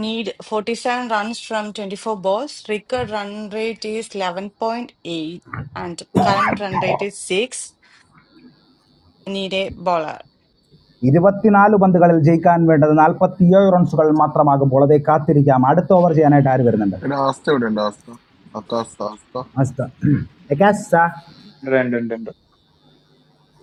Speaker 1: need forty seven runs from twenty four balls required run rate is eleven point eight and current run rate is six need a bowler
Speaker 6: ഇരുപത്തിനാല് പന്തുകളിൽ ജയിക്കാൻ വേണ്ടത് നാൽപ്പത്തിയേഴ് റൺസുകൾ മാത്രമാകുമ്പോൾ അതേ കാത്തിരിക്കാം അടുത്ത ഓവർ ചെയ്യാനായിട്ട് ആര് വരുന്നുണ്ട്
Speaker 11: എടാ ആസ്ത ഇവിടെ ഉണ്ട് ആസ്ത ആകാശ ആസ്ത
Speaker 6: അസ്ത എക്കാസ
Speaker 24: Random, right, right,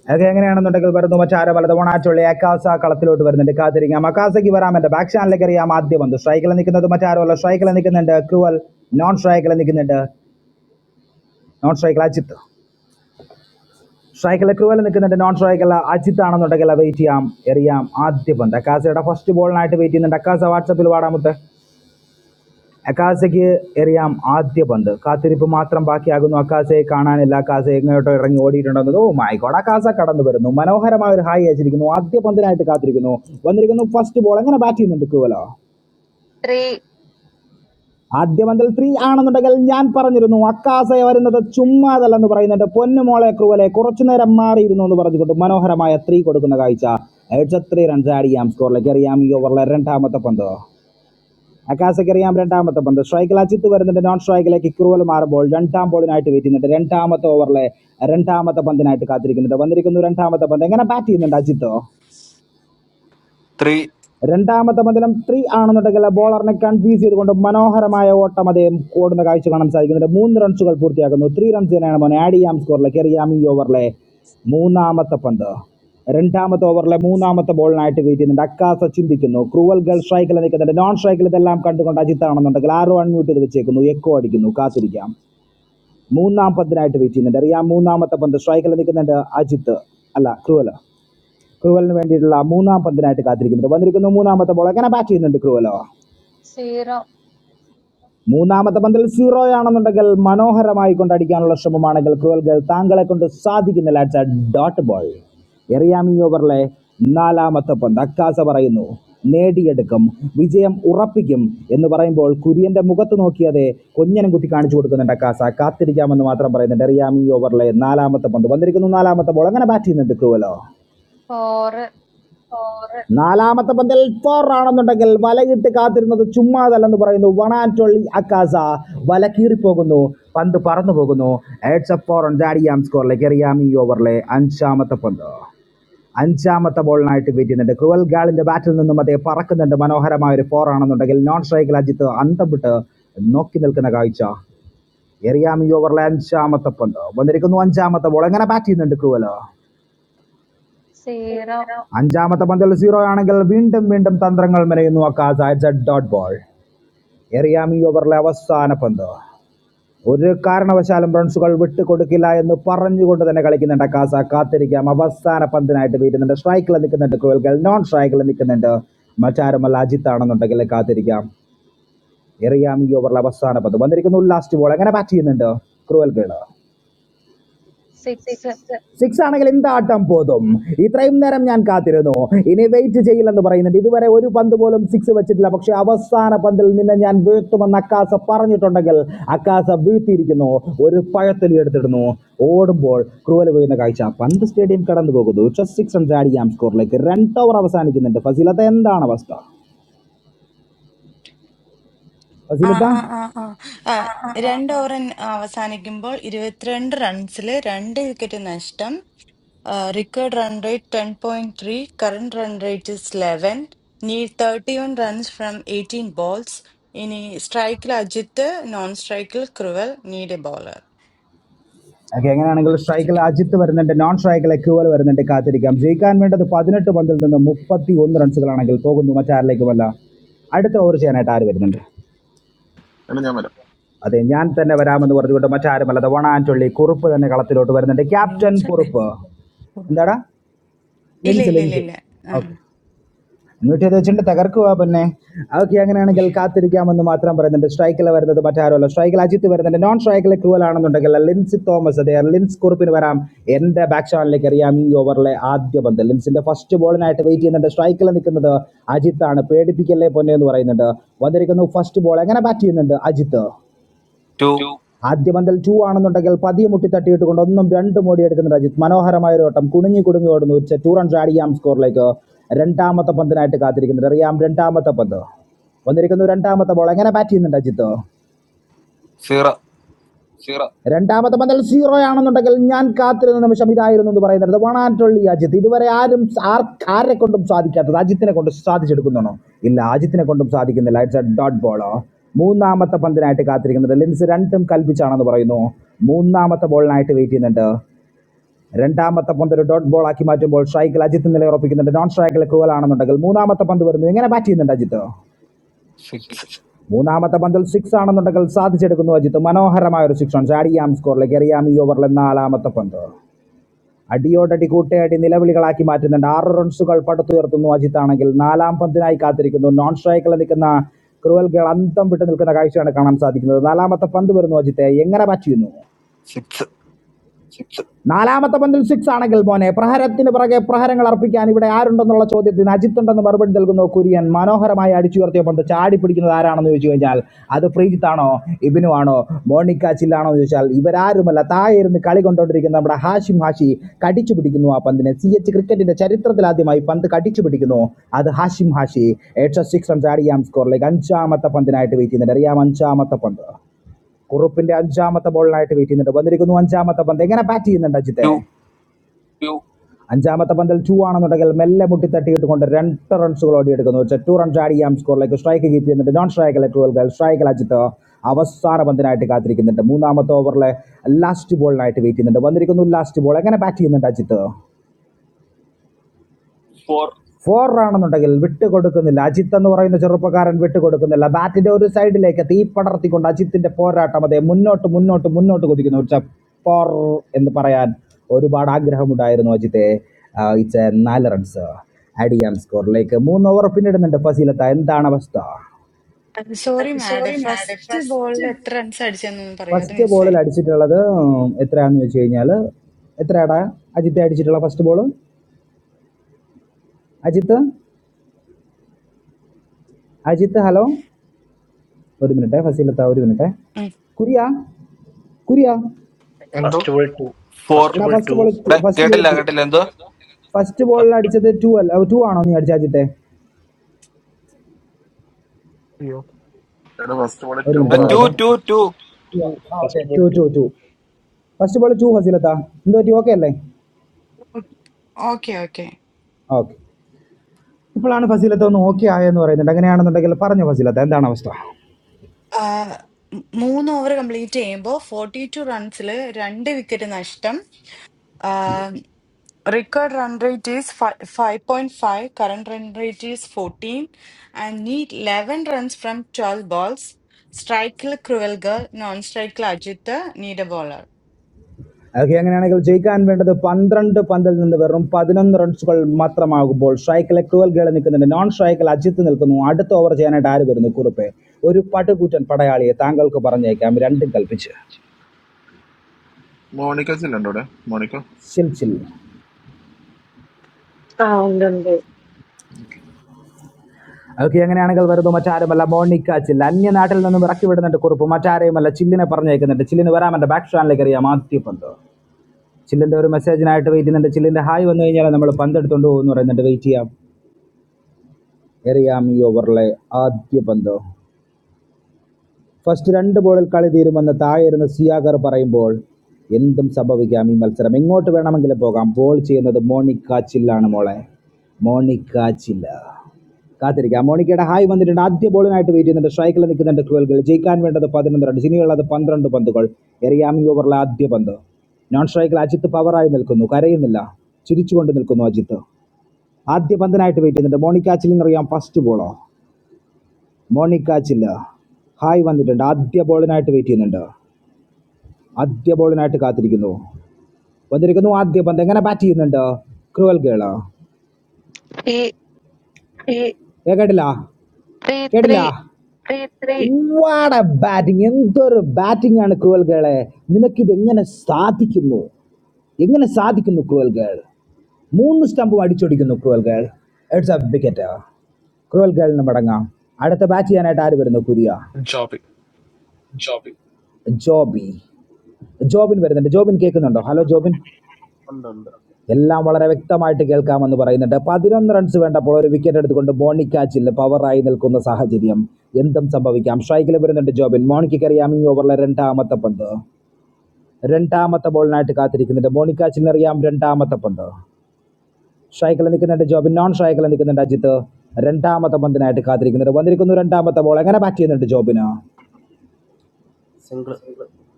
Speaker 6: അതൊക്കെ എങ്ങനെയാണെന്നുണ്ടെങ്കിൽ വരുന്നു മറ്റാര വലത് ഓണാറ്റുള്ളി അക്കാസ കളത്തിലോട്ട് വരുന്നുണ്ട് കാത്തിരിക്കാം അക്കാസയ്ക്ക് വരാം എൻ്റെ ബാക്ക് ചാനലിലേക്ക് അറിയാം ആദ്യ പന്ത് സ്ട്രൈക്കിൽ നിൽക്കുന്നത് മറ്റാരുമല്ല സ്ട്രൈക്കിൽ നിൽക്കുന്നുണ്ട് ക്രുവൽ നോൺ സ്ട്രൈക്കിൽ നിൽക്കുന്നുണ്ട് നോൺ സ്ട്രൈക്കിൽ അജിത്ത് സ്ട്രൈക്കിൽ ക്രുവൽ നിൽക്കുന്നുണ്ട് നോൺ സ്ട്രൈക്കിൽ അജിത്ത് ആണെന്നുണ്ടെങ്കിൽ വെയിറ്റ് ചെയ്യാം എറിയാം ആദ്യ പന്ത് അക്കാസയുടെ ഫസ്റ്റ് ബോളിനായിട്ട് വെയിറ്റ് ചെയ്യുന്നുണ്ട് അക്കാസ വാട്സപ്പിൽ വാടാമുത്ത് അക്കാസയ്ക്ക് എറിയാം ആദ്യ പന്ത് കാത്തിരിപ്പ് മാത്രം ബാക്കിയാകുന്നു അക്കാസയെ കാണാനില്ല അക്കാസ എങ്ങോട്ടോ ഇറങ്ങി ഓടിയിട്ടുണ്ടെന്ന് ഓ മായിക്കോട് അക്കാസ കടന്നു വരുന്നു മനോഹരമായ ഒരു ഹായ് അയച്ചിരിക്കുന്നു ആദ്യ പന്തിനായിട്ട് കാത്തിരിക്കുന്നു വന്നിരിക്കുന്നു ഫസ്റ്റ് ബോൾ എങ്ങനെ ബാറ്റ് ചെയ്യുന്നുണ്ട് കുവലോ
Speaker 8: three
Speaker 6: ആദ്യ പന്തിൽ ത്രീ ആണെന്നുണ്ടെങ്കിൽ ഞാൻ പറഞ്ഞിരുന്നു അക്കാസയെ വരുന്നത് ചുമ്മാതല്ലെന്ന് പറയുന്നുണ്ട് പൊന്നുമോളെ ക്രുവലെ കുറച്ചു നേരം മാറിയിരുന്നു എന്ന് പറഞ്ഞുകൊണ്ട് മനോഹരമായ ത്രീ കൊടുക്കുന്ന കാഴ്ച എഴുപത്തി രണ്ട് റൺസ് ആഡ് ചെയ്യാം സ്കോറിലേക്ക് അറിയാം ഈ ഓവറിലെ രണ്ടാമത്തെ പന്ത് അക്കാസക്കറിയാം രണ്ടാമത്തെ പന്ത് സ്ട്രൈക്കിൽ അജിത്ത് വരുന്നുണ്ട് നോൺ സ്ട്രൈക്കിലേക്ക് ഇക്രുവൽ മാറുമ്പോൾ രണ്ടാം ബോളിനായിട്ട് വെയിറ്റ് ചെയ്യുന്നുണ്ട് രണ്ടാമത്തെ ഓവറിലെ രണ്ടാമത്തെ പന്തിനായിട്ട് കാത്തിരിക്കുന്നുണ്ട് വന്നിരിക്കുന്നു രണ്ടാമത്തെ പന്ത് എങ്ങനെ ബാറ്റ് ചെയ്യുന്നുണ്ട് അജിത്തോ
Speaker 23: three,
Speaker 6: രണ്ടാമത്തെ പന്തലം ത്രീ ആണെന്നുണ്ടെങ്കിൽ ബോളറിനെ കൺഫ്യൂസ് ചെയ്തുകൊണ്ട് മനോഹരമായ ഓട്ടം അദ്ദേഹം ഓടുന്ന കാഴ്ച കാണാൻ സാധിക്കുന്നുണ്ട് മൂന്ന് റൺസുകൾ പൂർത്തിയാക്കുന്നു ത്രീ റൺസ് തന്നെയാണ് മോനെ ആഡ് ചെയ്യാം സ്കോറിലേക്ക് എറിയാം ഈ ഓവറിലെ മൂന്നാമത്തെ പന്ത് രണ്ടാമത്തെ ഓവറിലെ മൂന്നാമത്തെ ബോളിനായിട്ട് വെയിറ്റ് ചെയ്യുന്നുണ്ട് അക്കാസ ചിന്തിക്കുന്നു ക്രൂവൽ ഗൾ സ്ട്രൈക്കിൽ നിൽക്കുന്നുണ്ട് നോൺ സ്ട്രൈക്കിൽ ഇതെല്ലാം കണ്ടുകൊണ്ട് അജിത്ത് ആണെന്നുണ്ടെങ്കിൽ ആറ് അൺമ്യൂട്ട് ചെയ്ത് വെച്ചേക്കുന്നു എക്കോ അടിക്കുന്നു കാത്തിരിക്കാം മൂന്നാം പന്തിനായിട്ട് വെയിറ്റ് ചെയ്യുന്നുണ്ട് അറിയാം മൂന്നാമത്തെ പന്ത് സ്ട്രൈക്കിൽ നിൽക്കുന്നുണ്ട് അജിത്ത് അല്ല ക്രൂവൽ ക്രൂവലിന് വേണ്ടിയിട്ടുള്ള മൂന്നാം പന്തിനായിട്ട് കാത്തിരിക്കുന്നുണ്ട് വന്നിരിക്കുന്നു മൂന്നാമത്തെ ബോൾ എങ്ങനെ ബാറ്റ് ചെയ്യുന്നുണ്ട് ക്രൂവലോ
Speaker 8: zero
Speaker 6: മൂന്നാമത്തെ പന്തിൽ സീറോ ആണെന്നുണ്ടെങ്കിൽ മനോഹരമായി കൊണ്ടടിക്കാനുള്ള ശ്രമമാണെങ്കിൽ ക്രൂവൽ ഗേൾ താങ്കളെ കൊണ്ട് സാധിക്കുന്നില്ല ഇറ്റ്സ് എ ഡോട്ട് ബോൾ എറിയാം ഈ ഓവറിലെ നാലാമത്തെ പന്ത് അക്കാസ പറയുന്നു നേടിയെടുക്കും വിജയം ഉറപ്പിക്കും എന്ന് പറയുമ്പോൾ കുര്യന്റെ മുഖത്ത് നോക്കിയതെ കൊഞ്ഞനം കുത്തി കാണിച്ചു കൊടുക്കുന്നുണ്ട് അക്കാസ കാത്തിരിക്കാമെന്ന് മാത്രം പറയുന്നുണ്ട് എറിയാം ഈ ഓവറിലെ നാലാമത്തെ പന്ത് വന്നിരിക്കുന്നു നാലാമത്തെ ബോൾ അങ്ങനെ ബാറ്റ് ചെയ്യുന്നുണ്ട് ക്രൂവലോ
Speaker 8: four
Speaker 6: നാലാമത്തെ പന്തിൽ ഫോർ ആണെന്നുണ്ടെങ്കിൽ വലയിട്ട് കാത്തിരുന്നത് ചുമ്മാതല്ലെന്ന് പറയുന്നു വണാറ്റൊള്ളി അക്കാസ വല കീറിപ്പോകുന്നു പന്ത് പറന്നു പോകുന്നു എയ്റ്റ്സ് അപ്പ് ഫോർ ജാഡിയാം സ്കോറിലേക്ക് എറിയാം ഈ ഓവറിലെ അഞ്ചാമത്തെ പന്ത് അഞ്ചാമത്തെ ബോളിനായിട്ട് വെയിറ്റ് ചെയ്യുന്നുണ്ട് ക്രുവൽ ഗാളിൻ്റെ ബാറ്റിൽ നിന്നും അതേ പറക്കുന്നുണ്ട് മനോഹരമായ ഒരു ഫോർ ആണെന്നുണ്ടെങ്കിൽ നോൺ സ്ട്രൈക്കിൽ അജിത്ത് അന്തം വിട്ട് നോക്കി നിൽക്കുന്ന കാഴ്ച എറിയാം ഈ ഓവറിലെ അഞ്ചാമത്തെ പന്ത് വന്നിരിക്കുന്നു അഞ്ചാമത്തെ ബോൾ എങ്ങനെ ബാറ്റ് ചെയ്യുന്നുണ്ട് ക്രുവൽ
Speaker 8: zero
Speaker 6: അഞ്ചാമത്തെ പന്തിൽ സീറോ ആണെങ്കിൽ വീണ്ടും വീണ്ടും തന്ത്രങ്ങൾ മെനയുന്നു അക്കാസ് ആറ്റ്സ് ഡോട്ട് ബോൾ എറിയാമി ഓവറിലെ അവസാന പന്ത് ഒരു കാരണവശാലും റൺസുകൾ വിട്ടുകൊടുക്കില്ല എന്ന് പറഞ്ഞുകൊണ്ട് തന്നെ കളിക്കുന്നുണ്ട് അക്കാസ കാത്തിരിക്കാം അവസാന പന്തിനായിട്ട് വീട്ടുന്നുണ്ട് സ്ട്രൈക്കിൽ നിൽക്കുന്നുണ്ട് കുവൽകൾ നോൺ സ്ട്രൈക്കിൽ നിൽക്കുന്നുണ്ട് മറ്റാരുമല്ല അജിത്താണെന്നുണ്ടെങ്കിൽ കാത്തിരിക്കാം എറിയാമി ഓവറിലെ അവസാന പന്ത് വന്നിരിക്കുന്നു ലാസ്റ്റ് ബോൾ എങ്ങനെ ബാറ്റ് ചെയ്യുന്നുണ്ട് ക്രൂവൽ കേള്
Speaker 8: six
Speaker 6: സിക്സ് ആണെങ്കിൽ എന്താട്ടം പോതും ഇത്രയും നേരം ഞാൻ കാത്തിരുന്നു ഇനി വെയിറ്റ് ചെയ്യില്ലെന്ന് പറയുന്നുണ്ട് ഇതുവരെ ഒരു പന്ത് പോലും സിക്സ് വെച്ചിട്ടില്ല പക്ഷെ അവസാന പന്തിൽ നിന്നെ ഞാൻ വീഴ്ത്തുമെന്ന് അക്കാസ പറഞ്ഞിട്ടുണ്ടെങ്കിൽ അക്കാസ വീഴ്ത്തിയിരിക്കുന്നു ഒരു പഴത്തൊലി എടുത്തിടുന്നു ഓടുമ്പോൾ ക്രൂവൽ വീഴുന്ന കാഴ്ച പന്ത് സ്റ്റേഡിയം കടന്നു പോകുന്നു സിക്സ് റൺസ് ആഡ് ചെയ്യാം സ്കോറിലേക്ക് റൺ ഓവർ അവസാനിക്കുന്നുണ്ട് ഫസിലത്ത എന്താണ് അവസ്ഥ
Speaker 1: ആ ആ
Speaker 6: ഫസിലത്ത
Speaker 1: ആ ആ ആ, രണ്ട് ഓവർ അവസാനിക്കുമ്പോൾ ഇരുപത്തിരണ്ട് റൺസിൽ രണ്ട് വിക്കറ്റ് നഷ്ടം Uh, record run rate 10.3, current run rate is 11. Need 31 runs from 18 balls. ഇനി സ്ട്രൈക്കിൽ അജിത്ത് നോൺ സ്ട്രൈക്കിൽ cruel need a bowler
Speaker 6: okay
Speaker 1: ആണ് അത്
Speaker 6: എങ്ങനെയാണെങ്കിൽ സ്ട്രൈക്കിൽ
Speaker 1: പഠിപ്പിച്ചേക്കും
Speaker 6: അജിത്ത് വരുന്നുണ്ട് നോൺ സ്ട്രൈക്കിൽ എക്യുവൽ വരുന്നുണ്ട് കാത്തിരിക്കാം ജയിക്കാൻ വേണ്ടത് പതിനെട്ട് പന്തിൽ നിന്ന് മുപ്പത്തി ഒന്ന് റൺസുകളാണെങ്കിൽ പോകുന്നു മറ്റാരിലേക്കുമല്ല അടുത്ത ഓവർ ചെയ്യാനായിട്ട് ആര് വരുന്നുണ്ട്
Speaker 11: എടാ ഞാൻ വരാം
Speaker 6: അതെ ഞാൻ തന്നെ വരാമെന്ന് പറഞ്ഞുകൊണ്ട് മറ്റാരുമല്ല the one and only Kurup തന്നെ കളത്തിലോട്ട് വരുന്നുണ്ട് ക്യാപ്റ്റൻ
Speaker 1: ലിമിറ്റ്സ് അല്ലേ
Speaker 6: കുറുപ്പ്
Speaker 1: ഓ,
Speaker 6: എന്താടാ
Speaker 1: ഇല്ല
Speaker 6: ലെൻസ്
Speaker 1: ഇല്ല ഇല്ല
Speaker 6: ലെൻസ്
Speaker 1: ഇല്ല ആ
Speaker 6: ഓക്കെ വീട്ടിൽ വെച്ചിട്ട് തകർക്കുക പിന്നെ ഓക്കെ അങ്ങനെയാണെങ്കിൽ
Speaker 1: അയ്യോ
Speaker 6: കാത്തിരിക്കാമെന്ന് മാത്രം പറയുന്നുണ്ട് സ്ട്രൈക്കിൽ വരുന്നത് മറ്റാരുമല്ല സ്ട്രൈക്കിൽ അജിത്ത് വരുന്നുണ്ട് നോൺ സ്ട്രൈക്കിൽ ക്രൂവൽ ആണെന്നുണ്ടെങ്കിൽ ലിൻസ് തോമസ് അതെ ലിൻസ് കുറിപ്പിന് വരാം എൻ്റെ ബാക്ക് ചാനലിലേക്ക് അറിയാം ഈ ഓവറിലെ ആദ്യ പന്ത് ലിൻസിൻ്റെ ഫസ്റ്റ് ബോളിനായിട്ട് വെയിറ്റ് ചെയ്യുന്നുണ്ട് സ്ട്രൈക്കിൽ നിൽക്കുന്നത് അജിത്താണ് പേടിപ്പിക്കല്ലേ പൊന്നെ എന്ന് പറയുന്നുണ്ട് വന്നിരിക്കുന്നു ഫസ്റ്റ് ബോൾ എങ്ങനെ ബാറ്റ് ചെയ്യുന്നുണ്ട് അജിത്ത്
Speaker 23: two,
Speaker 6: ആദ്യ പന്തൽ ടൂ ആണെന്നുണ്ടെങ്കിൽ പതിയെ മുട്ടി തട്ടിയിട്ട് കൊണ്ട് ഒന്നും രണ്ടും ഓടി എടുക്കുന്ന രജിത് മനോഹരമായ ഒരു ഓട്ടം കുണിഞ്ഞു കുടുങ്ങി ഓടുന്നു ഉച്ച ടൂ റൺസ് ആഡ് ചെയ്യാം സ്കോറിലേക്ക് രണ്ടാമത്തെ പന്തിനായിട്ട് കാത്തിരിക്കുന്നുണ്ട് അറിയാം രണ്ടാമത്തെ പന്ത് വന്നിരിക്കുന്നു രണ്ടാമത്തെ ബോൾ എങ്ങനെ ബാറ്റ് ചെയ്യുന്നുണ്ട് അജിത്ത്
Speaker 23: zero,
Speaker 6: രണ്ടാമത്തെ പന്തൽ സീറോ ആണെന്നുണ്ടെങ്കിൽ ഞാൻ കാത്തിരുന്ന നിമിഷം ഇതായിരുന്നു എന്ന് പറയുന്നത് വൺ ആൻഡ് ഓൺലി അജിത്ത് ഇതുവരെ ആരും ആർ ആരെ കൊണ്ടും സാധിക്കാത്തത് അജിത്തിനെ കൊണ്ട് സാധിച്ചെടുക്കുന്നുണ്ടോ ഇല്ല അജിത്തിനെ കൊണ്ടും സാധിക്കുന്നില്ല ഇറ്റ്സ് എ ഡോട്ട് ബോളോ മൂന്നാമത്തെ പന്തിനായിട്ട് കാത്തിരിക്കുന്നുണ്ട് ലെൻസ് രണ്ടും കൽപ്പിച്ചാണെന്ന് പറയുന്നു മൂന്നാമത്തെ ബോളിനായിട്ട് വെയിറ്റ് ചെയ്യുന്നുണ്ട് രണ്ടാമത്തെ പന്ത് ഒരു ഡോട്ട് ബോൾ ആക്കി മാറ്റുമ്പോൾ സ്ട്രൈക്കിൽ അജിത്ത് നിലയുറപ്പിക്കുന്നുണ്ട് നോൺ സ്ട്രൈക്കിൽ കുവലാണെന്നുണ്ടെങ്കിൽ മൂന്നാമത്തെ പന്ത് വരുന്നു എങ്ങനെ ബാറ്റ് ചെയ്യുന്നുണ്ട് അജിത്ത്
Speaker 23: six,
Speaker 6: മൂന്നാമത്തെ പന്തിൽ സിക്സ് ആണെന്നുണ്ടെങ്കിൽ സാധിച്ചെടുക്കുന്നു അജിത്ത് മനോഹരമായ ഒരു സിക്സ് ആണ് ഷാഡിയാം സ്കോറിലേക്ക് എറിയാം ഈ ഓവറിലെ നാലാമത്തെ പന്ത് അടിയോടടി കൂട്ടയടി നിലവിളികളാക്കി മാറ്റുന്നുണ്ട് ആറ് റൺസുകൾ പടുത്തുയർത്തുന്നു അജിത്ത് ആണെങ്കിൽ നാലാം പന്തിനായി കാത്തിരിക്കുന്നു നോൺ സ്ട്രൈക്കിൽ നിൽക്കുന്ന ക്രുവൽ ഗേൾ അന്തം വിട്ട് നിൽക്കുന്ന കാഴ്ചയാണ് കാണാൻ സാധിക്കുന്നത് നാലാമത്തെ പന്ത് വരുന്നു അജിത്തെ എങ്ങനെ മാറ്റിയുന്നു
Speaker 23: six,
Speaker 6: നാലാമത്തെ പന്തിൽ സിക്സ് ആണെങ്കിൽ മോനെ പ്രഹരത്തിന് പിറകെ പ്രഹരങ്ങൾ അർപ്പിക്കാൻ ഇവിടെ ആരുണ്ടെന്നുള്ള ചോദ്യത്തിന് അജിത്ത് ഉണ്ടെന്ന് മറുപടി നൽകുന്നു കുര്യൻ മനോഹരമായി അടിച്ചുയർത്തിയ പന്ത് ചാടി പിടിക്കുന്നത് ആരാണെന്ന് ചോദിച്ചു കഴിഞ്ഞാൽ അത് പ്രീജിത്താണോ ഇബിനു ആണോ മോണിക്ക ചില്ലാണോ എന്ന് ചോദിച്ചാൽ ഇവരാരുമല്ല താഴെ ഇരുന്ന് കളി കൊണ്ടുകൊണ്ടിരിക്കുന്ന നമ്മുടെ ഹാഷിം ഹാഷി കടിച്ചു പിടിക്കുന്നു ആ പന്തിനെ സി എച്ച് ക്രിക്കറ്റിന്റെ ചരിത്രത്തിൽ ആദ്യമായി പന്ത് കടിച്ചു പിടിക്കുന്നു അത് ഹാഷിം ഹാഷി എയ്റ്റ് സിക്സ് റൺസ് ആഡ് ചെയ്യാം സ്കോറിലേക്ക് അഞ്ചാമത്തെ പന്തിനായിട്ട് വെയിറ്റ് ചെയ്യുന്നുണ്ട് അറിയാം അഞ്ചാമത്തെ പന്ത് കുറുപ്പിന്റെ അഞ്ചാമത്തെ ബോളിനായിട്ട് വെയിറ്റ് ചെയ്യുന്നുണ്ട് വന്നിരിക്കുന്നു അഞ്ചാമത്തെ പന്ത് എങ്ങനെ ബാറ്റ് ചെയ്യുന്നുണ്ട് അജിത്തെ
Speaker 23: two,
Speaker 6: അഞ്ചാമത്തെ പന്തിൽ ടു ആണെന്നുണ്ടെങ്കിൽ മെല്ലെ മുട്ടി തട്ടിയിട്ടുകൊണ്ട് രണ്ട് റൺസുകൾ ഓടിയെടുക്കുന്നു ടു റൺസ് ആഡ് ചെയ്യാം സ്കോറിലേക്ക് സ്ട്രൈക്ക് കീപ്പ് ചെയ്യുന്നുണ്ട് നോൺ സ്ട്രൈക്കിലെ ട്വൽവ് സ്ട്രൈക്കിൽ അജിത്ത് അവസാന പന്തിനായിട്ട് കാത്തിരിക്കുന്നുണ്ട് മൂന്നാമത്തെ ഓവറിലെ ലാസ്റ്റ് ബോളിനായിട്ട് വെയിറ്റ് ചെയ്യുന്നുണ്ട് വന്നിരിക്കുന്നു ലാസ്റ്റ് ബോൾ എങ്ങനെ ബാറ്റ് ചെയ്യുന്നുണ്ട് അജിത്ത് ഫോർ ആണെന്നുണ്ടെങ്കിൽ വിട്ടുകൊടുക്കുന്നില്ല അജിത്ത് എന്ന് പറയുന്ന ചെറുപ്പക്കാരൻ വിട്ടുകൊടുക്കുന്നില്ല ബാറ്റിന്റെ ഒരു സൈഡിലേക്ക് തീ പടർത്തിക്കൊണ്ട് അജിത്തിന്റെ പോരാട്ടം അതെ മുന്നോട്ട് മുന്നോട്ട് മുന്നോട്ട് കുതിക്കുന്നു ഒരു ചപ്പോർ എന്ന് പറയാൻ ഒരുപാട് ആഗ്രഹമുണ്ടായിരുന്നു അജിത്തെ ഇറ്റ്സ് എ നാല് റൺസ് ആഡ് ചെയ്യാം സ്കോറിലേക്ക് മൂന്ന് ഓവർ പിന്നിടുന്നുണ്ട് ഫസീലത്ത എന്താണ് അവസ്ഥ
Speaker 1: അത് സോറി മാഡം ഫസ്റ്റ് ബോളിൽ എത്ര റൺസ് അടിച്ചെന്നൊന്നും പറയാം അത്
Speaker 6: ഫസ്റ്റ് ബോളിൽ
Speaker 1: മിസ്സായി
Speaker 6: അടിച്ചിട്ടുള്ളത് എത്രയാണെന്ന് വെച്ച് കഴിഞ്ഞാൽ എത്രയാടാ അജിത്തെ അടിച്ചിട്ടുള്ള first ball Ajith Ajith hello ഒരു മിനിറ്റ് ഫസീലത്ത ഒരു മിനിറ്റ് കുര്യ കുര്യ
Speaker 7: എന്തോ
Speaker 12: first ball two
Speaker 23: four.
Speaker 12: First
Speaker 6: എടാ
Speaker 12: ball
Speaker 6: first
Speaker 12: two
Speaker 6: ball two
Speaker 23: What?
Speaker 6: First
Speaker 23: Three?
Speaker 6: Ball
Speaker 23: Till?
Speaker 6: Two
Speaker 23: How? Till? Till?
Speaker 6: First ബോളിൽ
Speaker 12: ഫസ്റ്റ്
Speaker 6: അടിച്ചത് ടു അല്ല ടു ആണോ നീ അടിച്ച ആദ്യത്തെ
Speaker 7: അയ്യോ
Speaker 11: എടാ ഫസ്റ്റ് ഇവിടെ
Speaker 6: ഒരു
Speaker 11: ടൂ
Speaker 6: മിനിറ്റ്
Speaker 23: Two,
Speaker 6: നോക്കട്ടെ
Speaker 23: two, two,
Speaker 6: Two ആ. ആ okay
Speaker 12: first
Speaker 6: two
Speaker 12: ball to
Speaker 6: to two first ball two ഫസിലത്താ എന്തോ പറ്റി ഓക്കെ അല്ലേ
Speaker 1: ഓക്കെ ഓക്കെ
Speaker 6: ഓക്കെ ഇപ്പോഴാണ് ഫസിലത്ത ഒന്ന് ഓക്കെ ആയെന്ന് പറയുന്നുണ്ട് അങ്ങനെയാണെന്നുണ്ടെങ്കിൽ പറഞ്ഞു ഫസിലത്ത എന്താണ് അവസ്ഥ
Speaker 1: മൂന്ന് ഓവർ കംപ്ലീറ്റ് ചെയ്യുമ്പോൾ ഫോർട്ടി ടു റൺസിൽ രണ്ട് വിക്കറ്റ് നഷ്ടം Um, Record run rate is fi 5.5, current run rate is 14, and need 11 runs from 12 balls. Strike Kruelga, non-strike Ajitha, need a bowler.
Speaker 6: Okay അങ്ങനെയാണെങ്കിൽ ജയിക്കാൻ വേണ്ടത് പന്ത്രണ്ട് പന്തിൽ നിന്ന് വെറും പതിനൊന്ന് റൺസുകൾ മാത്രമാകുമ്പോൾ സ്ട്രൈക്കിൽ ക്രൂവൽ ഗേൾ നിൽക്കുന്നുണ്ട് നോൺ സ്ട്രൈക്കിൽ അജിത്ത് നിൽക്കുന്നു അടുത്ത ഓവർ ചെയ്യാനായിട്ട് ആര് വരുന്നു കുറുപ്പ് ഒരു പടുകൂറ്റൻ പടയാളിയെ താങ്കൾക്ക് പറഞ്ഞേക്കാം രണ്ടും കൽപ്പിച്ച്
Speaker 11: മോണിക്ക ചെല്ലുണ്ടോ ഇവിടെ മോണിക്ക
Speaker 6: ചിൽ ചിൽ
Speaker 18: Ah, ഉണ്ട്, ഉണ്ട്.
Speaker 6: ഓക്കെ എങ്ങനെയാണെങ്കിൽ വരുന്നു മറ്റാരുമല്ല മോണിക്ക ചില്ല അന്യനാട്ടിൽ നിന്നും ഇറക്കി വിടുന്നുണ്ട് കുറിപ്പ് മറ്റാരെയുമല്ല ചില്ലിനെ പറഞ്ഞേക്കുന്നുണ്ട് ചില്ലിന് വരാം എൻ്റെ ബാക്ക് സ്റ്റാൻഡിലേക്ക് അറിയാം ആദ്യ പന്ത് ചില്ലിൻ്റെ ഒരു മെസ്സേജിനായിട്ട് വെയിറ്റ് ചെയ്യുന്നുണ്ട് ചില്ലിൻ്റെ ഹായ് വന്നു കഴിഞ്ഞാൽ നമ്മൾ പന്ത് എടുത്തുകൊണ്ട് പോകുമെന്ന് പറയുന്നുണ്ട് വെയിറ്റ് ചെയ്യാം എറിയാം ഈ ഓവറിലെ ആദ്യ പന്ത് ഫസ്റ്റ് രണ്ട് ബോളിൽ കളി തീരുമെന്ന് താഴെയിരുന്ന് സിയാഗർ പറയുമ്പോൾ എന്തും സംഭവിക്കാം ഈ മത്സരം എങ്ങോട്ട് വേണമെങ്കിലും പോകാം ബോൾ ചെയ്യുന്നത് മോണിക്ക ചില്ലാണ് മോളെ മോണിക്ക ചില്ല കാത്തിരിക്കാം മോണിക്കയുടെ ഹായ് വന്നിട്ടുണ്ട് ആദ്യ ബോളിനായിട്ട് വെയിറ്റ് ചെയ്യുന്നുണ്ട് സ്ട്രൈക്കിൽ നിൽക്കുന്നുണ്ട് ട്വൽകൾ ജയിക്കാൻ വേണ്ടത് പതിനൊന്ന് റൺസ് ഇനിയുള്ളത് പന്ത്രണ്ട് പന്തുകൾ എറിയാമിംഗ് ഓവറിലെ ആദ്യ പന്ത് നോൺ സ്ട്രൈക്കിൽ അജിത്ത് പവറായി നിൽക്കുന്നു കരയുന്നില്ല ചിരിച്ചുകൊണ്ട് നിൽക്കുന്നു അജിത്ത് ആദ്യ പന്തിനായിട്ട് വെയിറ്റ് ചെയ്യുന്നുണ്ട് മോണിക്കാച്ചിൽ നിന്നറിയാം ഫസ്റ്റ് ബോളോ മോണിക്കാച്ചില്ല ഹായ് വന്നിട്ടുണ്ട് ആദ്യ ബോളിനായിട്ട് വെയിറ്റ് ചെയ്യുന്നുണ്ട് ആദ്യ ബോളിനായിട്ട് കാത്തിരിക്കുന്നു വന്നിരിക്കുന്നു ആദ്യ പന്ത് എങ്ങനെ ബാറ്റ് ചെയ്യുന്നുണ്ട് ക്രൂവൽ കേള
Speaker 8: three
Speaker 6: ഏ കേട്ടില്ല
Speaker 8: three
Speaker 6: കേട്ടില്ല
Speaker 8: three
Speaker 6: വാട ബാറ്റിംഗ് എന്തൊരു ബാറ്റിംഗ് ആണ് ക്രൂവൽ കേളെ നിനക്കിത് എങ്ങനെ സാധിക്കുന്നു എങ്ങനെ സാധിക്കുന്നു ക്രൂവൽ ഗേൾ മൂന്ന് സ്റ്റമ്പും അടിച്ചൊടിക്കുന്നു cruel girl it's a wicket cruel ഗേളിന് മടങ്ങാം അടുത്ത ബാറ്റ് ചെയ്യാനായിട്ട് ആര് വരുന്നു കുര്യ
Speaker 7: ജോബി
Speaker 6: ജോബി ജോബിൻ വരുന്നുണ്ട് ജോബിൻ കേൾക്കുന്നുണ്ടോ ഹലോ ജോബിൻ
Speaker 25: Under
Speaker 6: എല്ലാം വളരെ വ്യക്തമായിട്ട് കേൾക്കാമെന്ന് പറയുന്നുണ്ട് പതിനൊന്ന് റൺസ് വേണ്ടപ്പോൾ ഒരു വിക്കറ്റ് എടുത്തുകൊണ്ട് മോണിക്കാച്ചിൽ പവറായി നിൽക്കുന്ന സാഹചര്യം എന്തും സംഭവിക്കാം സ്ട്രൈക്കിൽ വരുന്നുണ്ട് ജോബിൻ മോണിക്കയ്ക്ക് അറിയാം ഈ ഓവറിലെ രണ്ടാമത്തെ പന്ത് രണ്ടാമത്തെ ബോളിനായിട്ട് കാത്തിരിക്കുന്നുണ്ട് മോണിക്കാച്ചിലിന് അറിയാം രണ്ടാമത്തെ പന്ത് സ്ട്രൈക്കിൽ നിൽക്കുന്നുണ്ട് ജോബിൻ നോൺ സ്ട്രൈക്കിൽ നിൽക്കുന്നുണ്ട് അജിത്ത് രണ്ടാമത്തെ പന്തിനായിട്ട് കാത്തിരിക്കുന്നുണ്ട് വന്നിരിക്കുന്നു രണ്ടാമത്തെ ബോൾ എങ്ങനെ ബാറ്റ് ചെയ്യുന്നുണ്ട് ജോബിന്
Speaker 25: single.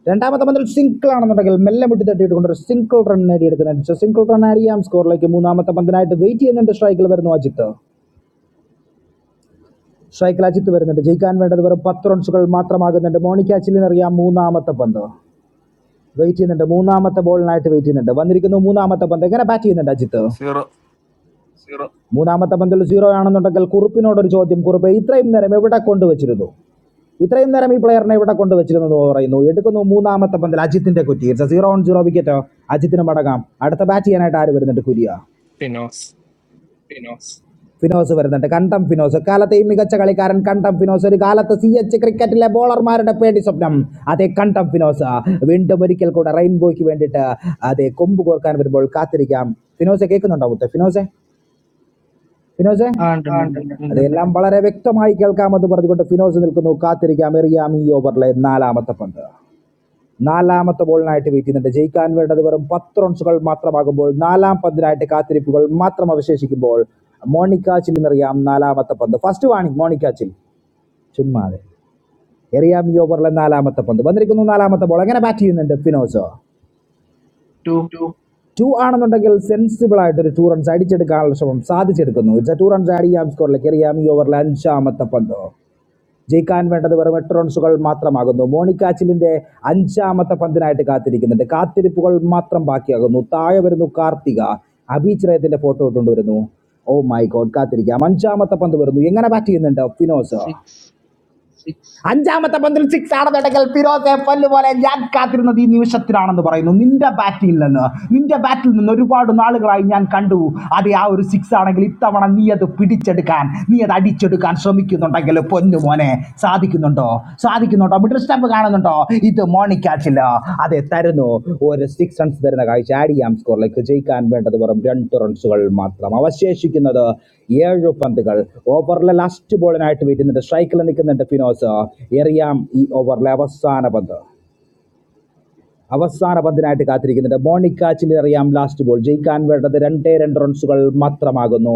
Speaker 6: രണ്ടാമത്തെ പന്തിൽ സിംഗിൾ ആണെന്നുണ്ടെങ്കിൽ മെല്ലെ മുട്ടി തട്ടിയിട്ട് കൊണ്ട് ഒരു സിംഗിൾ റൺ നേടിയെടുക്കുന്നുണ്ട് സിംഗിൾ റൺ അറിയാം സ്കോറിലേക്ക് മൂന്നാമത്തെ പന്തിനായിട്ട് വെയിറ്റ് ചെയ്യുന്നുണ്ട് സ്ട്രൈക്കിൽ വരുന്നു അജിത്ത് സ്ട്രൈക്കിൽ അജിത്ത് വരുന്നുണ്ട് ജയിക്കാൻ വേണ്ടത് വെറും പത്ത് റൺസുകൾ മാത്രമാകുന്നുണ്ട് മോണിക്ക ചില്ലിന് അറിയാം മൂന്നാമത്തെ പന്ത് വെയിറ്റ് ചെയ്യുന്നുണ്ട് മൂന്നാമത്തെ ബോളിനായിട്ട് വെയിറ്റ് ചെയ്യുന്നുണ്ട് വന്നിരിക്കുന്നു മൂന്നാമത്തെ പന്ത് എങ്ങനെ ബാറ്റ് ചെയ്യുന്നുണ്ട് അജിത്ത്
Speaker 23: zero.
Speaker 6: മൂന്നാമത്തെ പന്തിൽ സീറോ ആണെന്നുണ്ടെങ്കിൽ കുറുപ്പിനോടൊരു ചോദ്യം കുറുപ്പ് ഇത്രയും നേരം എവിടെ കൊണ്ടുവച്ചിരുന്നു ഇത്രയും നേരം ഈ പ്ലെയറിനെ ഇവിടെ കൊണ്ടുവച്ചിരുന്നത് പറയുന്നു എടുക്കുന്നു മൂന്നാമത്തെ പന്തിൽ അജിത്തിന്റെ കുറ്റി ഇറ്റ്സ് സീറോ ഓൺ സീറോ വിക്കറ്റോ അജിത്തിന് മടങ്ങാം അടുത്ത ബാറ്റ് ചെയ്യാനായിട്ട് ആര് വരുന്നുണ്ട് കുര്യ
Speaker 7: പിനോസ്
Speaker 6: ഫിനോസ് വരുന്നുണ്ട് കണ്ടം ഫിനോസ് കാലത്തെയും മികച്ച കളിക്കാരൻ കണ്ടം ഫിനോസ് ഒരു കാലത്ത് സി എച്ച് ക്രിക്കറ്റിലെ ബോളർമാരുടെ പേടി സ്വപ്നം അതേ കണ്ടം ഫിനോസ് വീണ്ടും ഒരിക്കൽ കൂടെ റെയിൻബോയ്ക്ക് വേണ്ടിയിട്ട് അതേ കൊമ്പ് കോർക്കാൻ വരുമ്പോൾ കാത്തിരിക്കാം ഫിനോസെ കേൾക്കുന്നുണ്ടോ മുത്ത് ഫിനോസെ ഫിനോസെ
Speaker 4: ആ ഉണ്ട് ഉണ്ട് ഉണ്ട് ഉണ്ട്
Speaker 6: അതെല്ലാം വളരെ വ്യക്തമായി കേൾക്കാമെന്ന് പറഞ്ഞുകൊണ്ട് ഫിനോസ് നിൽക്കുന്നു കാത്തിരിക്കാം എറിയാം ഈ ഓവറിലെ നാലാമത്തെ പന്ത് നാലാമത്തെ ബോളിനായിട്ട് വെയിറ്റ് ചെയ്യുന്നുണ്ട് ജയിക്കാൻ വേണ്ടത് വെറും പത്ത് റൺസുകൾ മാത്രമാകുമ്പോൾ നാലാം പന്തിനായിട്ട് കാത്തിരിപ്പുകൾ മാത്രം അവശേഷിക്കുമ്പോൾ മോണിക്ക ചില്ലിനറിയാം നാലാമത്തെ പന്ത് ഫസ്റ്റ് വാണിംഗ് മോണിക്ക ചിൽ ചുമ്മാതെ എറിയാം ഈ ഓവറിലെ നാലാമത്തെ പന്ത് വന്നിരിക്കുന്നു നാലാമത്തെ ബോൾ എങ്ങനെ ബാറ്റ് ചെയ്യുന്നുണ്ട് ഫിനോസോ
Speaker 4: ടു
Speaker 6: ടു ആണെന്നുണ്ടെങ്കിൽ സെൻസിബിൾ ആയിട്ട് ഒരു ടൂ റൺസ് അടിച്ചെടുക്കാനുള്ള ശ്രമം സാധിച്ചെടുക്കുന്നു it's a two runs add ചെയ്യാം സ്കോറിലേക്ക് എറിയാം ഈ ഓവറിലെ അഞ്ചാമത്തെ പന്ത് ജയിക്കാൻ വേണ്ടത് വെറും എട്ട് റൺസുകൾ മാത്രമാകുന്നു മോണിക്കാച്ചിലിന്റെ അഞ്ചാമത്തെ പന്തിനായിട്ട് കാത്തിരിക്കുന്നുണ്ട് കാത്തിരിപ്പുകൾ മാത്രം ബാക്കിയാകുന്നു താഴെ വരുന്നു കാർത്തിക അഭിചരയത്തിന്റെ ഫോട്ടോ കൊണ്ടുവരുന്നു ഓ മൈ ഗോഡ് കാത്തിരിക്കാം അഞ്ചാമത്തെ പന്ത് വരുന്നു എങ്ങനെ ബാറ്റ് ചെയ്യുന്നുണ്ട് ഫിനോസ്
Speaker 4: സിക്സ്
Speaker 6: അഞ്ചാമത്തെ പന്തിൽ സിക്സ് ആണെന്നുണ്ടെങ്കിൽ ഫിറോസെ പല്ല് പോലെ ഞാൻ കാത്തിരുന്നത് ഈ നിമിഷത്തിലാണെന്ന് പറയുന്നു നിന്റെ ബാറ്റിൽ നിന്ന് നിന്റെ ബാറ്റിൽ നിന്ന് ഒരുപാട് നാളുകളായി ഞാൻ കണ്ടു അത് ആ ഒരു സിക്സ് ആണെങ്കിൽ ഇത്തവണ നീ അത് പിടിച്ചെടുക്കാൻ നീ അത് അടിച്ചെടുക്കാൻ ശ്രമിക്കുന്നുണ്ടെങ്കിൽ പൊന്നു മോനെ സാധിക്കുന്നുണ്ടോ സാധിക്കുന്നുണ്ടോ കൃഷ്ണപ്പ് കാണുന്നുണ്ടോ ഇത് മോണിക്കാച്ചില്ല അതെ തരുന്നു ഒരു സിക്സ് റൺസ് തരുന്ന കാഴ്ച ആഡിയാം സ്കോറിലേക്ക് ജയിക്കാൻ വേണ്ടത് വെറും രണ്ട് റൺസുകൾ മാത്രം അവശേഷിക്കുന്നത് ഏഴ് പന്തുകൾ ഓവറിലെ ലാസ്റ്റ് ബോളിനായിട്ട് വീട്ടുന്നുണ്ട് സ്ട്രൈക്കിൽ നിൽക്കുന്നുണ്ട് ഫിനോസ് എറിയാം ഈ ഓവറിലെ അവസാന പന്ത് അവസാന പന്തിനായിട്ട് കാത്തിരിക്കുന്നുണ്ട് മോണിക്കാച്ചിൽ എറിയാം ലാസ്റ്റ് ബോൾ ജയിക്കാൻ വേണ്ടത് രണ്ടേ രണ്ട് റൺസുകൾ മാത്രമാകുന്നു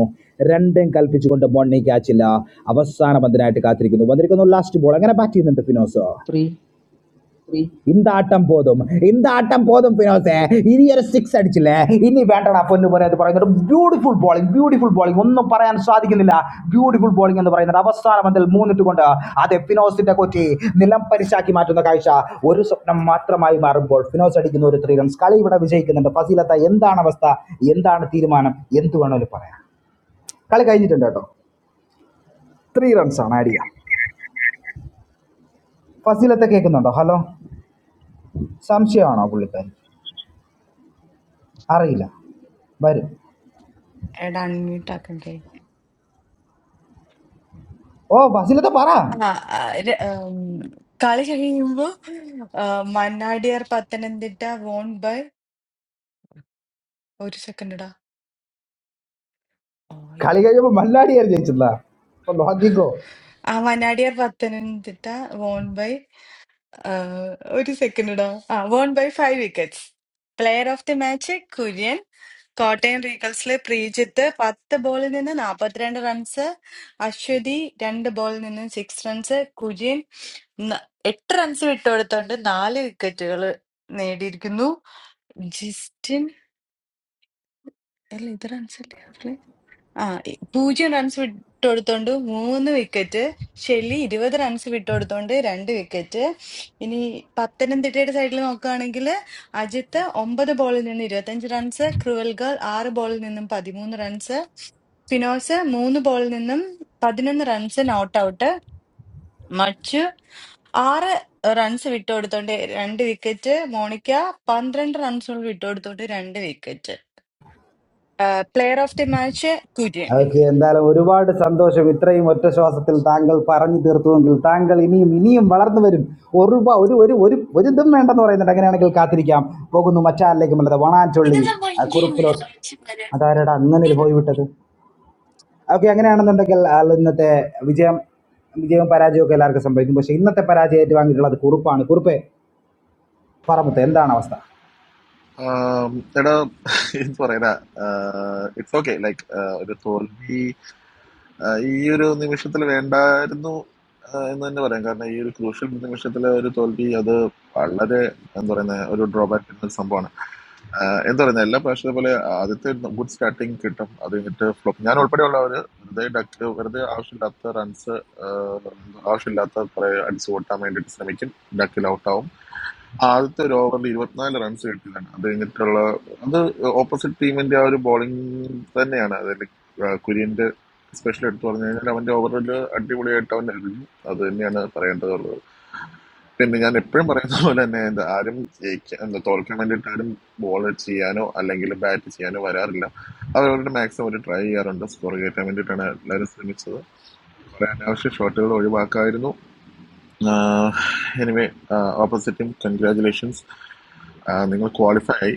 Speaker 6: രണ്ടും കൽപ്പിച്ചുകൊണ്ട് മോണിക്കാച്ചില്ല അവസാന പന്തിനായിട്ട് കാത്തിരിക്കുന്നു വന്നിരിക്കുന്നു ലാസ്റ്റ് ബോൾ അങ്ങനെ ബാറ്റ് ചെയ്യുന്നുണ്ട് ഫിനോസ് இந்த ஆட்டம் போதும் இந்த ஆட்டம் போதும் ഫിനോസേ ഇനി ഒരു സിക്സ് അടിച്ചില്ലേ ഇനി വേണ്ടടാ പൊന്നു പോലെ എന്ന് പറയുന്നത് ബ്യൂട്ടിഫുൾ ബോളിംഗ് ബ്യൂട്ടിഫുൾ ബോളിംഗ് ഒന്നും പറയാൻ സാധിക്കുന്നില്ല ബ്യൂട്ടിഫുൾ ബോളിംഗ് എന്ന് പറയുന്നത് അവസാന പന്തിൽ മൂന്നിട്ട് കൊണ്ട് അതെ ഫിനോസിന്റെ കൊറ്റി നിലം പരിശാക്കി മാറ്റുന്ന കാഴ്ച ഒരു സ്വപ്നം മാത്രമായി മാറുമ്പോൾ ഫിനോസ് അടിക്കുന്ന ഒരു ത്രീ റൺസ് കളി ഇവിടെ വിജയിക്കുന്നുണ്ട് ഫസീലത്ത എന്താണ് അവസ്ഥ എന്താണ് തീരുമാനം എന്ത് വേണമെങ്കിലും പറയാം കളി കഴിഞ്ഞിട്ടുണ്ട് കേട്ടോ ത്രീ റൺസ് ആണ് ആഡ് ചെയ്യാം ഫസീലത്തെ കേൾക്കുന്നുണ്ടോ ഹലോ സംശയമാണോ പുള്ളിക്കാരി അറിയില്ല വരും
Speaker 1: And unmute ആക്കണ്ടേ?
Speaker 6: ഓ ബസ്സിലത്തെ പറ
Speaker 1: ആ, ആ, ര- ഉം, കളി കഴിയുമ്പോ ആ, മന്നാടിയാർ പത്തനംതിട്ട വോൺ ബൈ ഒരു സെക്കൻഡടാ
Speaker 6: കളി കഴിയുമ്പോൾ മല്ലാടിയാർ ജയിച്ചില്ല അപ്പൊ നോക്കിക്കോ
Speaker 1: ആ മന്നാടിയാർ പത്തനംതിട്ട വോൺ ബൈ ആഹ് ഒരു സെക്കൻഡ് ഇടാ ആ won by five wickets player of the match Kurian Kottayam റീഗൾസിലെ പ്രീജിത്ത് പത്ത് ബോളിൽ നിന്ന് നാൽപ്പത്തിരണ്ട് റൺസ് അശ്വതി രണ്ട് ബോളിൽ നിന്ന് സിക്സ് റൺസ് കുര്യൻ ന- എട്ട് റൺസ് വിട്ടുകൊടുത്തോണ്ട് നാല് വിക്കറ്റുകൾ നേടിയിരിക്കുന്നു ജിസ്റ്റിൻ അല്ല ഇത് റൺസ് അല്ലേ ആ ഇ- പൂജ്യം റൺസ് വിട്ടുകൊടുത്തോണ്ട് മൂന്ന് വിക്കറ്റ് ഷെല്ലി ഇരുപത് റൺസ് വിട്ടുകൊടുത്തോണ്ട് രണ്ട് വിക്കറ്റ് ഇനി പത്തനംതിട്ടയുടെ സൈഡിൽ നോക്കുകയാണെങ്കിൽ അജിത്ത് ഒമ്പത് ബോളിൽ നിന്ന് ഇരുപത്തഞ്ച് റൺസ് ക്രുവൽ ഗേൾ ആറ് ബോളിൽ നിന്നും പതിമൂന്ന് റൺസ് സ്പിനോസ് മൂന്ന് ബോളിൽ നിന്നും പതിനൊന്ന് റൺസ് നോട്ട് ഔട്ട് മച്ചു ആറ് റൺസ് വിട്ടുകൊടുത്തോണ്ട് രണ്ട് വിക്കറ്റ് മോണിക്ക പന്ത്രണ്ട് റൺസുകൾ വിട്ടുകൊടുത്തോണ്ട് രണ്ട് വിക്കറ്റ് player of the match Kurian
Speaker 6: okay എന്തായാലും ഒരുപാട് സന്തോഷം ഇത്രയും ഒറ്റ ശ്വാസത്തിൽ താങ്കൾ പറഞ്ഞു തീർത്തുവെങ്കിൽ താങ്കൾ ഇനിയും ഇനിയും വളർന്നു വരും ഒരുപാട് ഒരു ഒരു ഒരു ഒരു ഇതും വേണ്ടെന്ന് പറയുന്നുണ്ട് അങ്ങനെയാണെങ്കിൽ കാത്തിരിക്കാം പോകുന്നു മച്ചാറിലേക്ക് അല്ലാതെ വണാറ്റൊള്ളി
Speaker 1: ഇതെന്താ
Speaker 6: ആ,
Speaker 1: വൈകിയില്ലേ
Speaker 6: കുറുപ്പിലോ
Speaker 1: ആഴ്ചവരെ?
Speaker 6: അതാരടാ അങ്ങനെ ഒരു
Speaker 1: ഉം.
Speaker 6: പോയി വിട്ടത് ഓക്കെ അങ്ങനെയാണെന്നുണ്ടെങ്കിൽ ആ, ഇന്നത്തെ വിജയം വിജയവും പരാജയവും ഒക്കെ എല്ലാവർക്കും സംഭവിക്കും പക്ഷേ ഇന്നത്തെ പരാജയം ഏറ്റുവാങ്ങിയിട്ടുള്ളത് കുറുപ്പാണ് കുറുപ്പെ പറമ്പത്ത് എന്താണ് അവസ്ഥ
Speaker 11: ആം, എടാ എന്ത് പറയാ ഇറ്റ്സ് ഓക്കെ ലൈക്ക് ഒരു തോൽവി ആ, ഈ ഒരു നിമിഷത്തിൽ വേണ്ടായിരുന്നു ആ, എന്ന് തന്നെ പറയാം കാരണം ഈ ഒരു ക്രൂഷ്യൽ നിമിഷത്തിലെ ഒരു തോൽവി അത് വളരെ എന്താ പറയുന്ന ഒരു ഡ്രോബാക്ക് ഒരു സംഭവമാണ് ആ, എന്താ പറയുന്ന എല്ലാ പ്രാവശ്യത്തെ പോലെ ആദ്യത്തെ ഗുഡ് സ്റ്റാർട്ടിങ് കിട്ടും അത് കഴിഞ്ഞിട്ട് ഫ്ലോപ്പ് ഞാൻ ഉൾപ്പെടെയുള്ളവർ വെറുതെ ഡക്ക് വെറുതെ ആവശ്യമില്ലാത്ത റൺസ് ആവശ്യമില്ലാത്ത കുറെ അടിച്ചു കൂട്ടാൻ വേണ്ടിയിട്ട് ശ്രമിക്കും ഡക്കിൽ ഔട്ടാവും ആദ്യത്തെ ഒരു ഓവറിൽ ഇരുപത്തിനാല് റൺസ് കിട്ടിയതാണ് അത് കഴിഞ്ഞിട്ടുള്ള അത് ഓപ്പോസിറ്റ് ടീമിന്റെ ആ ഒരു ബോളിംഗ് തന്നെയാണ് അതിൽ കുര്യന്റെ സ്പെഷ്യൽ എടുത്തു പറഞ്ഞു കഴിഞ്ഞാൽ അവന്റെ ഓവറിൽ അടിപൊളിയായിട്ട് അവൻ എറിഞ്ഞു അത് തന്നെയാണ് പറയേണ്ടതുള്ളത് പിന്നെ ഞാൻ എപ്പോഴും പറയുന്ന പോലെ തന്നെ എന്താ ആരും ജയിക്കാൻ എന്താ തോൽക്കാൻ വേണ്ടിയിട്ട് ആരും ബോൾ ചെയ്യാനോ അല്ലെങ്കിൽ ബാറ്റ് ചെയ്യാനോ വരാറില്ല അവരവരുടെ മാക്സിമം ഒരു ട്രൈ ചെയ്യാറുണ്ട് സ്കോർ കയറ്റാൻ വേണ്ടിയിട്ടാണ് എല്ലാവരും ശ്രമിച്ചത് കുറെ അനാവശ്യ ഷോട്ടുകൾ ഒഴിവാക്കായിരുന്നു ആഹ് എനിവേ ഓപ്പോസിറ്റ് ടീം കൺഗ്രാജുലേഷൻസ് നിങ്ങൾ ക്വാളിഫൈ ആയി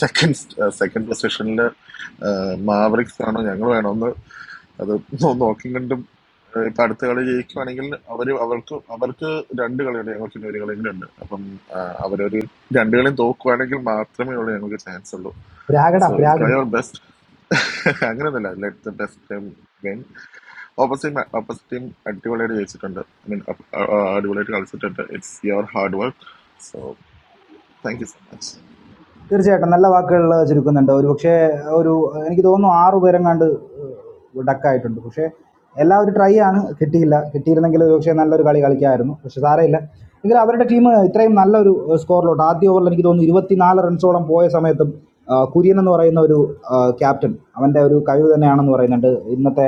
Speaker 11: സെക്കൻഡ് സെക്കൻഡ് പൊസിഷനിൽ മാവറിക്സ് ആണോ ഞങ്ങൾ വേണമെന്ന് അത് നോ- നോക്കിയും കണ്ടും ആ, ഇപ്പൊ അടുത്ത കളി ജയിക്കുവാണെങ്കിൽ അവര് അവർക്ക് അവർക്ക് രണ്ട് കളിയുണ്ട് ഞങ്ങൾക്ക് ഇനി ഒരു കളിയും ഉണ്ട് അപ്പം ആ, അവരൊരു രണ്ട് കളിയും തോക്കുവാണെങ്കിൽ മാത്രമേ ഉള്ളൂ ഞങ്ങൾക്ക് ചാൻസ് ഉള്ളൂ
Speaker 6: രാഗടാ
Speaker 11: സോ
Speaker 6: രാഗ്
Speaker 11: ട്രൈ അവർ ബെസ്റ്റ് അങ്ങനെയൊന്നുമല്ല let the best opposite opposite team അടിപൊളിയായിട്ട് ജയിച്ചിട്ടുണ്ട് ഐ മീൻ അടിപൊളിയായിട്ട് കളിച്ചിട്ടുണ്ട് it's your hard work so thank you so much
Speaker 6: തീർച്ചയായിട്ടും നല്ല വാക്കുകളിൽ ചുരുക്കുന്നുണ്ട് ഒരു പക്ഷേ ഒരു എനിക്ക് തോന്നുന്നു ആറു പേരെങ്ങാണ്ട് ഡക്കായിട്ടുണ്ട് പക്ഷേ എല്ലാം ഒരു ട്രൈ ആണ് കിട്ടിയില്ല കിട്ടിയിരുന്നെങ്കിൽ ഒരു പക്ഷേ നല്ലൊരു കളി കളിക്കാമായിരുന്നു പക്ഷേ സാരമില്ല എങ്കിൽ അവരുടെ ടീം ഇത്രയും നല്ലൊരു സ്കോറിലോട്ട് ആദ്യ ഓവറിൽ എനിക്ക് തോന്നുന്നു ഇരുപത്തിനാല് റൺസോളം പോയ സമയത്തും ആ, കുര്യൻ എന്ന് പറയുന്ന ഒരു ക്യാപ്റ്റൻ അവൻ്റെ ഒരു കഴിവ് തന്നെയാണെന്ന് പറയുന്നുണ്ട് ഇന്നത്തെ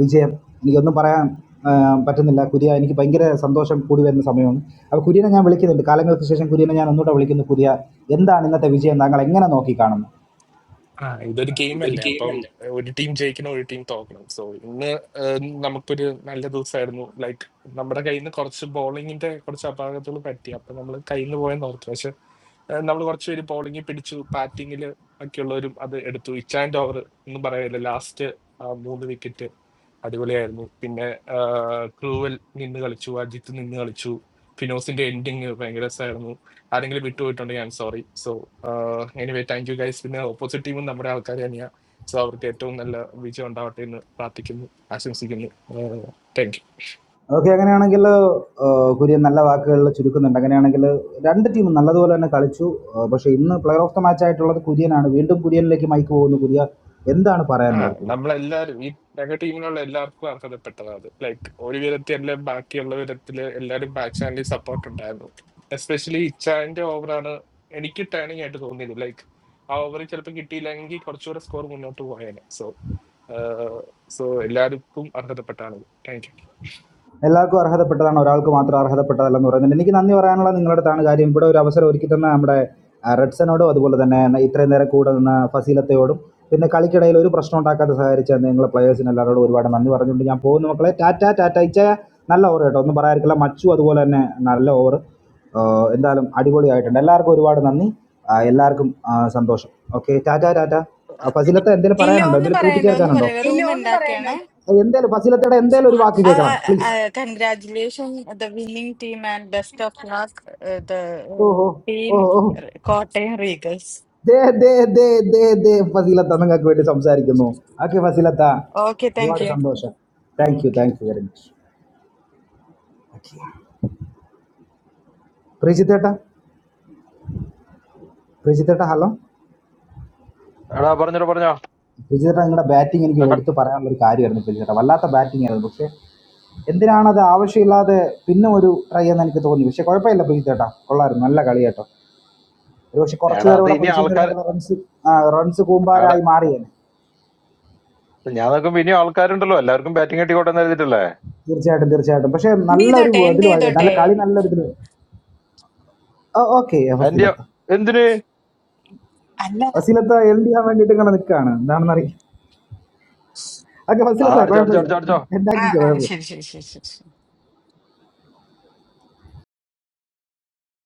Speaker 6: വിജയം എനിക്കൊന്നും പറയാൻ ആ, പറ്റുന്നില്ല കുര്യ എനിക്ക് ഭയങ്കര സന്തോഷം കൂടി വരുന്ന സമയമാണ് അപ്പോൾ കുര്യനെ ഞാൻ വിളിക്കുന്നുണ്ട് കാലങ്ങൾക്ക് ശേഷം കുര്യനെ ഞാൻ ഒന്നുകൂടെ വിളിക്കുന്നു കുര്യ എന്താണ് ഇന്നത്തെ വിജയം താങ്കൾ എങ്ങനെ നോക്കി കാണുന്നു
Speaker 7: ആ ഇതൊരു ഗെയിം അല്ലേ അപ്പം ഒരു ടീം ജയിക്കണം ഒരു ടീം തോക്കണം സോ ഇന്ന് ഏഹ്, നമുക്കൊരു നല്ല ദിവസമായിരുന്നു ലൈക്ക് നമ്മുടെ കയ്യിൽ നിന്ന് കുറച്ച് ബോളിങ്ങിന്റെ കുറച്ച് അപാകതകൾ പറ്റി അപ്പൊ നമ്മൾ കയ്യിൽ നിന്ന് പോയെന്ന് ഓർത്തു നമ്മൾ കുറച്ചുപേര് ബോളിംഗ് പിടിച്ചു ബാറ്റിങ്ങിൽ ഒക്കെയുള്ളവരും അത് എടുത്തു ഇച്ചാൻഡ് ഓവർ ഒന്നും പറയാനില്ല ലാസ്റ്റ് മൂന്ന് വിക്കറ്റ് അടിപൊളിയായിരുന്നു പിന്നെ ക്രൂവൽ നിന്ന് കളിച്ചു അജിത്ത് നിന്ന് കളിച്ചു ഫിനോസിന്റെ എൻഡിങ് ഭയങ്കര രസമായിരുന്നു ആരെങ്കിലും വിട്ടുപോയിട്ടുണ്ടെങ്കിൽ I'm sorry so anyway thank you guys പിന്നെ ഓപ്പോസിറ്റ് ടീമും നമ്മുടെ ആൾക്കാർ തന്നെയാണ് സോ അവർക്ക് ഏറ്റവും നല്ല വിജയം ഉണ്ടാവട്ടെ എന്ന് പ്രാർത്ഥിക്കുന്നു ആശംസിക്കുന്നു താങ്ക്
Speaker 6: ഓക്കെ അങ്ങനെയാണെങ്കിൽ കുര്യൻ നല്ല വാക്കുകളിൽ ചുരുക്കുന്നുണ്ട് അങ്ങനെയാണെങ്കിൽ രണ്ട് ടീമും നല്ലതുപോലെ തന്നെ കളിച്ചു ആ, പക്ഷേ ഇന്ന് പ്ലെയർ ഓഫ് ദ മാച്ച് ആയിട്ടുള്ളത് കുര്യനാണ് വീണ്ടും കുര്യനിലേക്ക് മൈക്ക് പോകുന്നു കുര്യ എന്താണ്
Speaker 7: ആ
Speaker 6: പറയാനുള്ളത് കുര്യൻ
Speaker 7: നമ്മളെല്ലാരും ഈ ഞങ്ങളുടെ ടീമിലുള്ള എല്ലാവർക്കും അർഹതപ്പെട്ടതാണ് അത് ലൈക്ക് ഒരു വിധത്തിൽ അല്ല ബാക്കിയുള്ള വിധത്തില് എല്ലാരും ബാക്ക് ചാനലിൽ സപ്പോർട്ട് ഉണ്ടായിരുന്നു എസ്പെഷ്യലി ഇച്ചാന്റെ ഓവറാണ് എനിക്ക് ടേണിംഗ് ആയിട്ട് തോന്നിയത് ലൈക്ക് ആ ഓവർ ചിലപ്പോൾ കിട്ടിയില്ലെങ്കിൽ കുറച്ചുകൂടെ സ്കോർ മുന്നോട്ട് പോയേനെ സോ സോ എല്ലാവർക്കും അർഹതപ്പെട്ടാണ് താങ്ക് യു
Speaker 6: എല്ലാവർക്കും അർഹതപ്പെട്ടതാണ് ഒരാൾക്ക് മാത്രം അർഹതപ്പെട്ടതല്ലെന്ന് പറയുന്നുണ്ട് എനിക്ക് നന്ദി പറയാനുള്ള നിങ്ങളുടെ അടുത്താണ് കാര്യം ഇവിടെ ഒരു അവസരം ഒരുക്കി തന്ന നമ്മുടെ ആ, റെഡ്സനോടും അതുപോലെ തന്നെ ന- ഇത്രയും നേരം കൂടെ നിന്ന ഫസീലത്തയോടും പിന്നെ കളിക്കിടയിൽ ഒരു പ്രശ്നം ഉണ്ടാക്കാതെ സഹകരിച്ച നിങ്ങളെ പ്ലേയേഴ്സിന് എല്ലാവരോടും ഒരുപാട് നന്ദി പറഞ്ഞുകൊണ്ട് ഞാൻ പോകുന്നു മക്കളെ ടാറ്റ ടാറ്റ ഇച്ച നല്ല ഓവർ കേട്ടോ ഒന്നും പറയാതിരിക്കില്ല മച്ചു അതുപോലെ തന്നെ നല്ല ഓവർ എന്തായാലും അടിപൊളിയായിട്ടുണ്ട് എല്ലാവർക്കും ഒരുപാട് നന്ദി ആ, എല്ലാവർക്കും ആ, സന്തോഷം ഓക്കെ ടാറ്റ ടാറ്റ ആ, ഫസീലത്ത എന്തെങ്കിലും
Speaker 1: ഇല്ല
Speaker 6: പറയാനുണ്ടോ
Speaker 1: ഒന്നും
Speaker 6: എന്തെങ്കിലും
Speaker 1: പറയാനില്ല ഒന്നും
Speaker 6: കൂട്ടിച്ചേർക്കാനുണ്ടോ
Speaker 1: പറയാനില്ല റൂം ഉണ്ടാക്കുകയാണ്
Speaker 6: അത് എന്തേലും ഫസീലത്തയുടെ എന്തേലും ഒരു വാക്ക് കേൾക്കണം please
Speaker 1: congratulation the winning team and best of luck the
Speaker 6: ഓഹോ
Speaker 1: ടീം
Speaker 6: ഓ ഓ
Speaker 1: കോട്ടയം റീഗൽസ്
Speaker 6: ദേ ദേ ദേ ദേ ദേ ഫസീലത്ത നിങ്ങൾക്ക് വേണ്ടി സംസാരിക്കുന്നു ഓക്കെ ഫസീലത്ത
Speaker 1: ഓക്കെ താങ്ക്
Speaker 6: ഒരുപാട്
Speaker 1: യു
Speaker 6: സന്തോഷം thank you thank you very much പ്രിജിത്തേട്ട പ്രിജിത്തേട്ട ഹലോ
Speaker 3: എടാ പറഞ്ഞോ പറഞ്ഞോ
Speaker 6: പ്രിജിത്തേട്ട നിങ്ങളുടെ ബാറ്റിംഗ് എനിക്ക്
Speaker 3: എടാ, ക-
Speaker 6: എടുത്ത് പറയാനുള്ള ഒരു കാര്യമായിരുന്നു പ്രിജിത്തേട്ട വല്ലാത്ത ബാറ്റിംഗ് ആയിരുന്നു പക്ഷേ എന്തിനാണ് അത് ആവശ്യമില്ലാതെ പിന്നെ ഒരു ട്രൈ എന്ന് എനിക്ക് തോന്നി പക്ഷേ കുഴപ്പമില്ല പ്രിജിത്തേട്ട കൊള്ളായിരുന്നു നല്ല കളി കേട്ടോ ഒരു പക്ഷേ കുറച്ച്
Speaker 3: എടാ
Speaker 6: നേരം
Speaker 3: അത്
Speaker 6: ഇവിടെ
Speaker 3: ഇനി
Speaker 6: പിടിച്ചു നിന്നിരുന്നെങ്കിൽ
Speaker 3: ആൾക്കാർ
Speaker 6: റൺസ് റൺസ് കൂമ്പാരായി മാറിയേനെ
Speaker 3: ഞാൻ നോക്കുമ്പോ ഇനിയും ആൾക്കാരുണ്ടല്ലോ എല്ലാവർക്കും ബാറ്റിംഗ് കിട്ടിക്കോട്ടെ എന്ന് എഴുതിയിട്ടല്ലേ
Speaker 6: തീർച്ചയായിട്ടും തീർച്ചയായിട്ടും പക്ഷേ
Speaker 1: എന്റെ
Speaker 6: നല്ലൊരു
Speaker 1: ചെയ്തോട്ടെ എന്റെ
Speaker 6: ഇതിൽ വളരെ നല്ല
Speaker 1: ചെയ്തോട്ടെ
Speaker 6: കളി നല്ലൊരു ഇതിൽ ഓക്കെ
Speaker 3: എന്റെ
Speaker 6: ഫസ്റ്റിലെത്ത
Speaker 3: എന്തിന്
Speaker 1: അല്ല
Speaker 6: ഫസിലത്ത എൽ ഡി ആവാൻ വേണ്ടിയിട്ട് ഇങ്ങനെ നിൽക്കുകയാണ് എന്താണെന്ന് അറിയാം ഓക്കെ
Speaker 3: ആ
Speaker 6: ഫസിലത്ത
Speaker 3: അടിച്ചോ അടിച്ചോ
Speaker 6: കുഴപ്പമില്ല
Speaker 3: അടിച്ചോ അടിച്ചോ
Speaker 1: ആ
Speaker 6: ഉണ്ടാക്കിക്കോ
Speaker 1: ആ
Speaker 6: കുഴപ്പമില്ല
Speaker 1: ശരി ശരി ശരി ശരി ശരി.